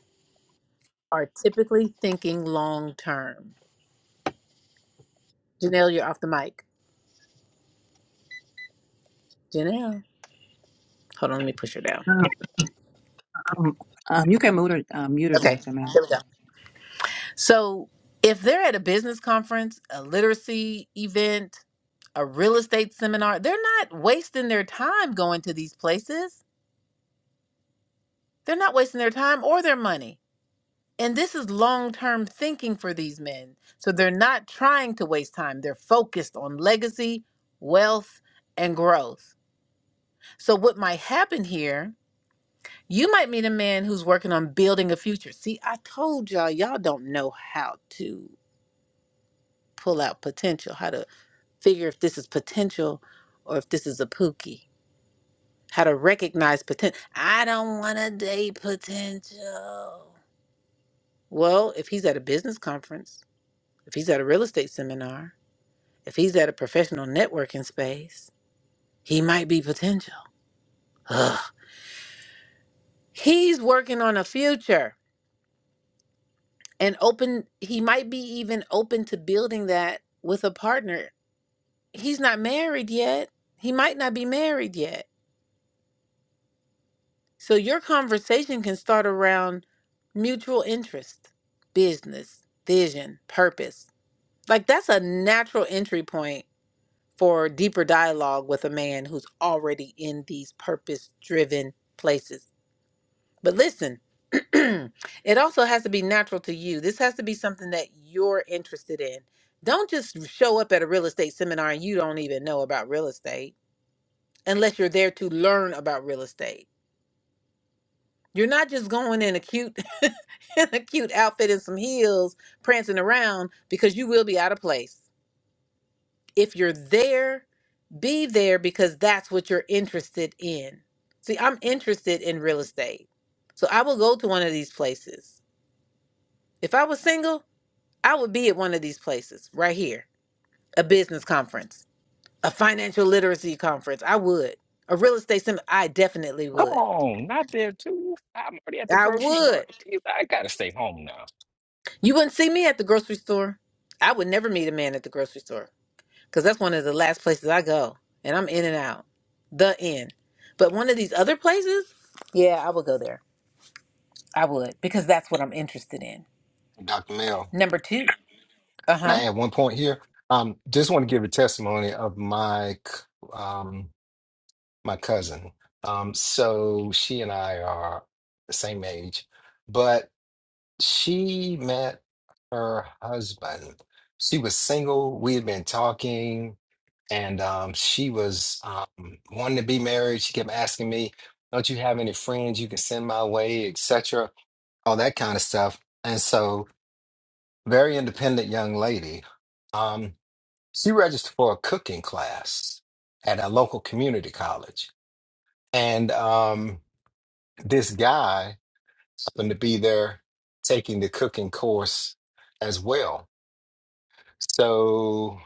[SPEAKER 1] are typically thinking long term. Janelle, you're off the mic. Janelle. Hold on, let me push her down.
[SPEAKER 7] Um, um, um, you can mute her, um, mute her,
[SPEAKER 1] Okay,
[SPEAKER 7] Dr. Mel.
[SPEAKER 1] here we go. So if they're at a business conference, a literacy event, a real estate seminar, they're not wasting their time going to these places They're not wasting their time or their money. And this is long term thinking for these men. So they're not trying to waste time. They're focused on legacy, wealth, and growth. So, what might happen here, you might meet a man who's working on building a future. See, I told y'all, y'all don't know how to pull out potential, how to figure if this is potential or if this is a pookie, how to recognize potential. I don't want to date potential. Well, if he's at a business conference, if he's at a real estate seminar, if he's at a professional networking space, he might be potential. Ugh. He's working on a future and open, he might be even open to building that with a partner. He's not married yet. He might not be married yet. So your conversation can start around mutual interest, business, vision, purpose. Like that's a natural entry point for deeper dialogue with a man who's already in these purpose driven places. But listen, it also has to be natural to you. This has to be something that you're interested in. Don't just show up at a real estate seminar and you don't even know about real estate unless you're there to learn about real estate. You're not just going in a cute in a cute outfit and some heels prancing around because you will be out of place. If you're there, be there because that's what you're interested in. See, I'm interested in real estate. So I will go to one of these places. If I was single, I would be at one of these places right here a business conference, a financial literacy conference. I would. A real estate seminar. I definitely
[SPEAKER 13] Come
[SPEAKER 1] would.
[SPEAKER 13] on, not there too. I'm already at the
[SPEAKER 1] I
[SPEAKER 13] grocery store.
[SPEAKER 1] would.
[SPEAKER 13] You- I gotta stay home now.
[SPEAKER 1] You wouldn't see me at the grocery store. I would never meet a man at the grocery store. because that's one of the last places I go, and I'm in and out, the end. But one of these other places, yeah, I would go there. I would because that's what I'm interested in.
[SPEAKER 9] Dr. Mel.
[SPEAKER 1] Number two, uh
[SPEAKER 9] Can
[SPEAKER 1] huh.
[SPEAKER 9] I add one point here? Um, just want to give a testimony of my c- um my cousin. Um, so she and I are the same age, but she met her husband. She was single. We had been talking, and um, she was um, wanting to be married. She kept asking me, "Don't you have any friends you can send my way, etc." All that kind of stuff. And so, very independent young lady. Um, she registered for a cooking class at a local community college, and um, this guy happened to be there taking the cooking course as well So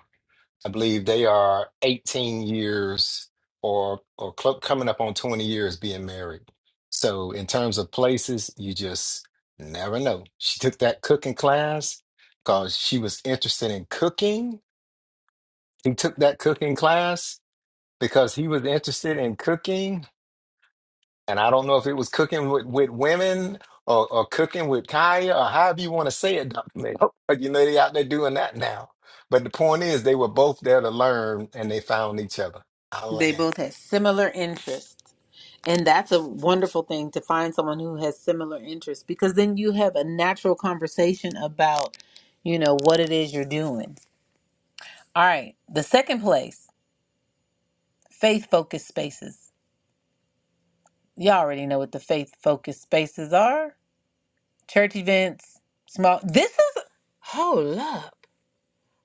[SPEAKER 9] I believe they are 18 years or or cl- coming up on 20 years being married. So in terms of places, you just never know. She took that cooking class because she was interested in cooking. He took that cooking class because he was interested in cooking and I don't know if it was cooking with, with women or, or cooking with Kaya or however you want to say it, Dr. Nick. Oh. But you know, they out there doing that now. But the point is, they were both there to learn and they found each other. I
[SPEAKER 1] They
[SPEAKER 9] land.
[SPEAKER 1] both have similar interests, and that's a wonderful thing to find someone who has similar interests because then you have a natural conversation about, you know, what it is you're doing. All right, the second place, faith focused spaces. Y'all already know what the faith focused spaces are. church events, small. This is hold up,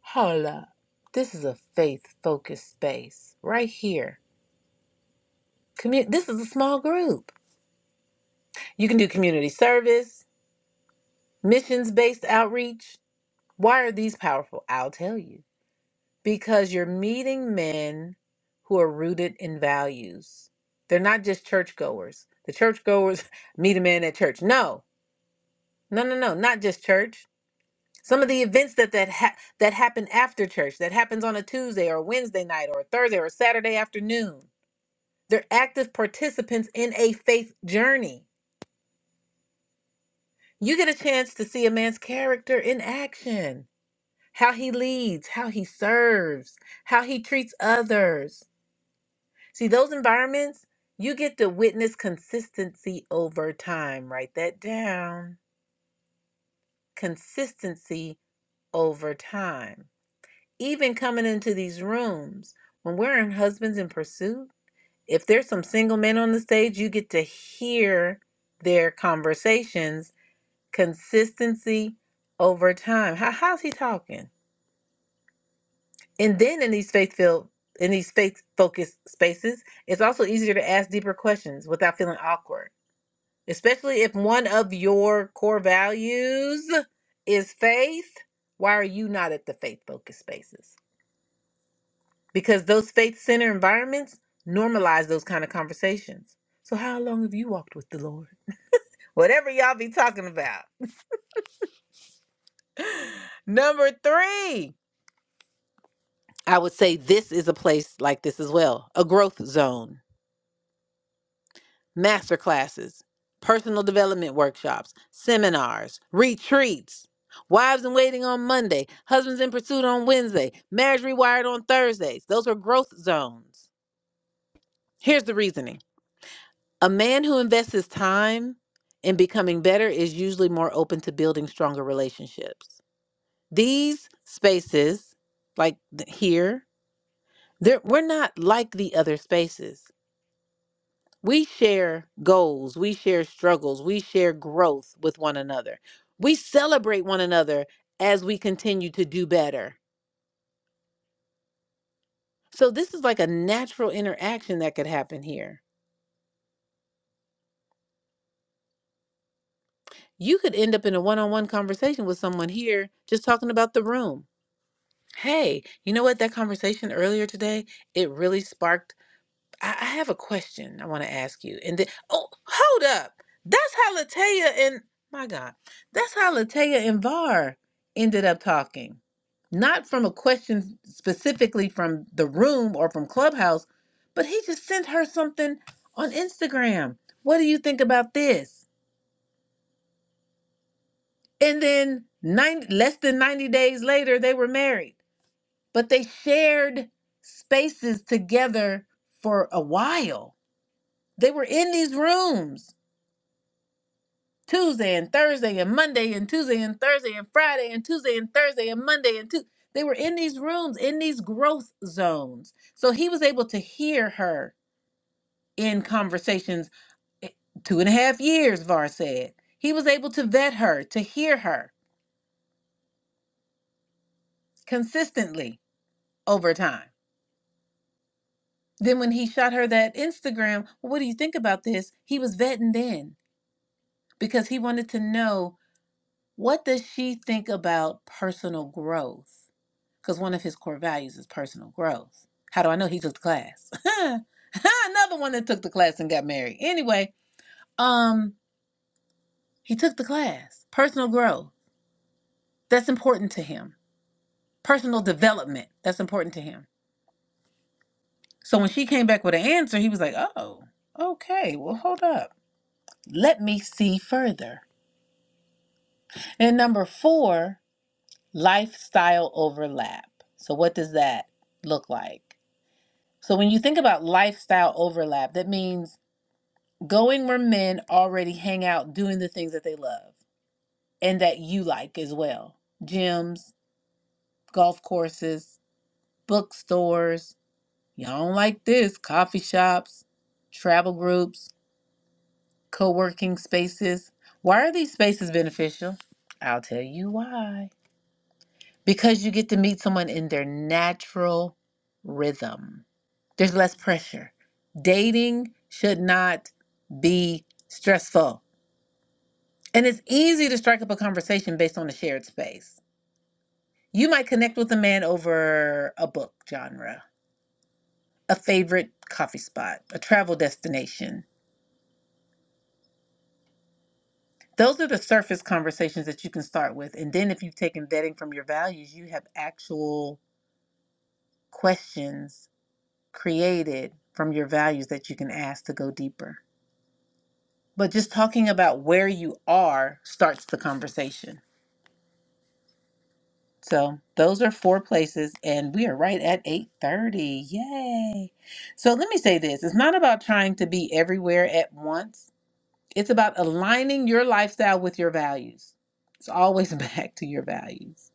[SPEAKER 1] hold up. This is a faith-focused space right here. Commu- this is a small group. You can do community service, missions-based outreach. Why are these powerful? I'll tell you. Because you're meeting men who are rooted in values. They're not just churchgoers. The churchgoers meet a man at church. No, no, no, no, not just church. some of the events that that ha- that happen after church that happens on a tuesday or wednesday night or a thursday or a saturday afternoon they're active participants in a faith journey you get a chance to see a man's character in action how he leads how he serves how he treats others see those environments you get to witness consistency over time write that down consistency over time even coming into these rooms when we're in husbands in pursuit if there's some single men on the stage you get to hear their conversations consistency over time How, how's he talking and then in these faith filled in these faith focused spaces it's also easier to ask deeper questions without feeling awkward especially if one of your core values is faith why are you not at the faith focused spaces because those faith center environments normalize those kind of conversations. So, how long have you walked with the Lord? Whatever y'all be talking about. Number three, I would say this is a place like this as well a growth zone, master classes, personal development workshops, seminars, retreats. Wives in waiting on Monday, husbands in pursuit on Wednesday, marriage rewired on Thursdays. Those are growth zones. Here's the reasoning A man who invests his time in becoming better is usually more open to building stronger relationships. These spaces, like th- here, they're- we're not like the other spaces. We share goals, we share struggles, we share growth with one another. We celebrate one another as we continue to do better. So, this is like a natural interaction that could happen here. You could end up in a one on one conversation with someone here just talking about the room Hey, you know what? That conversation earlier today, it really sparked. I, I have a question I want to ask you. And then, oh, hold up. That's how Latoya and, my God, that's how Latoya and Var ended up talking. Not from a question specifically from the room or from Clubhouse, but he just sent her something on Instagram. What do you think about this? And then nine, less than 90 days later, they were married. but they shared spaces together for a while. They were in these rooms Tuesday and Thursday and Monday and Tuesday and Thursday and Friday and Tuesday and Thursday and Monday and Tuesday. They were in these rooms, in these growth zones. So he was able to hear her in conversations eh, two and a half years, Var said. He was able to vet her, to hear her consistently over time. Then when he shot her that Instagram, "Well, what do you think about this? He was vetting then because he wanted to know what does she think about personal growth because one of his core values is personal growth how do i know he took the class another one that took the class and got married anyway um he took the class personal growth that's important to him personal development that's important to him so when she came back with an answer he was like oh okay well hold up let me see further and number four lifestyle overlap. So, what does that look like? So, when you think about lifestyle overlap, that means going where men already hang out doing the things that they love and that you like as well gyms, golf courses, bookstores. Y'all don't like this, coffee shops, travel groups, co working spaces. Why are these spaces beneficial? I'll tell you why. because you get to meet someone in their natural rhythm. There's less pressure. Dating should not be stressful. And it's easy to strike up a conversation based on a shared space. You might connect with a man over a book genre, a favorite coffee spot, a travel destination. Those are the surface conversations that you can start with. And then if you've taken vetting from your values, you have actual questions created from your values that you can ask to go deeper. But just talking about where you are starts the conversation. So those are four places and we are right at 8:30. Yay. So let me say this, it's not about trying to be everywhere at once. It's about aligning your lifestyle with your values. It's always back to your values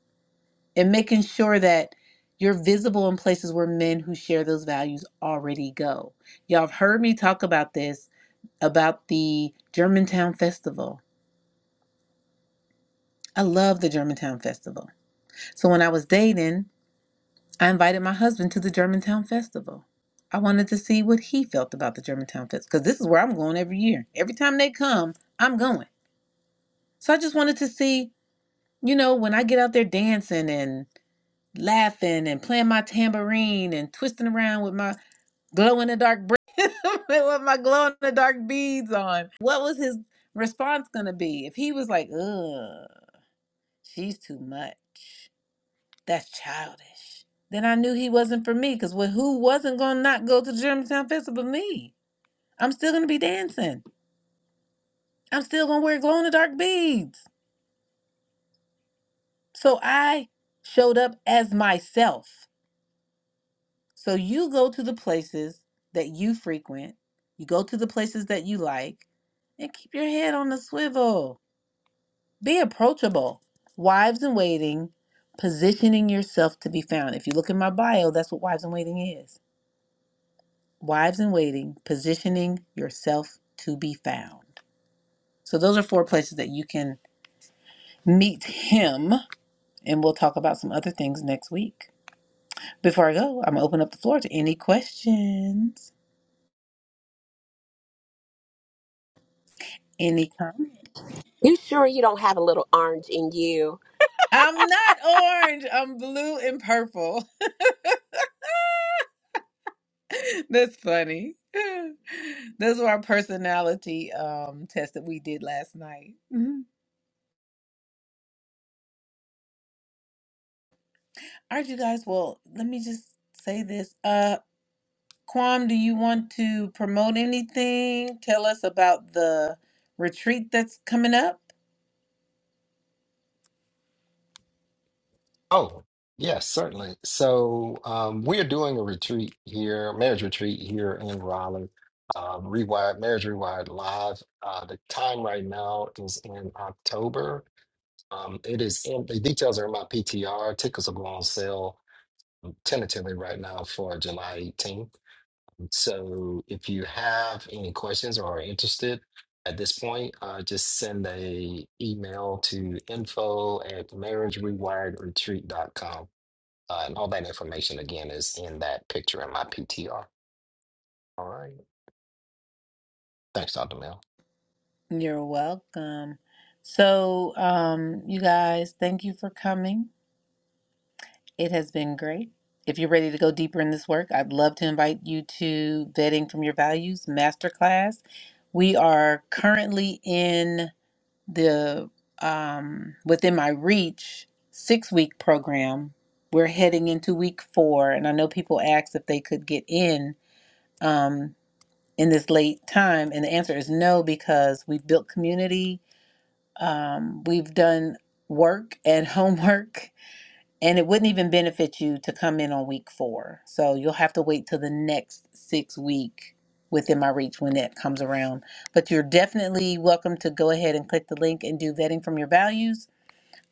[SPEAKER 1] and making sure that you're visible in places where men who share those values already go. Y'all have heard me talk about this about the Germantown Festival. I love the Germantown Festival. So when I was dating, I invited my husband to the Germantown Festival. I wanted to see what he felt about the Germantown Festival because this is where I'm going every year. Every time they come, I'm going. So I just wanted to see, you know, when I get out there dancing and laughing and playing my tambourine and twisting around with my glow in the dark br- with my glow in the dark beads on. What was his response gonna be if he was like, "Ugh"? She's too much. That's childish. Then I knew he wasn't for me because who wasn't going to not go to the Germantown Festival but me? I'm still going to be dancing. I'm still going to wear glow in the dark beads. So I showed up as myself. So you go to the places that you frequent, you go to the places that you like, and keep your head on the swivel. Be approachable. Wives in waiting, positioning yourself to be found. If you look in my bio, that's what wives in waiting is Wives in Waiting, Positioning Yourself to Be Found. So, those are four places that you can meet him, and we'll talk about some other things next week. Before I go, I'm gonna open up the floor to any questions, any comments.
[SPEAKER 4] You sure you don't have a little orange in you?
[SPEAKER 1] I'm not orange, I'm blue and purple. That's funny. Those were our personality um, test that we did last night. Mhm. All right, you guys. Well, let me just say this. Uh. Quam, do you want to promote anything? Tell us about the retreat that's coming up.
[SPEAKER 9] Oh, yes, certainly. So um, we're doing a retreat here, marriage retreat here in Raleigh. Uh, rewired marriage rewired live uh, the time right now is in october um, it is in the details are in my ptr tickets will go on sale tentatively right now for July 18th. So if you have any questions or are interested at this point, uh, just send a email to info at marriagerewiredretreat.com. Uh, and all that information again is in that picture in my PTR. All right. Thanks, Dr. Mel.
[SPEAKER 1] You're welcome. So, um, you guys, thank you for coming. It has been great. If you're ready to go deeper in this work, I'd love to invite you to Vetting from Your Values Masterclass. We are currently in. the um, within my reach six week program. We're heading into week four, and I know people asked if they could get in um, in this late time, and the answer is no because we've built community, um, we've done work and homework, and it wouldn't even benefit you to come in on week four. So you'll have to wait till the next six week within my reach when that comes around. But you're definitely welcome to go ahead and click the link and do vetting from your values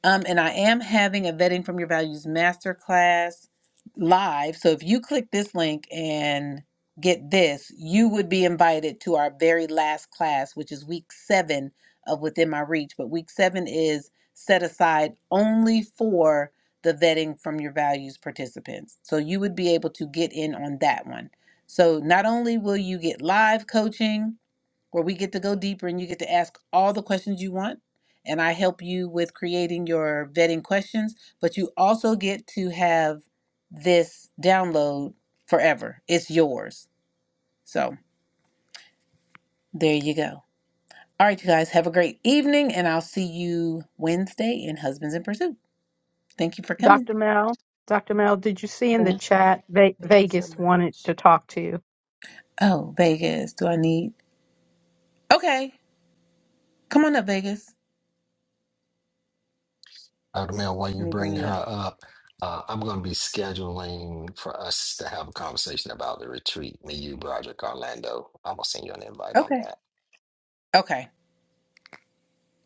[SPEAKER 1] um, and I am having a vetting from your values masterclass live. So if you click this link and get this, you would be invited to our very last class, which is week seven of Within My Reach. But week seven is set aside only for the vetting from your values participants. So you would be able to get in on that one. So not only will you get live coaching, where we get to go deeper and you get to ask all the questions you want. And I help you with creating your vetting questions, but you also get to have this download forever. It's yours. So there you go. All right, you guys, have a great evening, and I'll see you Wednesday in Husbands in Pursuit. Thank you for coming.
[SPEAKER 8] Dr. Mel, Dr. Mel, did you see in the
[SPEAKER 1] Mhm.
[SPEAKER 8] chat Ve-
[SPEAKER 4] Thanks so
[SPEAKER 8] Vegas wanted
[SPEAKER 4] much.
[SPEAKER 8] to talk to you?
[SPEAKER 1] Oh, Vegas, do I need? Okay, come on up, Vegas.
[SPEAKER 9] Dr. Mel, while
[SPEAKER 1] Let
[SPEAKER 9] you
[SPEAKER 1] me bring
[SPEAKER 9] bring
[SPEAKER 1] you up.
[SPEAKER 9] her up, uh, I'm going to be scheduling for us to have a conversation about the retreat. Me, you, Broderick, Orlando. I'm going to send you an invite on
[SPEAKER 1] Okay.
[SPEAKER 9] that.
[SPEAKER 1] Okay.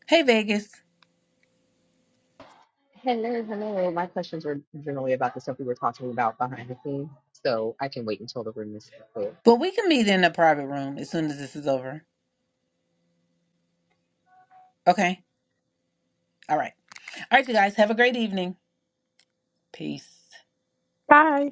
[SPEAKER 1] Hey, Vegas.
[SPEAKER 14] Hello, hello. My questions were generally about the stuff we were talking about behind the scenes, so I can wait until the room is full.
[SPEAKER 1] But we can meet in a private room as soon as this is over. Okay. All right. All right, you guys. Have a great evening. Peace.
[SPEAKER 8] Hi.